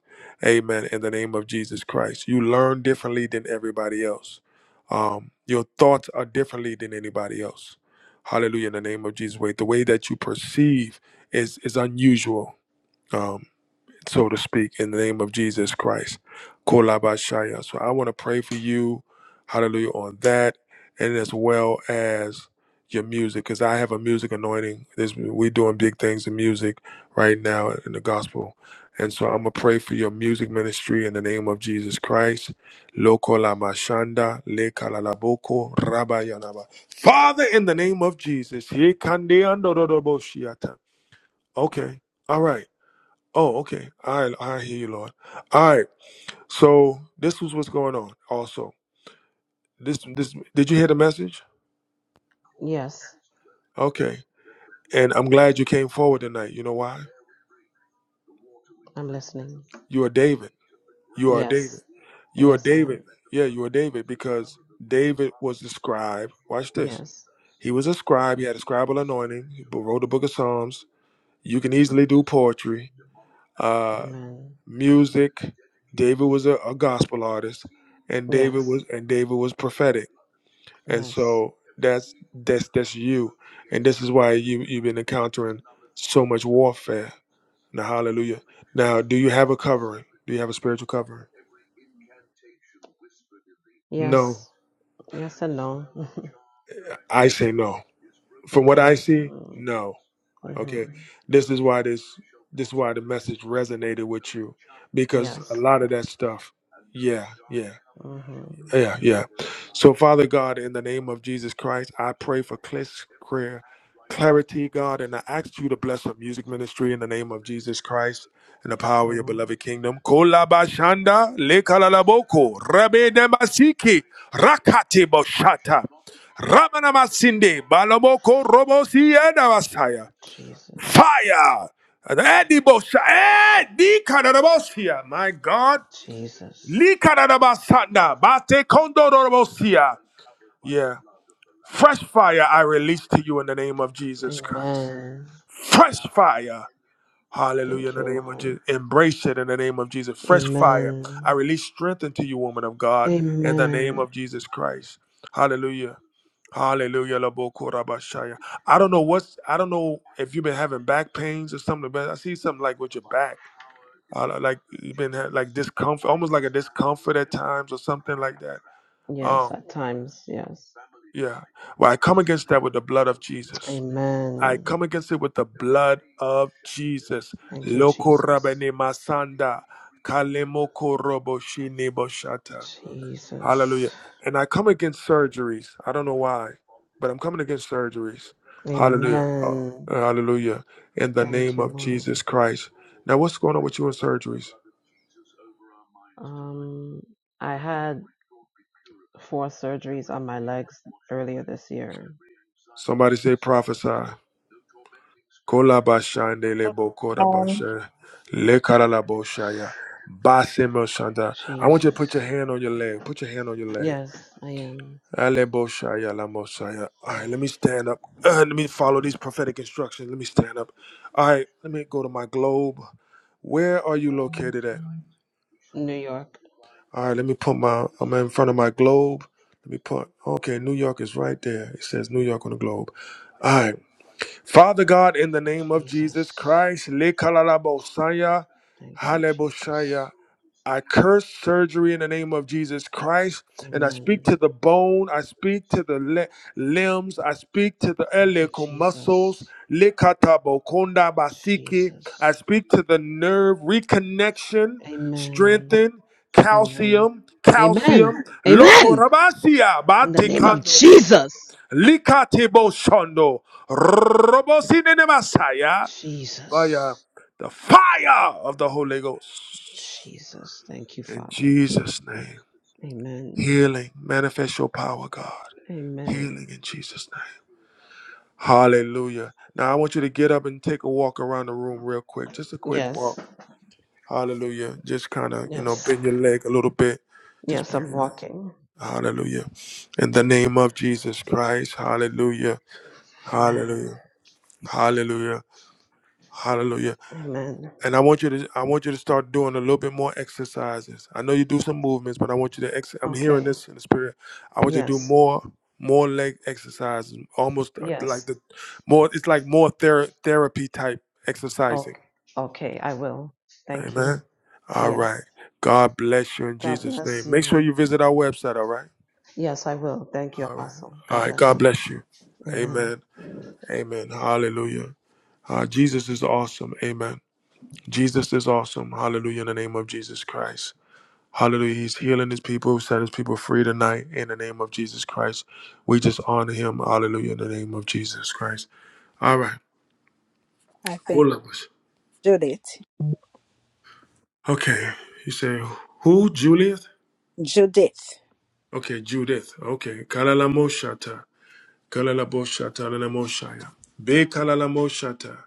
A: amen in the name of jesus christ you learn differently than everybody else um, your thoughts are differently than anybody else hallelujah in the name of jesus Wait, the way that you perceive is is unusual Um, so to speak, in the name of Jesus Christ. Kolabashaya. So I want to pray for you, hallelujah, on that and as well as your music, because I have a music anointing. This we're doing big things in music right now in the gospel. And so I'm gonna pray for your music ministry in the name of Jesus Christ. Loko Lamashanda, mashanda, le kalalaboko, rabayanaba. Father, in the name of Jesus. ye kande andoroboshiata. Okay. All right. Oh, okay. I I hear you, Lord. All right. So this was what's going on. Also, this this did you hear the message?
M: Yes,
A: Okay. And I'm glad you came forward tonight. You know why?
M: I'm listening.
A: You are David. You are David.
M: Yes.
A: You are
M: Yes I
A: David.
M: am.
A: Yeah, you are David because David was the scribe. Watch this.
M: Yes.
A: He was a scribe. He had a scribal anointing. He bo- wrote the book of Psalms. You can easily do poetry, uh,
M: Amen.
A: music. David was a, a gospel artist, and David
M: Yes.
A: was and David was prophetic and
M: Yes.
A: so that's that's that's you and this is why you you've been encountering so much warfare now hallelujah now do you have a covering do you have a spiritual covering no
M: Yes. Yes and no.
A: i say no from what
M: okay.
A: i see
M: Mm.
A: no
M: Mhm.
A: okay this is why this this is why the message resonated with you because
M: Yes.
A: a lot of that stuff yeah yeah
M: Mhm.
A: Yeah, yeah. So, Father God, in the name of Jesus Christ, I pray for clear, career clarity, God, and I ask you to bless our music ministry in the name of Jesus Christ and the
M: Thank
A: power
M: you,
A: of your
M: Lord.
A: beloved kingdom. Kolabashanda lekalalaboko rabe demasiki rakati boshata ramana balaboko robosi edavasaya
M: Jesus.
A: fire. Edi bosha- edi kadarabosia. My God.
M: Jesus.
A: Likarabasanda, bate kondorobosia. Yeah. Fresh fire I release to you in the name of Jesus Christ.
M: Amen.
A: Fresh fire. Hallelujah in
M: Thank
A: the
M: you,
A: name of
M: Lord.
A: Jesus. Embrace it in the name of Jesus. Fresh fire. I
M: Amen.
A: release strength into you, woman of God, in the name
M: Amen.
A: of Jesus Christ. Hallelujah. Hallelujah. Labokorabashaya. I don't know what's I don't know if you've been having back pains or something, but I see something like with your back. I like you've been ha- like discomfort, almost like a discomfort at times or something like that
M: Yes,
A: um,
M: at times, yes.
A: yeah. Well, I come against that with the blood of Jesus. I
M: Amen.
A: come against it with the blood of Jesus.
M: Thank you,
A: Loko
M: Jesus.
A: rabene masanda kalemoko robo shine boshata.
M: Jesus.
A: Hallelujah. And I come against surgeries. I don't know why, but I'm coming against surgeries. Hallelujah. Oh,
M: Amen.
A: hallelujah. In the
M: Thank
A: name
M: you,
A: of
M: Lord.
A: Jesus Christ. Now, what's going on with you in surgeries?
M: Um, I had four surgeries on my legs earlier this year.
A: Somebody say prophesy. Kolabashande lebo
L: Prophet, Hi.
A: korabasha lekaralaboshaya basemoshanda. I want you to put
M: Jesus.
A: your hand on your leg. Put your hand on your leg.
M: Yes, I am.
A: Aleboshaya lamoshaya. All right, let me stand up. let me follow these prophetic instructions. Let me stand up. All right, let me go to my globe. Where are you located at?
M: New York.
A: All right, let me put my. I'm in front of my globe. Let me put. Okay, New York is right there. It says New York on the globe. All right. Father God, in the name of Jesus
M: Jesus.
A: Christ, Lekalalabosaya,
M: Thank you, Jesus.
A: Haleboshaya, I curse surgery in the name of Jesus Christ, and I speak
M: Amen.
A: to the bone, I speak to the li- limbs, I speak to the
M: Thank you,
A: iliacal muscles,
M: Jesus.
A: Lekatabokonda basiki. I
M: Jesus.
A: speak to the nerve reconnection,
M: Amen.
A: strengthen,
M: Amen.
A: calcium,
M: Amen.
A: calcium, loco
M: Amen.
A: rabasia,
M: In the name of Jesus.
A: Likatebo shondo. Robosine ne Messiah. Via
M: Jesus.
A: the fire of the Holy Ghost.
M: Jesus. Thank you,
A: In
M: Father.
A: Jesus' name.
M: Amen.
A: Healing. Manifest your power, God.
M: Amen.
A: Healing in Jesus' name. Hallelujah. Now I want you to get up and take a walk around the room real quick. Just a quick walk.
M: Yes.
A: Hallelujah. Just kind of, you know,
M: Yes.
A: bend your leg a little bit. Just
M: Yes,
A: bend
M: I'm
A: your leg.
M: walking.
A: Hallelujah. In the name of Jesus Christ. Hallelujah.
M: Amen.
A: Hallelujah. Hallelujah. Hallelujah.
M: Amen.
A: and I want you to I want you to start doing a little bit more exercises. I know you do some movements, but I want you to ex- I'm hearing
M: Okay.
A: this in the spirit. I want you to do
M: Yes.
A: more more leg exercises, almost uh, like
M: Yes.
A: the more it's like more thera- therapy type exercising.
M: Okay. Okay, I will. Thank you.
A: Amen. All right.
M: Yes.
A: God bless you in
M: God
A: Jesus
M: bless
A: name. Make sure
M: you.
A: you visit our website, all right?
M: Yes, I will. Thank you,
A: All right.
M: Apostle.
A: All
M: God
A: right.
M: bless
A: God
M: you.
A: bless you.
M: Amen.
A: Amen. Amen. Hallelujah. Uh, Jesus is awesome. Amen. Jesus is awesome. Hallelujah in the name of Jesus Christ. Hallelujah. He's healing his people, set his people free tonight in the name of Jesus Christ. We just honor him. Hallelujah. In the name of Jesus Christ. All right.
F: I think
A: Pull up us.
F: Judith.
A: Okay. You say, who? Juliet?
F: Judith.
A: Okay. Judith. Okay. Kalalamoshata. Kalalaboshata. Lalamoshaya. Be kalalamoshata.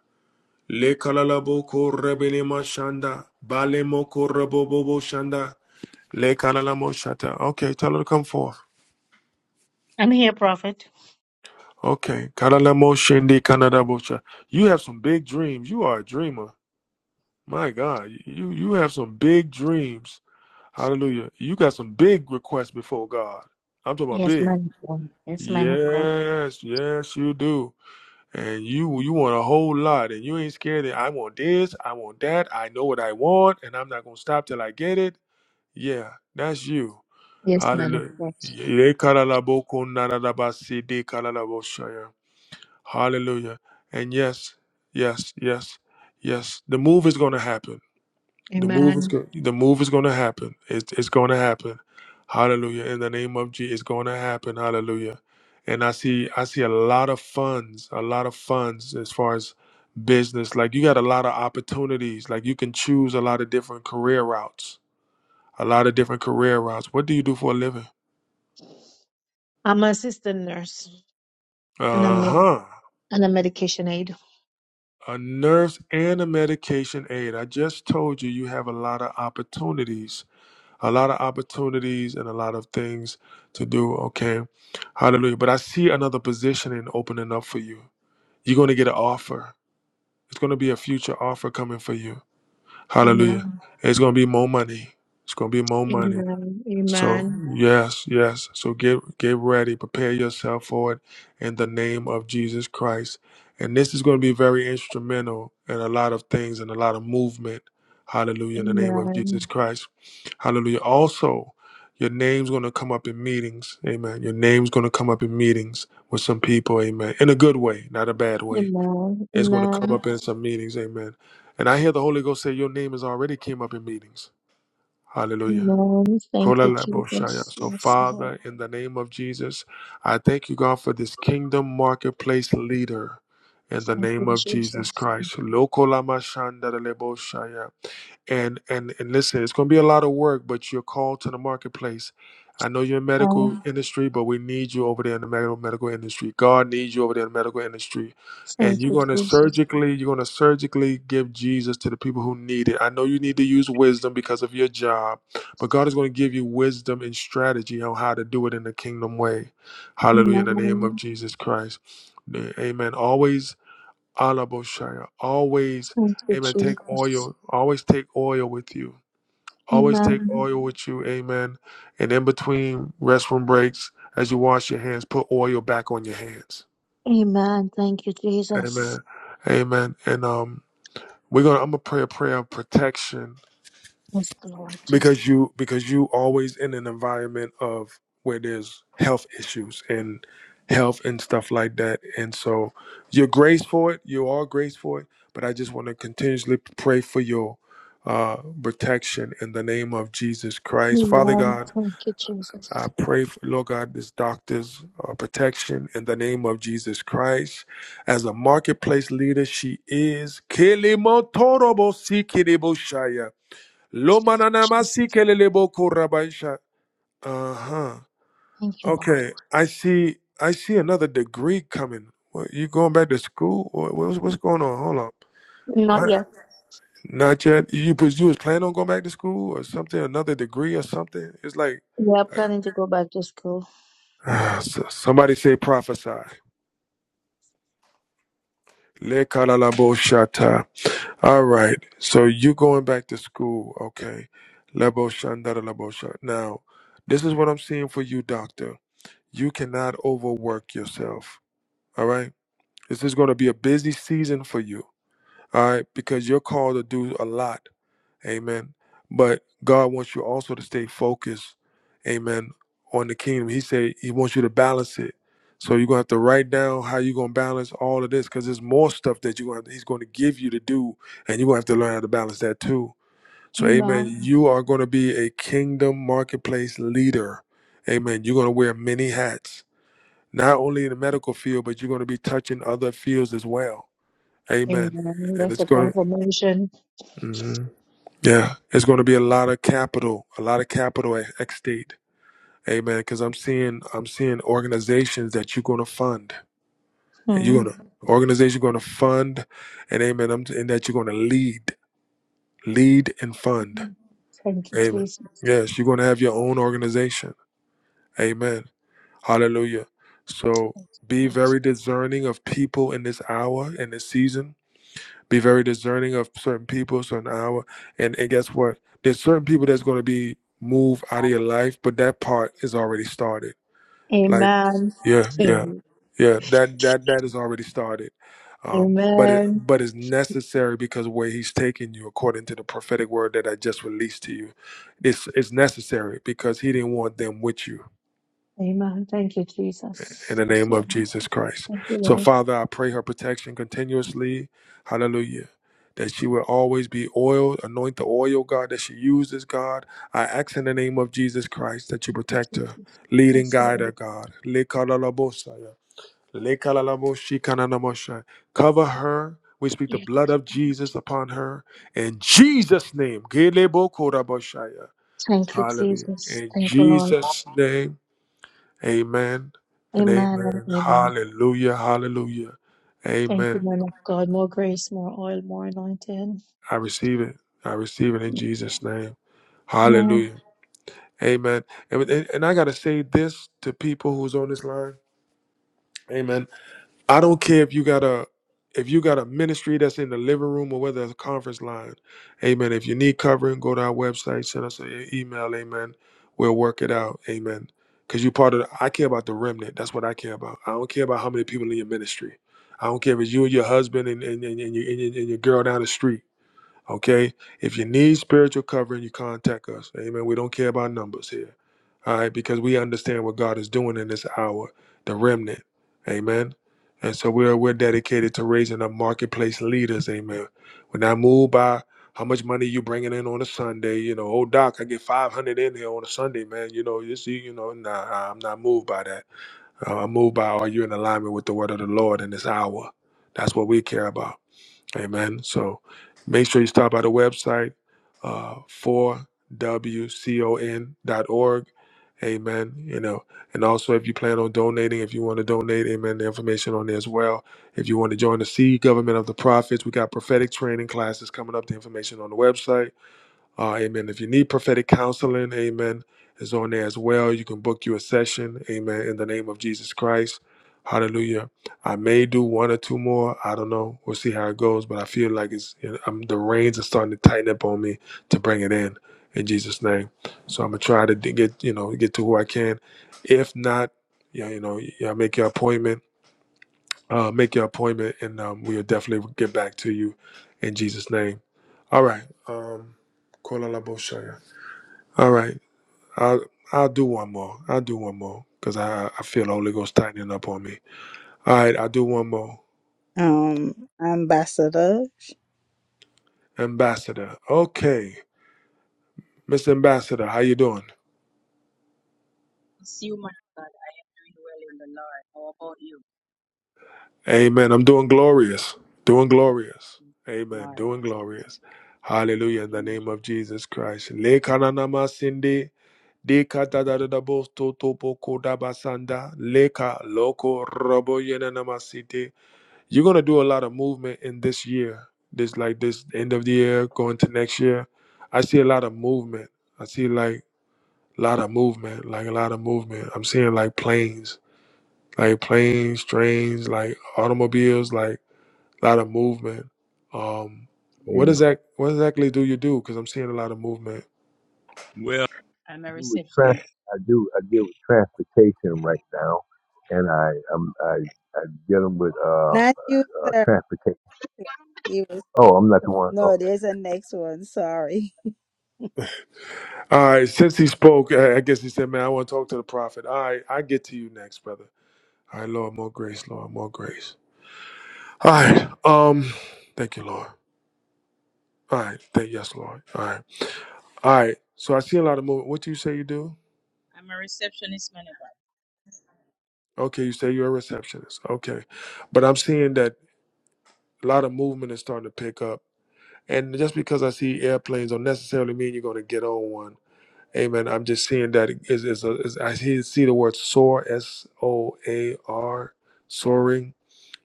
A: Le kalalaboko rebelema shanda. Balemoko rebobobo shanda. Le kalalamoshata. Okay. Tell her to come forth.
L: I'm here, Prophet.
A: Okay. Karalamo Shindi Kanada bocha. You have some big dreams. You are a dreamer. My God. You you have some big dreams. Hallelujah. You got some big requests before God. I'm talking about
L: Yes,
A: big.
L: man of God. Yes, man of God.
A: Yes, yes, you do. And you you want a whole lot and you ain't scared that I want this, I want that, I know what I want, and I'm not gonna stop till I get it. Yeah, that's you.
L: Yes, man of
A: Hallelujah.
L: God.
A: Ye- karalaboko narabasi de kalalabosha. Hallelujah. And yes, yes, yes, yes. The move is going to happen. The move is
L: Amen.
A: going. The move is going to happen. It's it's going to happen. Hallelujah. In the name of Jesus, it's going to happen. Hallelujah. And I see I see a lot of funds, a lot of funds as far as business. Like you got a lot of opportunities. Like you can choose a lot of different career routes. A lot of different career routes. What do you do for a living?
L: I'm an assistant nurse and I'm
A: Uh
L: med-
A: huh.
L: and a medication aid.
A: a nurse and a medication aid. I just told you you have a lot of opportunities, a lot of opportunities and a lot of things to do. Okay. Hallelujah. But I see another position in opening up for you. You're going to get an offer. It's going to be a future offer coming for you. Hallelujah.
L: Amen.
A: It's going to be more money. It's going to be more money.
L: Amen.
A: So
L: Amen.
A: yes, yes. So get get ready, prepare yourself for it in the name of Jesus Christ. And this is going to be very instrumental in a lot of things and a lot of movement. Hallelujah in the name of Jesus
L: Amen.
A: Christ. Hallelujah. Also, your name's going to come up in meetings. Amen. Your name's going to come up in meetings with some people. Amen. In a good way, not a bad way.
L: Amen.
A: It's going to come
L: Amen.
A: up in some meetings. Amen. And I hear the Holy Ghost say your name has already came up in meetings. Hallelujah.
L: Amen. Thank you,
A: Kolaleboshaya.
L: Jesus.
A: So,
L: Yes, Lord.
A: Father, in the name of Jesus, I thank you, God, for this kingdom marketplace leader. In the
L: Thank you,
A: name of
L: Jesus.
A: Jesus Christ. Lokolamashanda leboshaya and and and listen it's going to be a lot of work but you're called to the marketplace i know you're in medical
L: Amen.
A: industry but we need you over there in the medical medical industry god needs you over there in the medical industry
L: Thank
A: and you're
L: you,
A: going to
L: Jesus.
A: surgically you're going to surgically give jesus to the people who need it i know you need to use wisdom because of your job but god is going to give you wisdom and strategy on how to do it in the kingdom way hallelujah in the name of
L: Amen.
A: jesus christ amen always Alaboshaya. Always,
L: Thank you,
A: amen. Take
L: Jesus.
A: oil. Always take oil with you. Always take
L: Amen.
A: oil with you. Amen. And in between restroom breaks, as you wash your hands, put oil back on your hands.
L: Amen. Thank you, Jesus.
A: Amen. Amen. And um, we're gonna I'm gonna pray a prayer of protection
L: Yes, Lord.
A: because you because you always in an environment of where there's health issues and health and stuff like that and so you're graced for it you are graced for it but i just want to continuously pray for your uh, protection in the name of jesus christ father
L: Amen.
A: god
L: Thank you,
A: i
L: Jesus.
A: pray for lord god this doctor's uh, protection in the name of jesus christ as a marketplace leader she is Kilimotorobo Sikiriboshaya.
L: Thank you, Jesus.
A: Uh-huh.
L: Thank you, Lord.
A: Okay. I see I see another degree coming. What you going back to school? What, what's what's going on? Hold on.
L: Not
A: What?
L: yet.
A: Not yet. You was you was planning on going back to school or something, another degree or something? It's like
L: We are planning to go back to school.
A: ah, s- somebody say prophesy. Lekalalabosata. All right. So you going back to school, okay. Laboshandara labosha. Now, this is what I'm seeing for you, doctor You cannot overwork yourself. All right. This is going to be a busy season for you. All right. Because you're called to do a lot. Amen. But God wants you also to stay focused. Amen. On the kingdom. He said he wants you to balance it. So you're gonna have to write down how you're gonna balance all of this because there's more stuff that you're gonna have to, he's gonna give you to do, and you're gonna have to learn how to balance that too. So amen.
L: Amen.
A: You are gonna be a kingdom marketplace leader. Amen. You're gonna wear many hats not only in the medical field, but you're going to be touching other fields as well. Amen.
L: Amen.
A: And
L: That's
A: it's
L: the
A: going
L: confirmation.
A: to, mhm. yeah, it's going to be a lot of capital, a lot of capital at at state. Amen. Because I'm seeing, I'm seeing organizations that you're going to fund. And
L: Hmm.
A: you're going to organization going to fund, and amen. I'm, and that you're going to lead, lead and fund.
L: Thank you,
A: Amen.
L: Jesus.
A: Yes, you're going to have your own organization. Amen. Hallelujah. So
L: Thank you,
A: be
L: Lord.
A: very discerning of people in this hour, in this season be very discerning of certain people, certain hour. And and guess what? There's certain people that's gonna be moved out of your life, but that part is already started. Like
L: Amen.
A: yeah, yeah,
L: Amen.
A: yeah. That that that is already started. Um, but it
L: Amen.
A: but it's necessary because where he's taking you, according to the prophetic word that I just released to you, it's it's necessary because he didn't want them with you.
L: Amen. Thank you,
A: in
L: Jesus.
A: the
L: Yes,
A: name of
L: Lord.
A: Jesus Christ.
L: Thank you,
A: So,
L: Lord.
A: Father, I pray her protection continuously. Hallelujah. That she will always be oiled, anoint the oil, God, that she uses, God. I ask in the name of Jesus Christ that you
L: Thank
A: protect
L: you,
A: her,
L: Jesus.
A: lead and
L: Yes,
A: guide
L: Lord.
A: her, God. Lekalalabosaya, lekalalaboshikanamoshai. Cover her. We speak the
L: Yes.
A: blood of Jesus upon her. In Jesus' name. Gelebokoraboshaya.
L: Thank you,
A: Hallelujah.
L: Jesus.
A: In
L: Thank you, Lord.
A: Jesus' name. Amen and
L: Amen and
A: amen.
L: amen.
A: Hallelujah. Hallelujah.
L: Thank you,
A: Amen.
L: man of God. More grace, more oil, more anointing.
A: I receive it. I receive it in Jesus' name.
L: Amen.
A: Hallelujah. Amen. And, and and I got to say this to people who's on this line. Amen. I don't care if you got a if you got a ministry that's in the living room or whether it's a conference line. Amen. If you need covering, go to our website, send us an email, amen. We'll work it out. Amen. Because you are part of the, I care about the remnant. That's what I care about. I don't care about how many people in your ministry. I don't care if it's you and your husband and, and, and, and, your, and, your, and your girl down the street. Okay? If you need spiritual covering, you contact us. Amen. We don't care about numbers here all right, because we understand what God is doing in this hour, the remnant, amen. And so we're we're dedicated to raising up marketplace leaders, amen. We're not moved by how much money you bringing in on a Sunday, you know. Oh, Doc, I get five hundred in here on a Sunday, man. You know, you see, you know, nah, nah, I'm not moved by that. Uh, I'm moved by are you in alignment with the word of the Lord in this hour? That's what we care about, amen. So make sure you stop by the website, uh, 4 w con dot org. Amen. You know, and also if you plan on donating, if you want to donate, amen, the information on there as well. If you want to join the C Government of the Prophets, we got prophetic training classes coming up, the information on the website. Uh, amen. If you need prophetic counseling, amen, is on there as well. You can book you a session, amen, in the name of Jesus Christ. Hallelujah. I may do one or two more. I don't know. We'll see how it goes, but I feel like it's you know, I'm, the reins are starting to tighten up on me to bring it in in Jesus' name. So I'm gonna try to d- get you know get to who I can. If not, yeah, you know, yeah, make your appointment. Uh, make your appointment, and um, we'll definitely get back to you in Jesus' name. All right. Um, Kola Laboshaya. All right. I'll I'll do one more. I'll do one more because I I feel the Holy Ghost tightening up on me. All right. I'll do one more.
F: um, Ambassador.
A: Ambassador. Okay, Mr. Ambassador, how you doing?
N: Bless you, man of God. I will well in the Lord. How about you?
A: Amen. I'm doing glorious. Doing glorious. Amen.
N: Lord,
A: Doing
N: bless the
A: glorious.
N: Lord.
A: Hallelujah. In the
N: Amen.
A: name of Jesus Christ. Le kananama sindi. De kata da da da bo to to po ko da basanda. Leka loko robo yenanamasiti. You're gonna do a lot of movement in this year. This like this end of the year, going to next year. I see a lot of movement. I see like a lot of movement, like a lot of movement. I'm seeing like planes, like planes, trains, like automobiles, like a lot of movement. Um, what
N: Amen.
O: Amen.
A: does that? What exactly do you do? Because I'm seeing a lot of movement.
O: Well,
N: I'm a
O: I do with trans.
N: receptionist.
O: I do. I deal with transportation right now, and I i I get them with uh,
F: Not you,
O: uh
F: sir.
O: transportation.
F: He was
O: Oh, I'm not the one. oh,
F: no. There's a next one. Sorry.
A: All right. Since he spoke, I I guess he said, "Man, I want to talk to the prophet." All right, I get to you next, brother. All right, Lord, more grace, Lord, more grace. All right. Um, thank you, Lord. All right. Thank yes, Lord. All right. All right. So I see a lot of movement. What do you say you do?
N: I'm a receptionist, man of God.
A: Okay, you say you're a receptionist. Okay. But I'm seeing that a lot of movement is starting to pick up. And just because I see airplanes don't necessarily mean you're going to get on one. Amen. I'm just seeing that is is a is I see see the word soar S O A R soaring.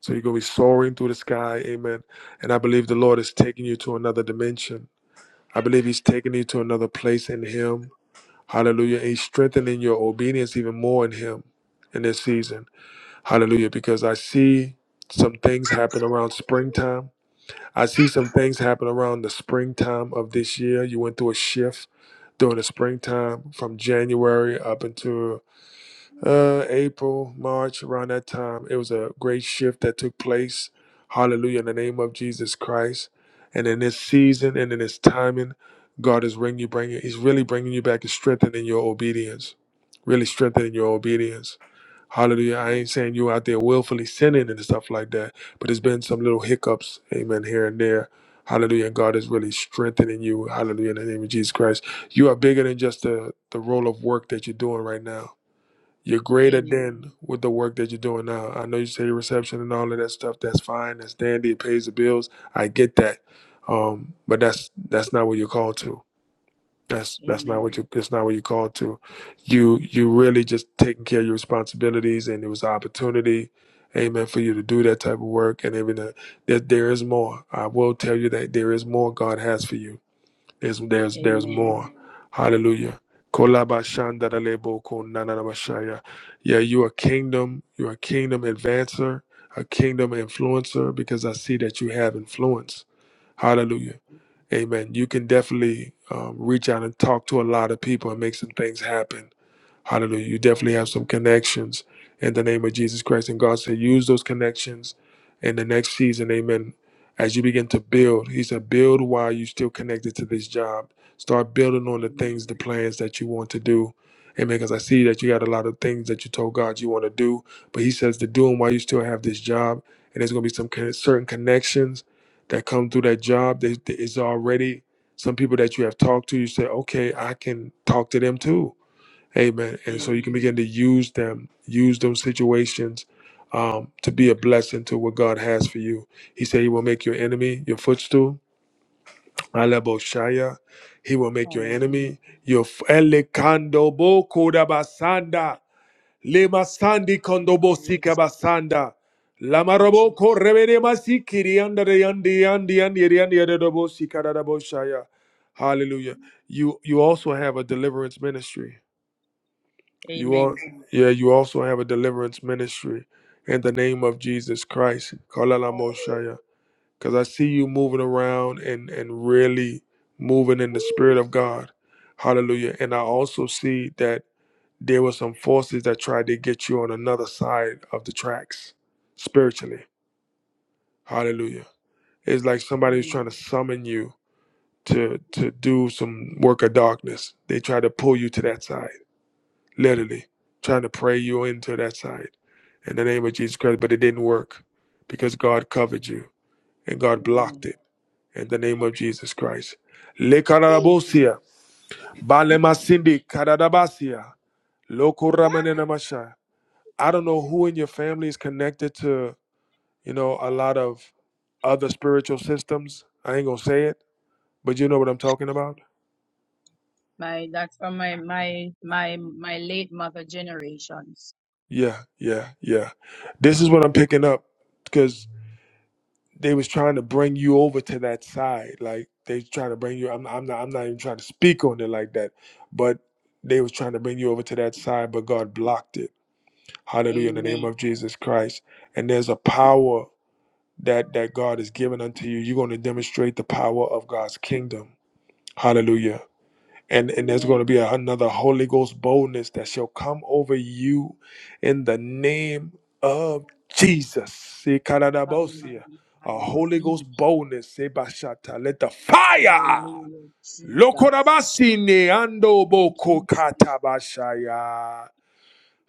A: So you're going to be soaring through the sky. Amen. And I believe the Lord is taking you to another dimension. I believe he's taking you to another place in him. Hallelujah. He's strengthening your obedience even more in Him in this season. Hallelujah. Because I see some things happen around springtime. I see some things happen around the springtime of this year. You went through a shift during the springtime from January up into
N: Mm.
A: uh, April, March, around that time. It was a great shift that took place. Hallelujah. In the name of Jesus Christ. And in this season and in this timing, God is bringing you, bringing, He's really bringing you back and strengthening your obedience really strengthening your obedience. Hallelujah. I
N: Amen.
A: ain't saying you out there willfully sinning and stuff like that, but there has been some little hiccups, amen, here and there. Hallelujah. And God is really strengthening you. Hallelujah. In the name of Jesus Christ. You are bigger than just the, the role of work that you're doing right now. You're greater
N: Amen.
A: than with the work that you're doing now. I know you say reception and all of that stuff. That's fine. That's dandy. It pays the bills. I get that. Um, but that's that's not what you're called to. That's that's not
N: Amen.
A: what you that's not what you are called to. You you really just taking care of your responsibilities and it was an opportunity, amen, for you to do that type of work and everything. There there is more. I will tell you that there is more God has for you. There's there's there's
N: Amen.
A: more. Hallelujah. Kolabashandaralebo konanamashaya. Yeah, you a kingdom, you're a kingdom advancer, a kingdom influencer, because I see that you have influence. Hallelujah. Amen. You can definitely um, reach out and talk to a lot of people and make some things happen. Hallelujah. You definitely have some
N: Hallelujah.
A: connections in the name of Jesus Christ. And God said, use those connections in the next season. Amen. As you begin to build, He said, build while you're still connected to this job. Start building on the
N: Amen.
A: things, the plans that you want to do. Amen. Because I see that you got a lot of things that you told God you want to do, but He says to do them while you still have this job. And there's going to be some con- certain connections that come through that job that that is already some people that you have talked to. You say, okay, I can talk to them too Amen. And so you
N: Amen.
A: can begin to use them, use those situations um, to be a blessing to what God has for you. He said he will make your enemy your footstool. Alebo He will make your
N: Hallelujah.
A: enemy your f- Elekando kodabasanda. Lema kondobo
N: Hallelujah.
A: sikabasanda.
N: Thank you,
A: Lamarabo
N: Jesus.
A: korebede masikiri andere yandi yandi yandi yandi yandi yadadabo sikadadabo Hallelujah. You you also have a deliverance ministry. You
N: Amen.
A: are, yeah, you also have a deliverance ministry in the name of Jesus Christ. Because
N: Amen.
A: I see you moving around and, and really moving in the Spirit of God. Hallelujah. And I also see that there were some forces that tried to get you on another side of the tracks spiritually. Hallelujah. It's like somebody was
N: Amen.
A: trying to summon you to, to do some work of darkness. They tried to pull you to that side literally trying to pray you into that side in the name of Jesus Christ, but it didn't work because God covered you and God blocked it in the name of Jesus Christ. Le
N: Amen.
A: kararabosia, balemasindi karadabasia, lokuramenenamasha. I don't know who in your family is connected to, you know, a lot of other spiritual systems. I ain't gonna say it, but you know what I'm talking about.
N: My that's from my my my my late mother generations.
A: Yeah, yeah, yeah. This is what I'm picking up because. they was trying to bring you over to that side like they trying to bring you I'm, I'm not i'm not even trying to speak on it like that but they was trying to bring you over to that side but god blocked it hallelujah in the
N: Amen.
A: name of jesus christ and there's a power that that god has given unto you you're going to demonstrate the power of god's kingdom hallelujah and and there's going
N: Amen.
A: to be a- another holy ghost boldness that shall come over you in the name of jesus Ikaradabosia.
N: Hallelujah. I
A: a holy ghost
N: receive.
A: boldness Sebashata. let the fire
N: Hallelujah, Jesus.
A: Lokorabasine
N: Thank you, Jesus.
A: andobokokata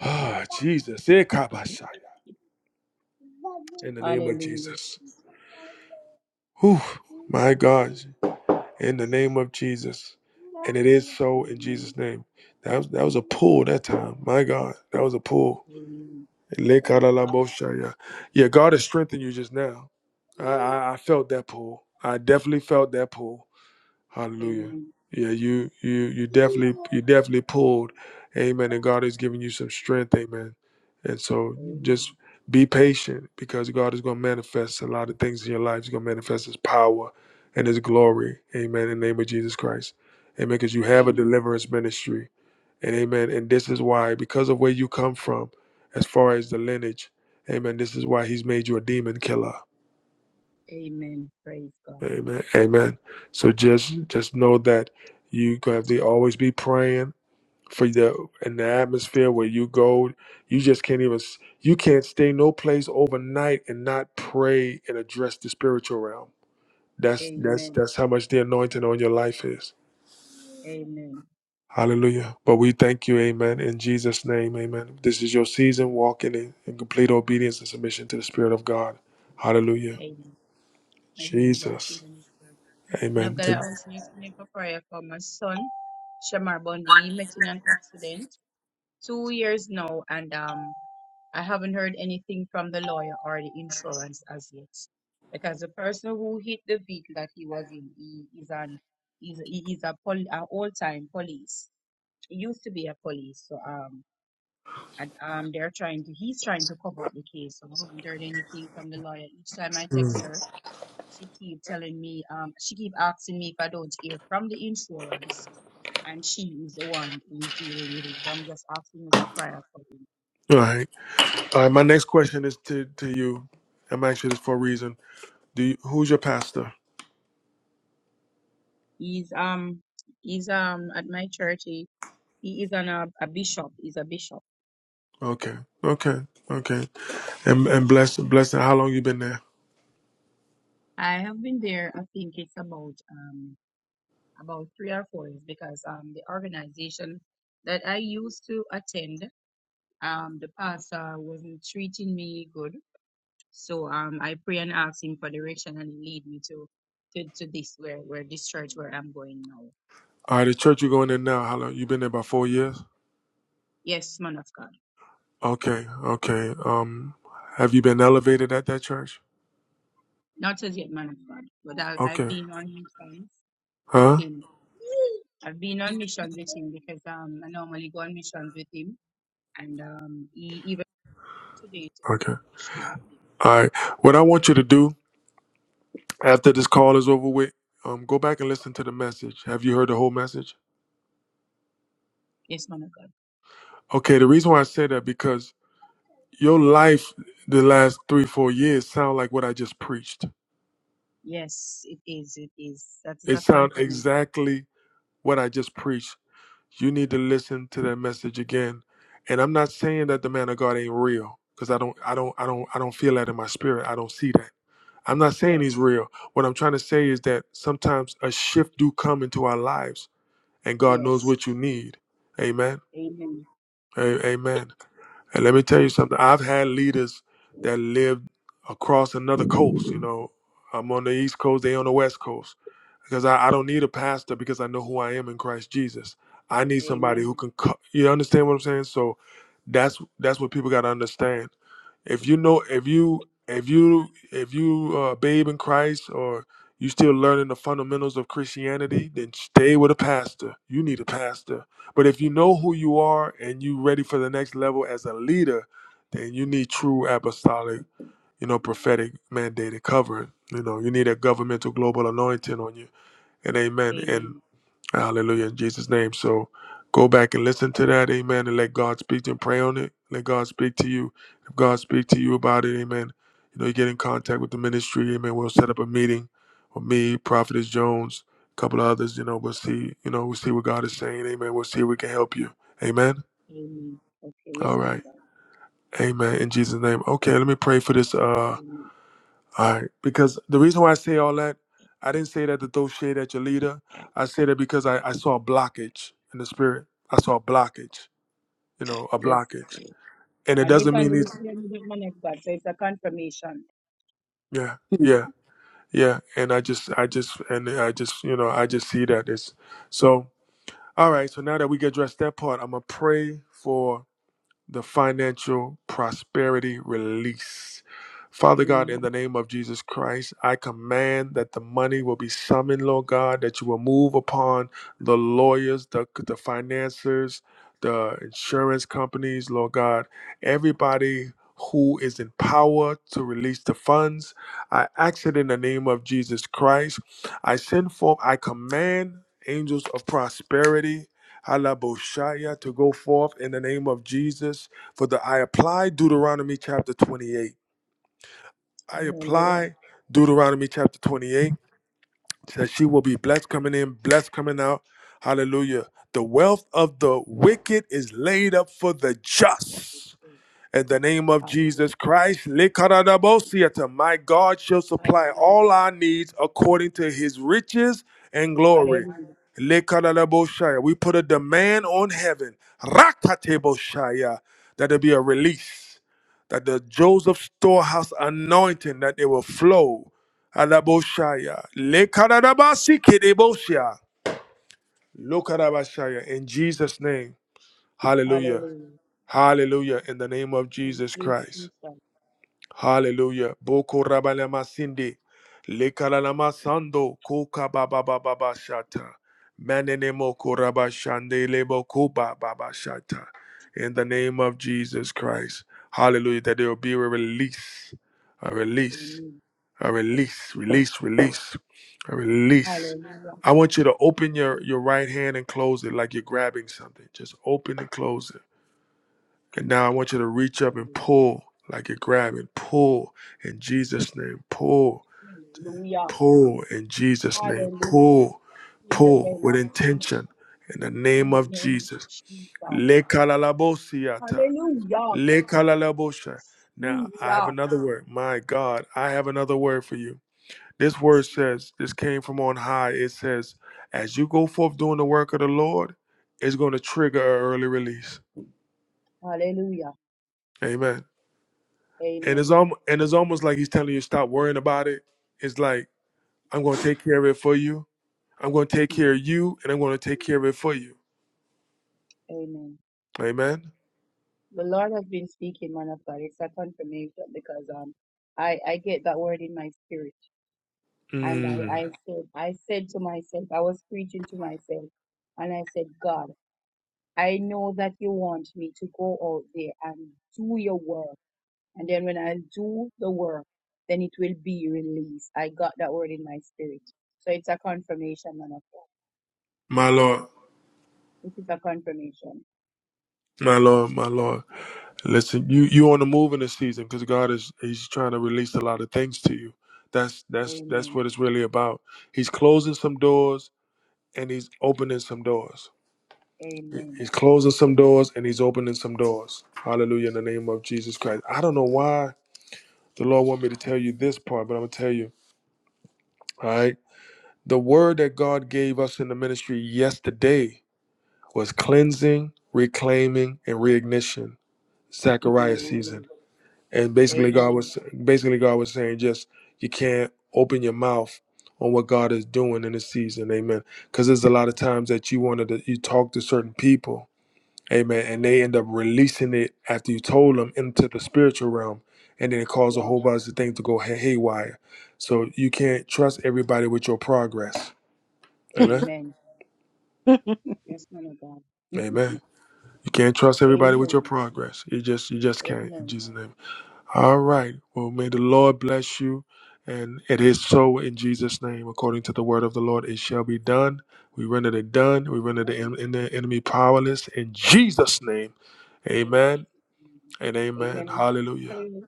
A: ah jesus Ikabashaya. in the name of
N: Hallelujah,
A: jesus
N: Jesus.
A: Whew, my god in the name of Jesus. And it is so in Jesus'
N: Amen.
A: name. That was that was a pull that time. My God, that was a pull.
N: Amen. Praise God.
A: Lekaralamoshaya. Yeah, God has strengthened you just now. I,
N: Amen.
A: I, I felt that pull. I definitely felt that pull. Hallelujah.
N: Amen.
A: Yeah, you you you definitely you definitely pulled. Amen. And God is giving you some strength. Amen. And so
N: Amen.
A: just be patient because God is going to manifest a lot of things in your life. He's going to manifest his power and his glory. Amen. In the name of Jesus Christ. Amen. Because you have a deliverance ministry. And amen. And this is why, because of where you come from, as far as the lineage, amen. This is why he's made you a demon killer.
N: Amen. Praise God.
A: Amen. Amen. So just just know that you have to always be praying for the in the atmosphere where you go you just can't even s- you can't stay no place overnight and not pray and address the spiritual realm that's that's
N: Amen.
A: that's how much the anointing on your life is
N: Amen.
A: hallelujah but we thank you amen in jesus name amen this is your season
N: Amen.
A: walking in, in complete obedience and submission to the spirit of god hallelujah
N: Amen. Amen. Let's give
A: jesus
N: an And I've
A: amen
N: got
A: To-
N: to also explain for prayer for my son, Shamar Bundy. He met in an accident two years now, and um, I haven't heard anything from the lawyer or the insurance as yet. Because the person who hit the vehicle that he was in, he is an is he is a pol a all time police. He used to be a police, so um and um they're trying to he's trying to cover up the case. So I haven't heard anything from the lawyer. Each time I text her, she keep telling me, um, she keep asking me if I don't hear from the insurance, and she is the one who is dealing with it. So I'm just asking her for prayer for him.
A: all right all right my next question is to to you i'm actually this for a reason do you, who's your pastor
N: He's um he's um at my church. He, he is an a, a bishop. He's a bishop.
A: okay okay okay And and blessing, blessing. How long you been there?
N: I have been there. I think it's about um about three or four years because um the organization that I used to attend um the pastor wasn't treating me good So um, I pray and ask Him for direction, and He lead me to to, to this where where this church where I'm going now.
A: All right, the church you're going in now. How long you been there? About four years.
N: Yes, man of God.
A: Okay, okay. Um, have you been elevated at that church?
N: Not as yet, man of God, but I, I've
A: Okay,
N: been on missions with
A: huh?
N: Him. I've been on mission with Him because um, I normally go on mission with Him, and um, He even today to go
A: Okay.
N: on mission with Him.
A: All right. What I want you to do after this call is over with, um, go back and listen to the message. Have you heard the whole message?
N: Yes, man of God.
A: Okay. The reason why I say that because your life the last three four years sound like what I just preached.
N: Yes, it is. It is. That is
A: It
N: a
A: sound
N: confirmation.
A: exactly what I just preached. You need to listen to that message again. And I'm not saying that the man of God ain't real, because I don't, I don't, I don't, I don't feel that in my spirit. I don't see that. I'm not saying he's
N: Yes.
A: real. What I'm trying to say is that sometimes a shift do come into our lives, and God knows
N: Yes.
A: what you need. Amen.
N: Amen.
A: A- amen. And let me tell you something. I've had leaders that lived across another coast. You know, I'm on the East Coast. They on the West Coast because I, I don't need a pastor because I know who I am in Christ Jesus. I need somebody
N: Amen.
A: who can. Co- you understand what I'm saying? So that's that's what people got to understand. If you know, if you if you if you uh, babe in Christ or you still learning the fundamentals of Christianity, then stay with a pastor. You need a pastor. But if you know who you are and you ready for the next level as a leader, then you need true apostolic, you know, prophetic mandated covering. You know, you need a governmental global anointing on you and amen and
N: Amen.
A: hallelujah in Jesus' name. So go back and listen to that, amen, and let God speak to you and pray on it. Let God speak to you. If God speak to you about it, amen. You know, you get in contact with the ministry, amen. We'll set up a meeting with me, Prophetess Jones, a couple of others, you know, we'll see, you know, we'll see what God is saying, amen. We'll see if we can help you. Amen.
N: Amen. Okay.
A: All
N: Yes, man
A: right.
N: of God.
A: Amen. In Jesus' name. Okay, let me pray for this. Uh
N: Amen.
A: all right, because the reason why I say all that, I didn't say that to throw shade at your leader. I said it because I, I saw a blockage in the spirit. I saw a blockage, you know, a
N: Yes.
A: blockage, and it
N: And
A: doesn't mean
N: evangelist
A: it's
N: cleared me with my next God. So it's a confirmation.
A: yeah,
F: Hmm.
A: yeah, yeah. And I just, I just, and I just, you know, I just see that it's so. All right, so now that we get dressed that part, I'm gonna pray for. the financial prosperity release. Father God,
N: Amen.
A: in the name of Jesus Christ, I command that the money will be summoned, Lord God, that you will move upon the lawyers, the, the financiers, the insurance companies, Lord God, everybody who is in power to release the funds. I ask it in the name of Jesus Christ. I send forth, I command angels of prosperity Halaboshaya to go forth in the name of Jesus. For the I apply Deuteronomy chapter 28. I
N: Hallelujah.
A: apply Deuteronomy chapter 28. It Says she will be blessed coming in, blessed coming out. Hallelujah. The wealth of the wicked is laid up for the just. In the name of Jesus
N: Hallelujah.
A: Christ, Likaradabosiata, my God shall supply
N: Hallelujah.
A: all our needs according to his riches and glory.
N: Hallelujah.
A: Likaradabosaya, We put a demand on heaven, Rakateboshaya, that there be a release, that the Joseph storehouse anointing, that it will flow. Adaboshaya, Likaradabasikedeboshia, Lokarabashaya, In Jesus' name, hallelujah,
N: Hallelujah.
A: hallelujah, in the name of
N: Thank
A: Jesus
N: you,
A: Christ.
N: Jesus.
A: Hallelujah. Boko rabalama sindi. Lekalalama sando koka baba baba bashata. Manene moko rabashande lebo koba baba shata. In the name of Jesus Christ. Hallelujah. That there will be a release. A release.
N: Amen.
A: A release. Release. Release. A release.
N: Hallelujah.
A: I want you to open your, your right hand and close it like you're grabbing something. Just open and close it. And now I want you to reach up and
N: Hallelujah.
A: pull, like you're grabbing, pull in Jesus' name, pull,
N: Hallelujah.
A: pull in Jesus' name,
N: Hallelujah.
A: pull,
N: In the
A: pull
N: name
A: with
N: of Jesus.
A: intention in the
N: In
A: name
N: the
A: of
N: name of
A: Jesus.
N: Jesus.
A: Le kalalabosiata,
N: Hallelujah.
A: le kalalabosha. Now I have
N: Jesus.
A: another word. My God, I have another word for you. This word says, this came from on high. It says, as you go forth doing the work of the Lord, it's going to trigger an early release.
N: Hallelujah.
A: Amen. and it's
N: Amen.
A: almost and it's almost like he's telling you stop worrying about it. It's like I'm going to take care of it for you. I'm going to take
N: Mm.
A: care of you, and I'm going to take care of it for you.
N: Amen.
A: Amen.
N: The Lord has been speaking, man of God. It's a confirmation because um I I get that word in my spirit, and I I
A: Mm,
N: said I said to myself, I was preaching to myself, and I said, God, I know that you want me to go out there and do your work, and then when I do the work, then it will be released. I got that word in my spirit, so it's a confirmation, man of God.
A: my Lord,
N: It is a confirmation.
A: my Lord, my Lord. Listen, you you on the move in this season because God is He's trying to release a lot of things to you. That's that's that's
N: Amen.
A: what it's really about. He's closing some doors and He's opening some doors.
N: Amen.
A: He's closing some doors and He's opening some doors. Hallelujah in the name of Jesus Christ. I don't know why. The Lord want me to tell you this part, but I'm gonna tell you. All right. The word that God gave us in the ministry yesterday was cleansing, reclaiming, and reignition. Zechariah season.
N: Amen.
A: And basically God
N: Amen.
A: was basically God was saying just you can't open your mouth on what God is doing in this season. Amen. Because there's a lot of times that you wanted to you talk to certain people Amen. And they end up releasing it after you told them into the spiritual realm, and then it caused a
N: Yeah.
A: whole bunch of things to go hay- haywire. So you can't trust everybody with your progress. Amen.
N: Amen. Yes, man of God.
A: Amen. You can't trust everybody with your
N: Amen.
A: progress. You just you just can't. In
N: Amen.
A: Jesus' name. All right. Well, may the Lord bless you. And it is so in Jesus' name, according to the word of the Lord, it shall be done. We render it done. We render
N: Amen.
A: the, en- en- the enemy powerless in Jesus' name.
N: in
A: Amen
N: Jesus' name.
A: and amen.
N: Amen. And I
A: Hallelujah.
N: declare,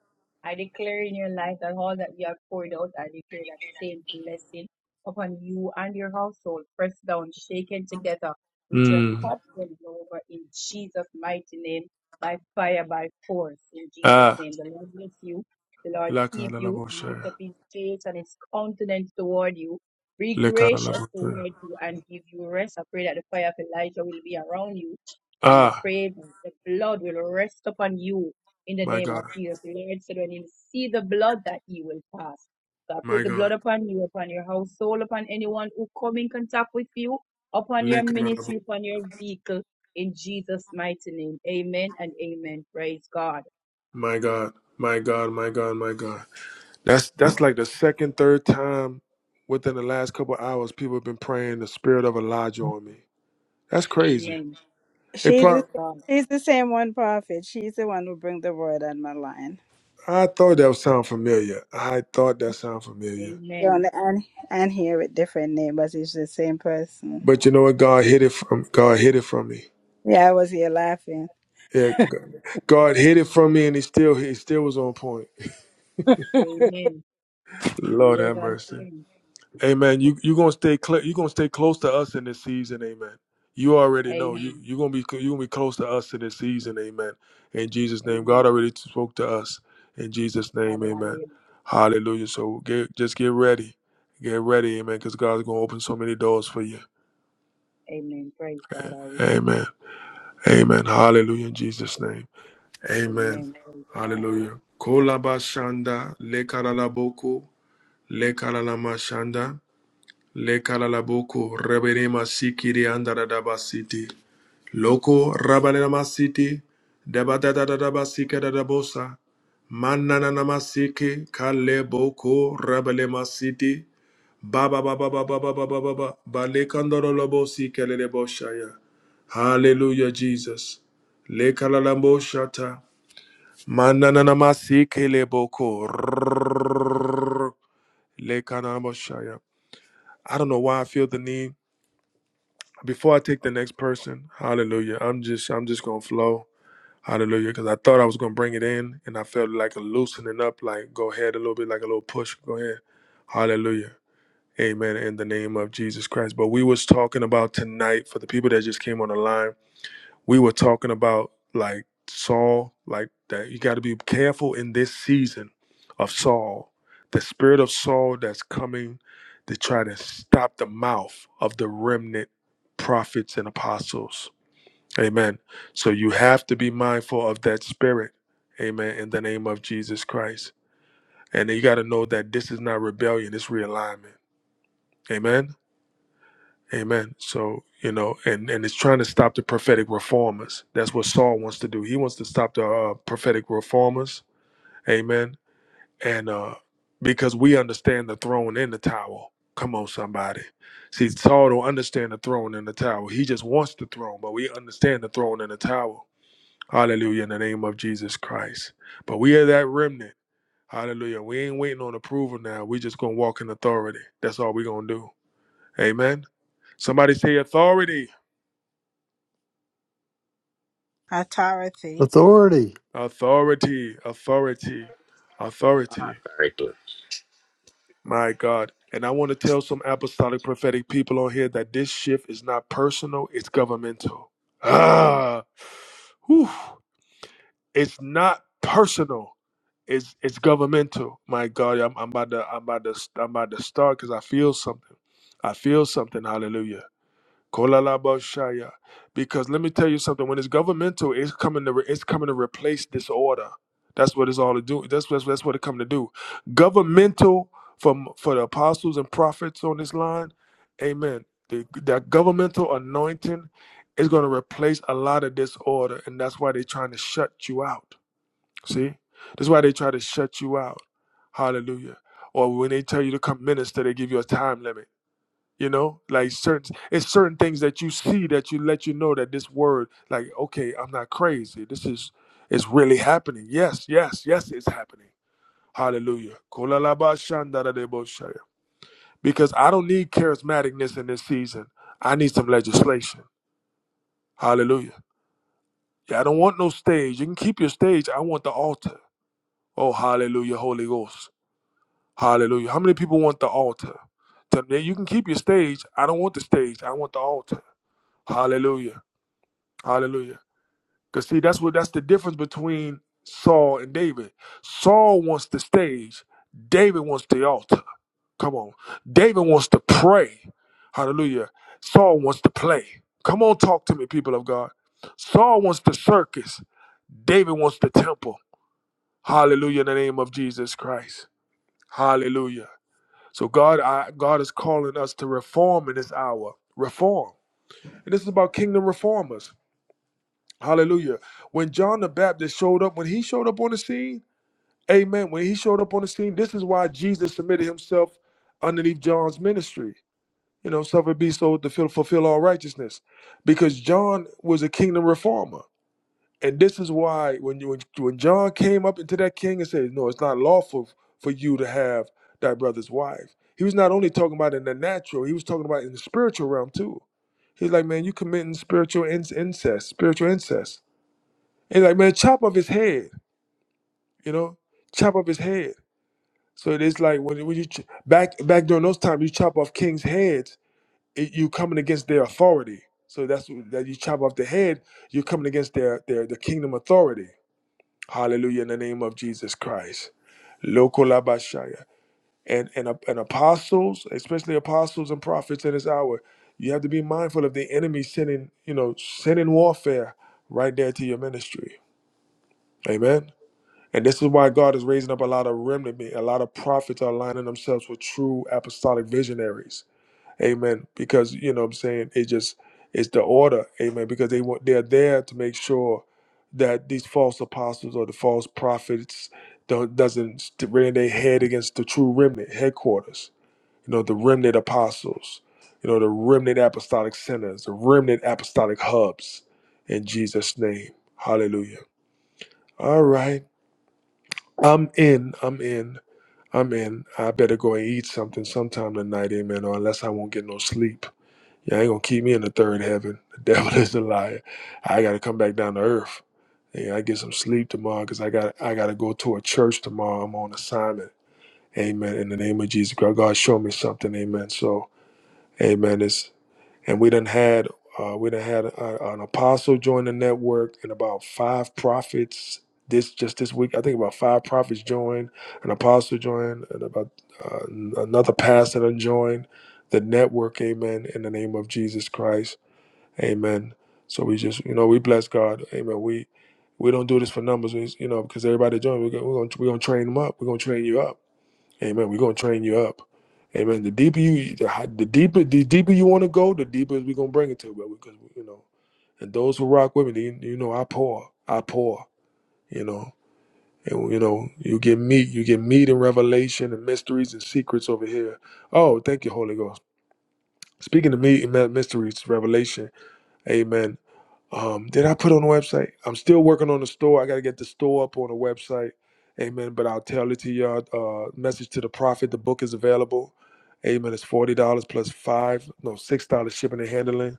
N: I declare in your life that all that you have poured out, I declare that same blessing upon you and your household, pressed down, shaken together, with your
A: Mm.
N: cups will over in Jesus' mighty name, by fire, by force, in Jesus'
A: Ah,
N: name. The Lord bless you. The Lord
A: la
N: keep
A: cara la
N: you and lift
A: moshe.
N: up his face and his countenance toward you. Be
A: Le cara la
N: gracious
A: moshe.
N: toward you and give you rest. I pray that the fire of Elijah will be around you and I
A: Ah,
N: pray the blood will rest upon you in the
A: my
N: name of
A: God,
N: Jesus. The Lord said, when you see the blood, that you will pass. So I
A: my
N: put the
A: God.
N: blood upon you, upon your household, upon anyone who come in contact with you, upon
A: Le
N: your
A: cara la moshe.
N: ministry, upon your vehicle, in Jesus' mighty name. Amen and amen. Praise God.
A: My God, my God, my God, my God. That's that's like the second, third time within the last couple hours people have been praying the spirit of Elijah on me. That's crazy.
N: Amen.
A: It
F: she's the
N: Praise
A: probably,
N: God.
F: she's the same one prophet. She's the one who bring the word on my line.
A: I thought that would sound familiar. I thought that sound familiar.
F: She
N: Amen.
F: only and and here with different name, but it's the same person.
A: But you know what? God hid it from God hid it from me.
F: Yeah, I was here laughing.
A: Yeah, G- God hid it from me, and he still he still was on point.
N: Amen. He
A: Lord
N: was
A: have
N: on
A: mercy.
N: praying.
A: Amen. You you gonna stay cl- you gonna stay close to us in this season, Amen. You already know you
N: Amen.
A: you gonna be you gonna be close to us in this season, Amen. In Jesus' name, God
N: Amen.
A: already spoke to us. In Jesus' name, Amen.
N: Hallelujah.
A: Hallelujah. So get just get ready, get ready, Amen. Because God's gonna open so many doors for you,
N: Amen. Praise God. I receive.
A: Amen. Amen. Hallelujah. In Jesus' name, Amen.
N: Amen. Praise God.
A: Hallelujah. Kolabashanda lekaralaboko lekaralamashandanda. Lekalalaboko, Rebenema Sikiri and Dadabasiti. Loko, Rabanema City, Dabadadadabasika Dadabosa, Manananamasiki, Kale Boko, Rabalema City, Baba Baba Baba Baba Baba Baba, Balekandorobosi Keleboshaya. Hallelujah, Jesus. Lekalalaboshata, Manananamasiki Leboko, Lekananamoshaya. I don't know why I feel the need. before I take the next person, hallelujah. I'm just I'm just gonna flow. Hallelujah. Because I thought I was gonna bring it in and I felt like a loosening up, like go ahead a little bit, like a little push. Go ahead. Hallelujah. Amen. In the name of Jesus Christ. But we was talking about tonight for the people that just came on the line we were talking about like Saul, like that you got to be careful in this season of Saul, the spirit of Saul that's coming to try to stop the mouth of the remnant prophets and apostles. Amen. So you have to be mindful of that spirit. Amen. In the name of Jesus Christ. And you got to know that this is not rebellion, it's realignment. Amen. Amen. So, you know, and and it's trying to stop the prophetic reformers. That's what Saul wants to do. He wants to stop the uh, prophetic reformers. Amen. And uh because we understand the throne and the towel. Come on, somebody. See, Saul don't understand the throne and the towel. He just wants the throne, but we understand the throne and the towel. Hallelujah in the name of Jesus Christ. But we are that remnant. Hallelujah. We ain't waiting on approval now. We just gonna walk in authority. That's all we gonna do. Amen. Somebody say authority.
F: Authority.
C: Authority.
A: Authority, authority, authority.
E: All right,
A: My God. And I want to tell some apostolic prophetic people on here that this shift is not personal, it's governmental. Ah, whew. it's not personal. It's it's governmental. My God, I'm, I'm about to I'm about to I'm about to start because I feel something. I feel something. Hallelujah. Kolalabashaya. Because let me tell you something. When it's governmental, it's coming to re- it's coming to replace disorder. That's what it's all to do. That's what that's what it come to do. Governmental from for the apostles and prophets on this line. Amen. The, that governmental anointing is going to replace a lot of disorder, and that's why they're trying to shut you out. See, that's why they try to shut you out. Hallelujah. Or when they tell you to come minister, they give you a time limit you know like certain it's certain things that you see that you let you know that this word like okay i'm not crazy this is it's really happening yes yes yes it's happening hallelujah because i don't need charismaticness in this season i need some legislation hallelujah yeah i don't want no stage you can keep your stage i want the altar oh hallelujah holy ghost hallelujah how many people want the altar Tell me, you can keep your stage i don't want the stage i want the altar hallelujah Hallelujah. Because see, that's what that's the difference between Saul and David. Saul wants the stage, David wants the altar. Come on. David wants to pray. Hallelujah. Saul wants to play. Come on, talk to me, people of God. Saul wants the circus. David wants the temple. Hallelujah in the name of Jesus Christ. Hallelujah. So God, I, God is calling us to reform in this hour. Reform. And this is about kingdom reformers. Hallelujah. When John the Baptist showed up, when he showed up on the scene, amen. When he showed up on the scene, this is why Jesus submitted himself underneath John's ministry. You know, suffer be so to fill- fulfill all righteousness. Because John was a kingdom reformer. And this is why when you when, when John came up into that king and said, No, it's not lawful for you to have thy brother's wife. He was not only talking about in the natural, he was talking about in the spiritual realm too. He's like, man, you committing spiritual inc- incest, spiritual incest. It's like, man, chop off his head, you know, chop off his head. So it is like when, when you ch- back back during those times, you chop off kings' heads, it, you coming against their authority. So that's wh- that you chop off the head, you're coming against their their the kingdom authority. Hallelujah in the name of Jesus Christ. Lokolabashaya. And and ap- and apostles, especially apostles and prophets in this hour, you have to be mindful of the enemy sending, you know, sending warfare right there to your ministry. Amen. And this is why God is raising up a lot of remnant, men. a lot of prophets are aligning themselves with true apostolic visionaries. Amen. Because you know what I'm saying, it just it's the order, amen, because they want they're there to make sure that these false apostles or the false prophets don't doesn't st- rear their head against the true remnant headquarters. You know, the remnant apostles, you know, the remnant apostolic centers, the remnant apostolic hubs in Jesus' name. Hallelujah. All right. I'm in. I'm in. Amen. I better go and eat something sometime tonight, amen, or unless I won't get no sleep. You ain't gonna keep me in the third heaven. The devil is a liar. I gotta come back down to earth. And I get some sleep tomorrow because I got I gotta go to a church tomorrow. I'm on assignment. Amen. In the name of Jesus. God, God show me something. Amen. So, amen. It's and we done had uh, we done had a, an apostle join the network and about five prophets this just this week. I think about five prophets joined, an apostle joined, and about uh, another pastor done joined the network. Amen. In the name of Jesus Christ, Amen. So we just you know we bless God, Amen. We we don't do this for numbers, we, you know, because everybody joined. We're gonna, we're gonna we're gonna train them up. We're gonna train you up. Amen. We're gonna train you up. Amen. The deeper you, the, hi- the deeper, the deeper you want to go, the deeper we're gonna bring it to. But because you know, and those who rock with me, you, you know, I pour, I pour. You know, and you know, you get meat, you get meat and revelation and mysteries and secrets over here. Oh, thank you, Holy Ghost. Speaking of meat and my- mysteries, revelation. Amen. Um, did I put on the website? I'm still working on the store. I got to get the store up on the website. Amen. But I'll tell it to y'all. Uh, message to the prophet. The book is available. Amen. It's forty dollars plus five, no six dollars shipping and handling.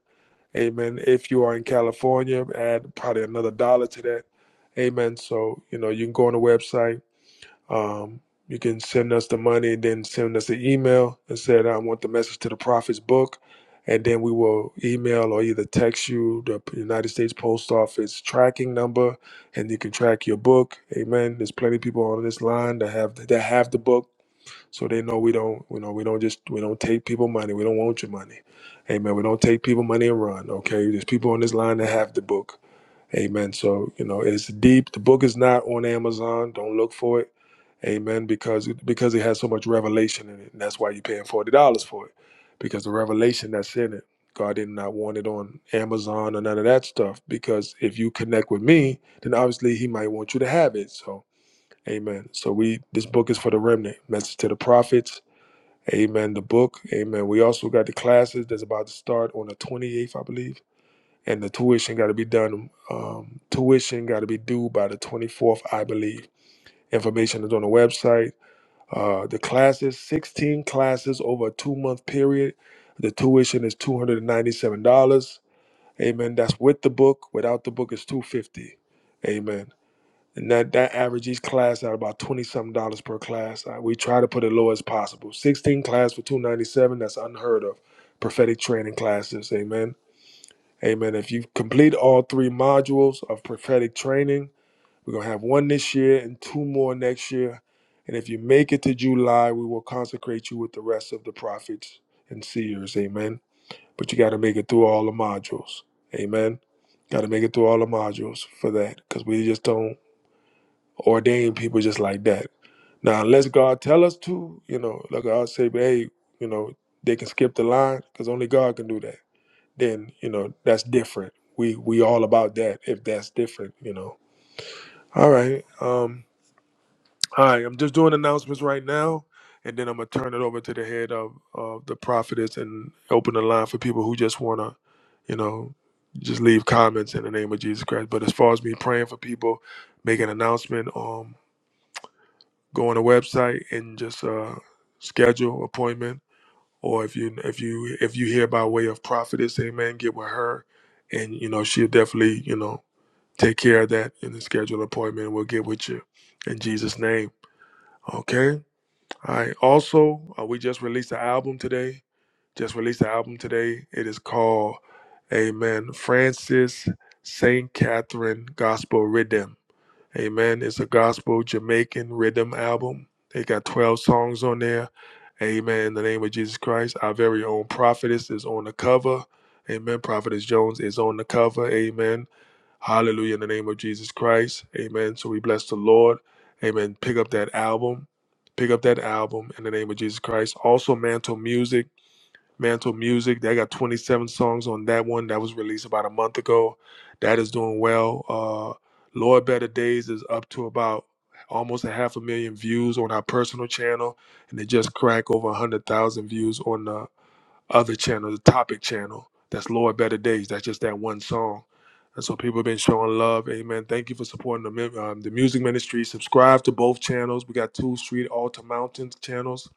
A: Amen. If you are in California, add probably another dollar to that. Amen. So you know you can go on the website um, you can send us the money, then send us an email and said, I want the message to the prophet's book. And then we will email or either text you the United States Post Office tracking number, and you can track your book. Amen. There's plenty of people on this line that have that have the book, so they know we don't, you know, we don't just we don't take people money. We don't want your money. Amen. We don't take people money and run. Okay. There's people on this line that have the book. Amen. So you know it's deep. The book is not on Amazon. Don't look for it. Amen. Because because it has so much revelation in it, and that's why you're paying forty dollars for it, because the revelation that's in it, God did not want it on Amazon or none of that stuff. Because if you connect with me, then obviously He might want you to have it. So, Amen. So we this book is for the remnant. Message to the prophets. Amen. The book. Amen. We also got the classes that's about to start on the 28th, I believe, and the tuition got to be done. Um, tuition got to be due by the 24th, I believe. Information is on the website uh, the classes, 16 classes over a two month period. The tuition is $297. Amen. That's with the book. Without the book it's 250 Amen. And that, that average each class at about twenty something dollars per class. Uh, we try to put it low as possible. Sixteen class for two ninety seven. That's unheard of. Prophetic training classes. Amen. Amen. If you complete all three modules of prophetic training, we're going to have one this year and two more next year. And if you make it to July, we will consecrate you with the rest of the prophets and seers. Amen. But you got to make it through all the modules. Amen. Got to make it through all the modules for that because we just don't ordain people just like that. Now, unless God tell us to, you know, like God say, hey, you know, they can skip the line because only God can do that. Then, you know, that's different. We we all about that if that's different, you know. All right. Um All right, I'm just doing announcements right now, and then I'm gonna turn it over to the head of, of the prophetess and open the line for people who just wanna, you know, just leave comments in the name of Jesus Christ. But as far as me praying for people, make an announcement, um, go on the website and just uh, schedule appointment, or if you if you if you hear by way of prophetess, amen, get with her, and you know she'll definitely you know take care of that and schedule an appointment. We'll get with you in Jesus' name. Okay. I also uh, we just released an album today. Just released an album today. It is called Amen Francis Saint Catherine Gospel Rhythm. Amen. It's a gospel Jamaican rhythm album. They got 12 songs on there. Amen. In the name of Jesus Christ. Our very own prophetess is on the cover. Amen. Prophetess Jones is on the cover. Amen. Hallelujah in the name of Jesus Christ. Amen. So we bless the Lord. Amen. Pick up that album. Pick up that album in the name of Jesus Christ. Also, Mantle Music. Mantle Music. They got 27 songs on that one. That was released about a month ago. That is doing well. Uh, Lord Better Days is up to about almost a half a million views on our personal channel, and it just cracked over 100,000 views on the other channel, the topic channel. That's Lord Better Days. That's just that one song. And so people have been showing love. Amen. Thank you for supporting the, mi- um, the music ministry. Subscribe to both channels. We got two Street Altar Mountain channels,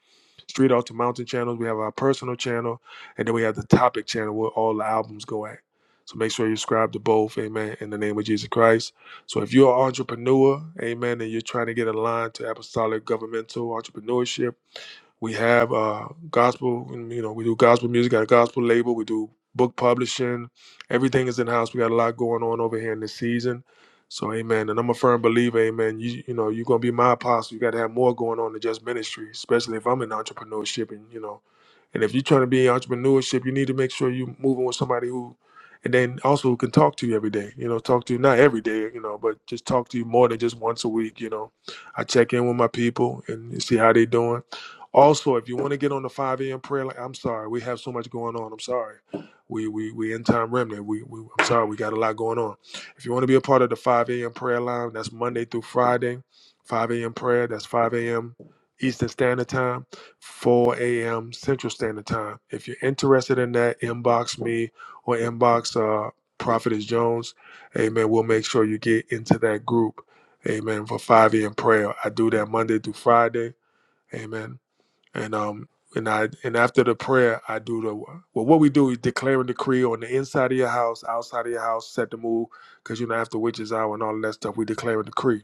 A: Street Altar Mountain channels. We have our personal channel, and then we have the topic channel where all the albums go at. So make sure you subscribe to both. Amen. In the name of Jesus Christ. So if you're an entrepreneur, amen, and you're trying to get aligned to apostolic governmental entrepreneurship, we have uh, gospel, and, you know, we do gospel music, got a gospel label, we do book publishing. Everything is in house. We got a lot going on over here in this season. So, amen. And I'm a firm believer, amen. You, you know, you're going to be my apostle. You got to have more going on than just ministry, especially if I'm in entrepreneurship. And, you know, and if you're trying to be in entrepreneurship, you need to make sure you're moving with somebody who, and then also who can talk to you every day, you know, talk to you, not every day, you know, but just talk to you more than just once a week, you know. I check in with my people and see how they doing also, if you want to get on the 5 a.m. prayer, like I'm sorry, we have so much going on. I'm sorry. We we we in time remnant. We, we I'm sorry, we got a lot going on. If you want to be a part of the 5 a.m. prayer line, that's Monday through Friday, 5 a.m. prayer. That's 5 a.m. Eastern Standard Time, 4 a.m. Central Standard Time. If you're interested in that, inbox me or inbox uh Prophetess Jones. Amen. We'll make sure you get into that group. Amen. For 5 a.m. prayer. I do that Monday through Friday. Amen and um and I and after the prayer I do the well what we do is declare and decree on the inside of your house, outside of your house, set the move, because you know after witches hour and all of that stuff, we declare and decree.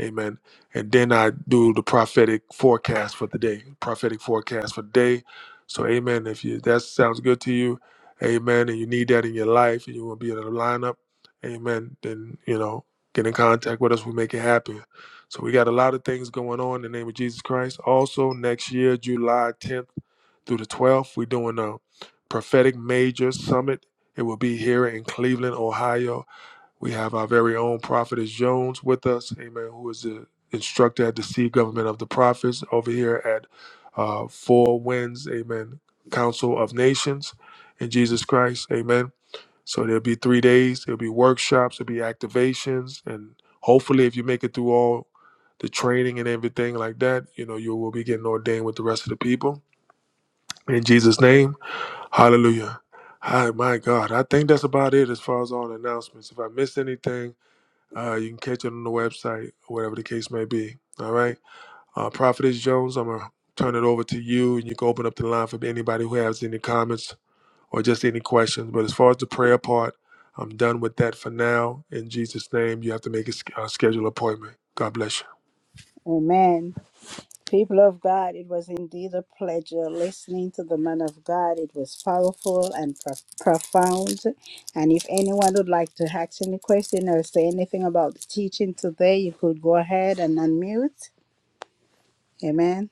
A: Amen. And then I do the prophetic forecast for the day. Prophetic forecast for the day. So amen. If you that sounds good to you, amen, and you need that in your life and you want to be in the lineup, amen, then you know, get in contact with us. We make it happen. So we got a lot of things going on in the name of Jesus Christ. Also, next year, July 10th through the 12th, we're doing a prophetic major summit. It will be here in Cleveland, Ohio we have our very own prophetess Jones with us, amen, who is the instructor at the Seed Government of the Prophets over here at uh, Four Winds, amen, Council of Nations in Jesus Christ, amen. So there'll be three days, there'll be workshops, there'll be activations, and hopefully, if you make it through all the training and everything like that, you know, you will be getting ordained with the rest of the people. In Jesus' name, hallelujah. Hi, my God. I think that's about it as far as all announcements. If I missed anything, uh, you can catch it on the website, whatever the case may be. All right. Uh, Prophetess Jones, I'm going to turn it over to you, and you can open up the line for anybody who has any comments or just any questions. But as far as the prayer part, I'm done with that for now. In Jesus' name, you have to make a, sch- uh schedule appointment. God bless you.
F: Amen. People of God, it was indeed a pleasure listening to the man of God. It was powerful and pro- profound. And if anyone would like to ask any question or say anything about the teaching today, you could go ahead and unmute. Amen.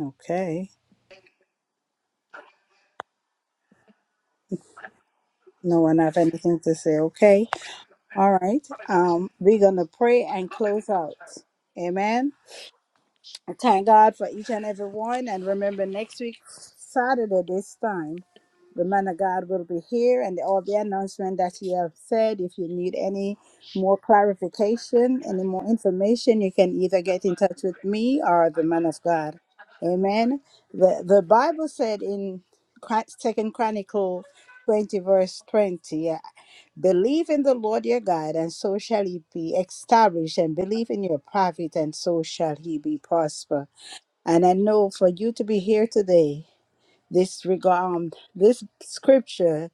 F: Okay. No one have anything to say. Okay. All right. Um, we're gonna pray and close out. Amen. I thank God for each and every one. And remember, next week, Saturday, this time, the man of God will be here and all the announcement that he have said. If you need any more clarification, any more information, you can either get in touch with me or the man of God. Amen. The the Bible said in Second Chronicle twenty verse twenty. Believe in the Lord your God, and so shall he be established, and believe in your prophet, and so shall he be prosper. And I know for you to be here today, this regard, um, this scripture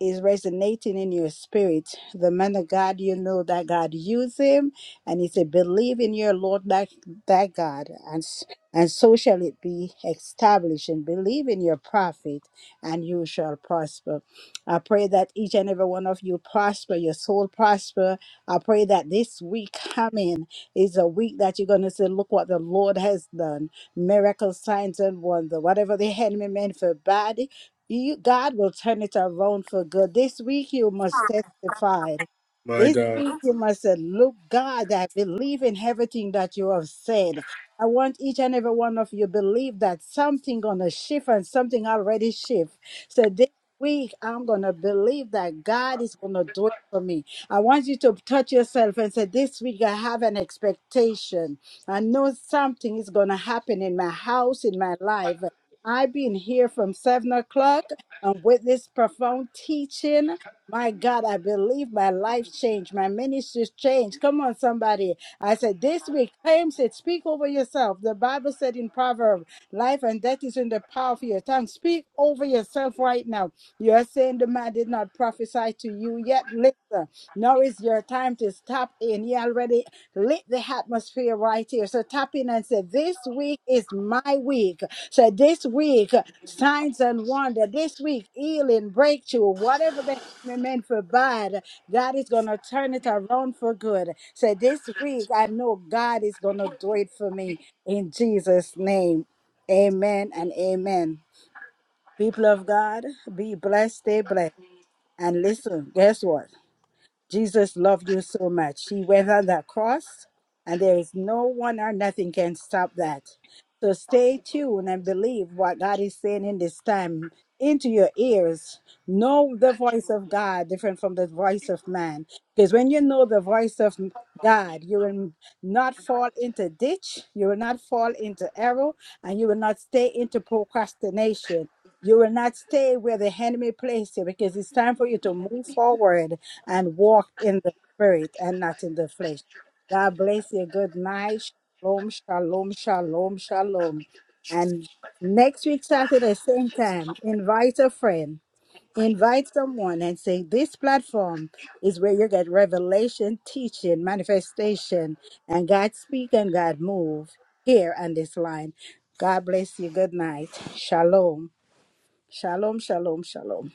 F: is resonating in your spirit. The man of God, you know that God used him, and he said, "Believe in your Lord, that that God, and s- and so shall it be established. And believe in your prophet, and you shall prosper." I pray that each and every one of you prosper, your soul prosper. I pray that this week coming is a week that you're going to say, "Look what the Lord has done! Miracle signs and wonder. Whatever the enemy meant for bad." You, God will turn it around for good. This week you must testify.
A: My
F: This
A: God.
F: week you must say, Look, God, I believe in everything that you have said. I want each and every one of you believe that something gonna shift and something already shift. So this week I'm gonna believe that God is gonna do it for me. I want you to touch yourself and say, This week I have an expectation. I know something is gonna happen in my house, in my life. I've been here from seven o'clock and with this profound teaching. My God, I believe my life changed. My ministries changed. Come on, somebody. I said this week, James said, speak over yourself. The Bible said in Proverbs, life and death is in the power of your tongue. Speak over yourself right now. You're saying the man did not prophesy to you yet. Listen, now is your time to tap in. He already lit the atmosphere right here. So tap in and say, this week is my week. So this week, uh, signs and wonder. This week, healing, breakthrough, whatever the enemy meant for bad, God is gonna turn it around for good. So this week, I know God is gonna do it for me in Jesus' name. Amen and amen. People of God, be blessed, stay blessed. And listen, guess what? Jesus loved you so much. He went on that cross, and there is no one or nothing can stop that. So stay tuned and believe what God is saying in this time into your ears. Know the voice of God different from the voice of man. Because when you know the voice of m- God, you will not fall into ditch, you will not fall into error, and you will not stay into procrastination. You will not stay where the enemy placed you because it's time for you to move forward and walk in the spirit and not in the flesh. God bless you. Good night. Shalom, shalom, shalom, shalom. And next week, Saturday, same time, invite a friend, invite someone, and say, This platform is where you get revelation, teaching, manifestation, and God speak and God move here on this line. God bless you. Good night. Shalom. Shalom, shalom, shalom.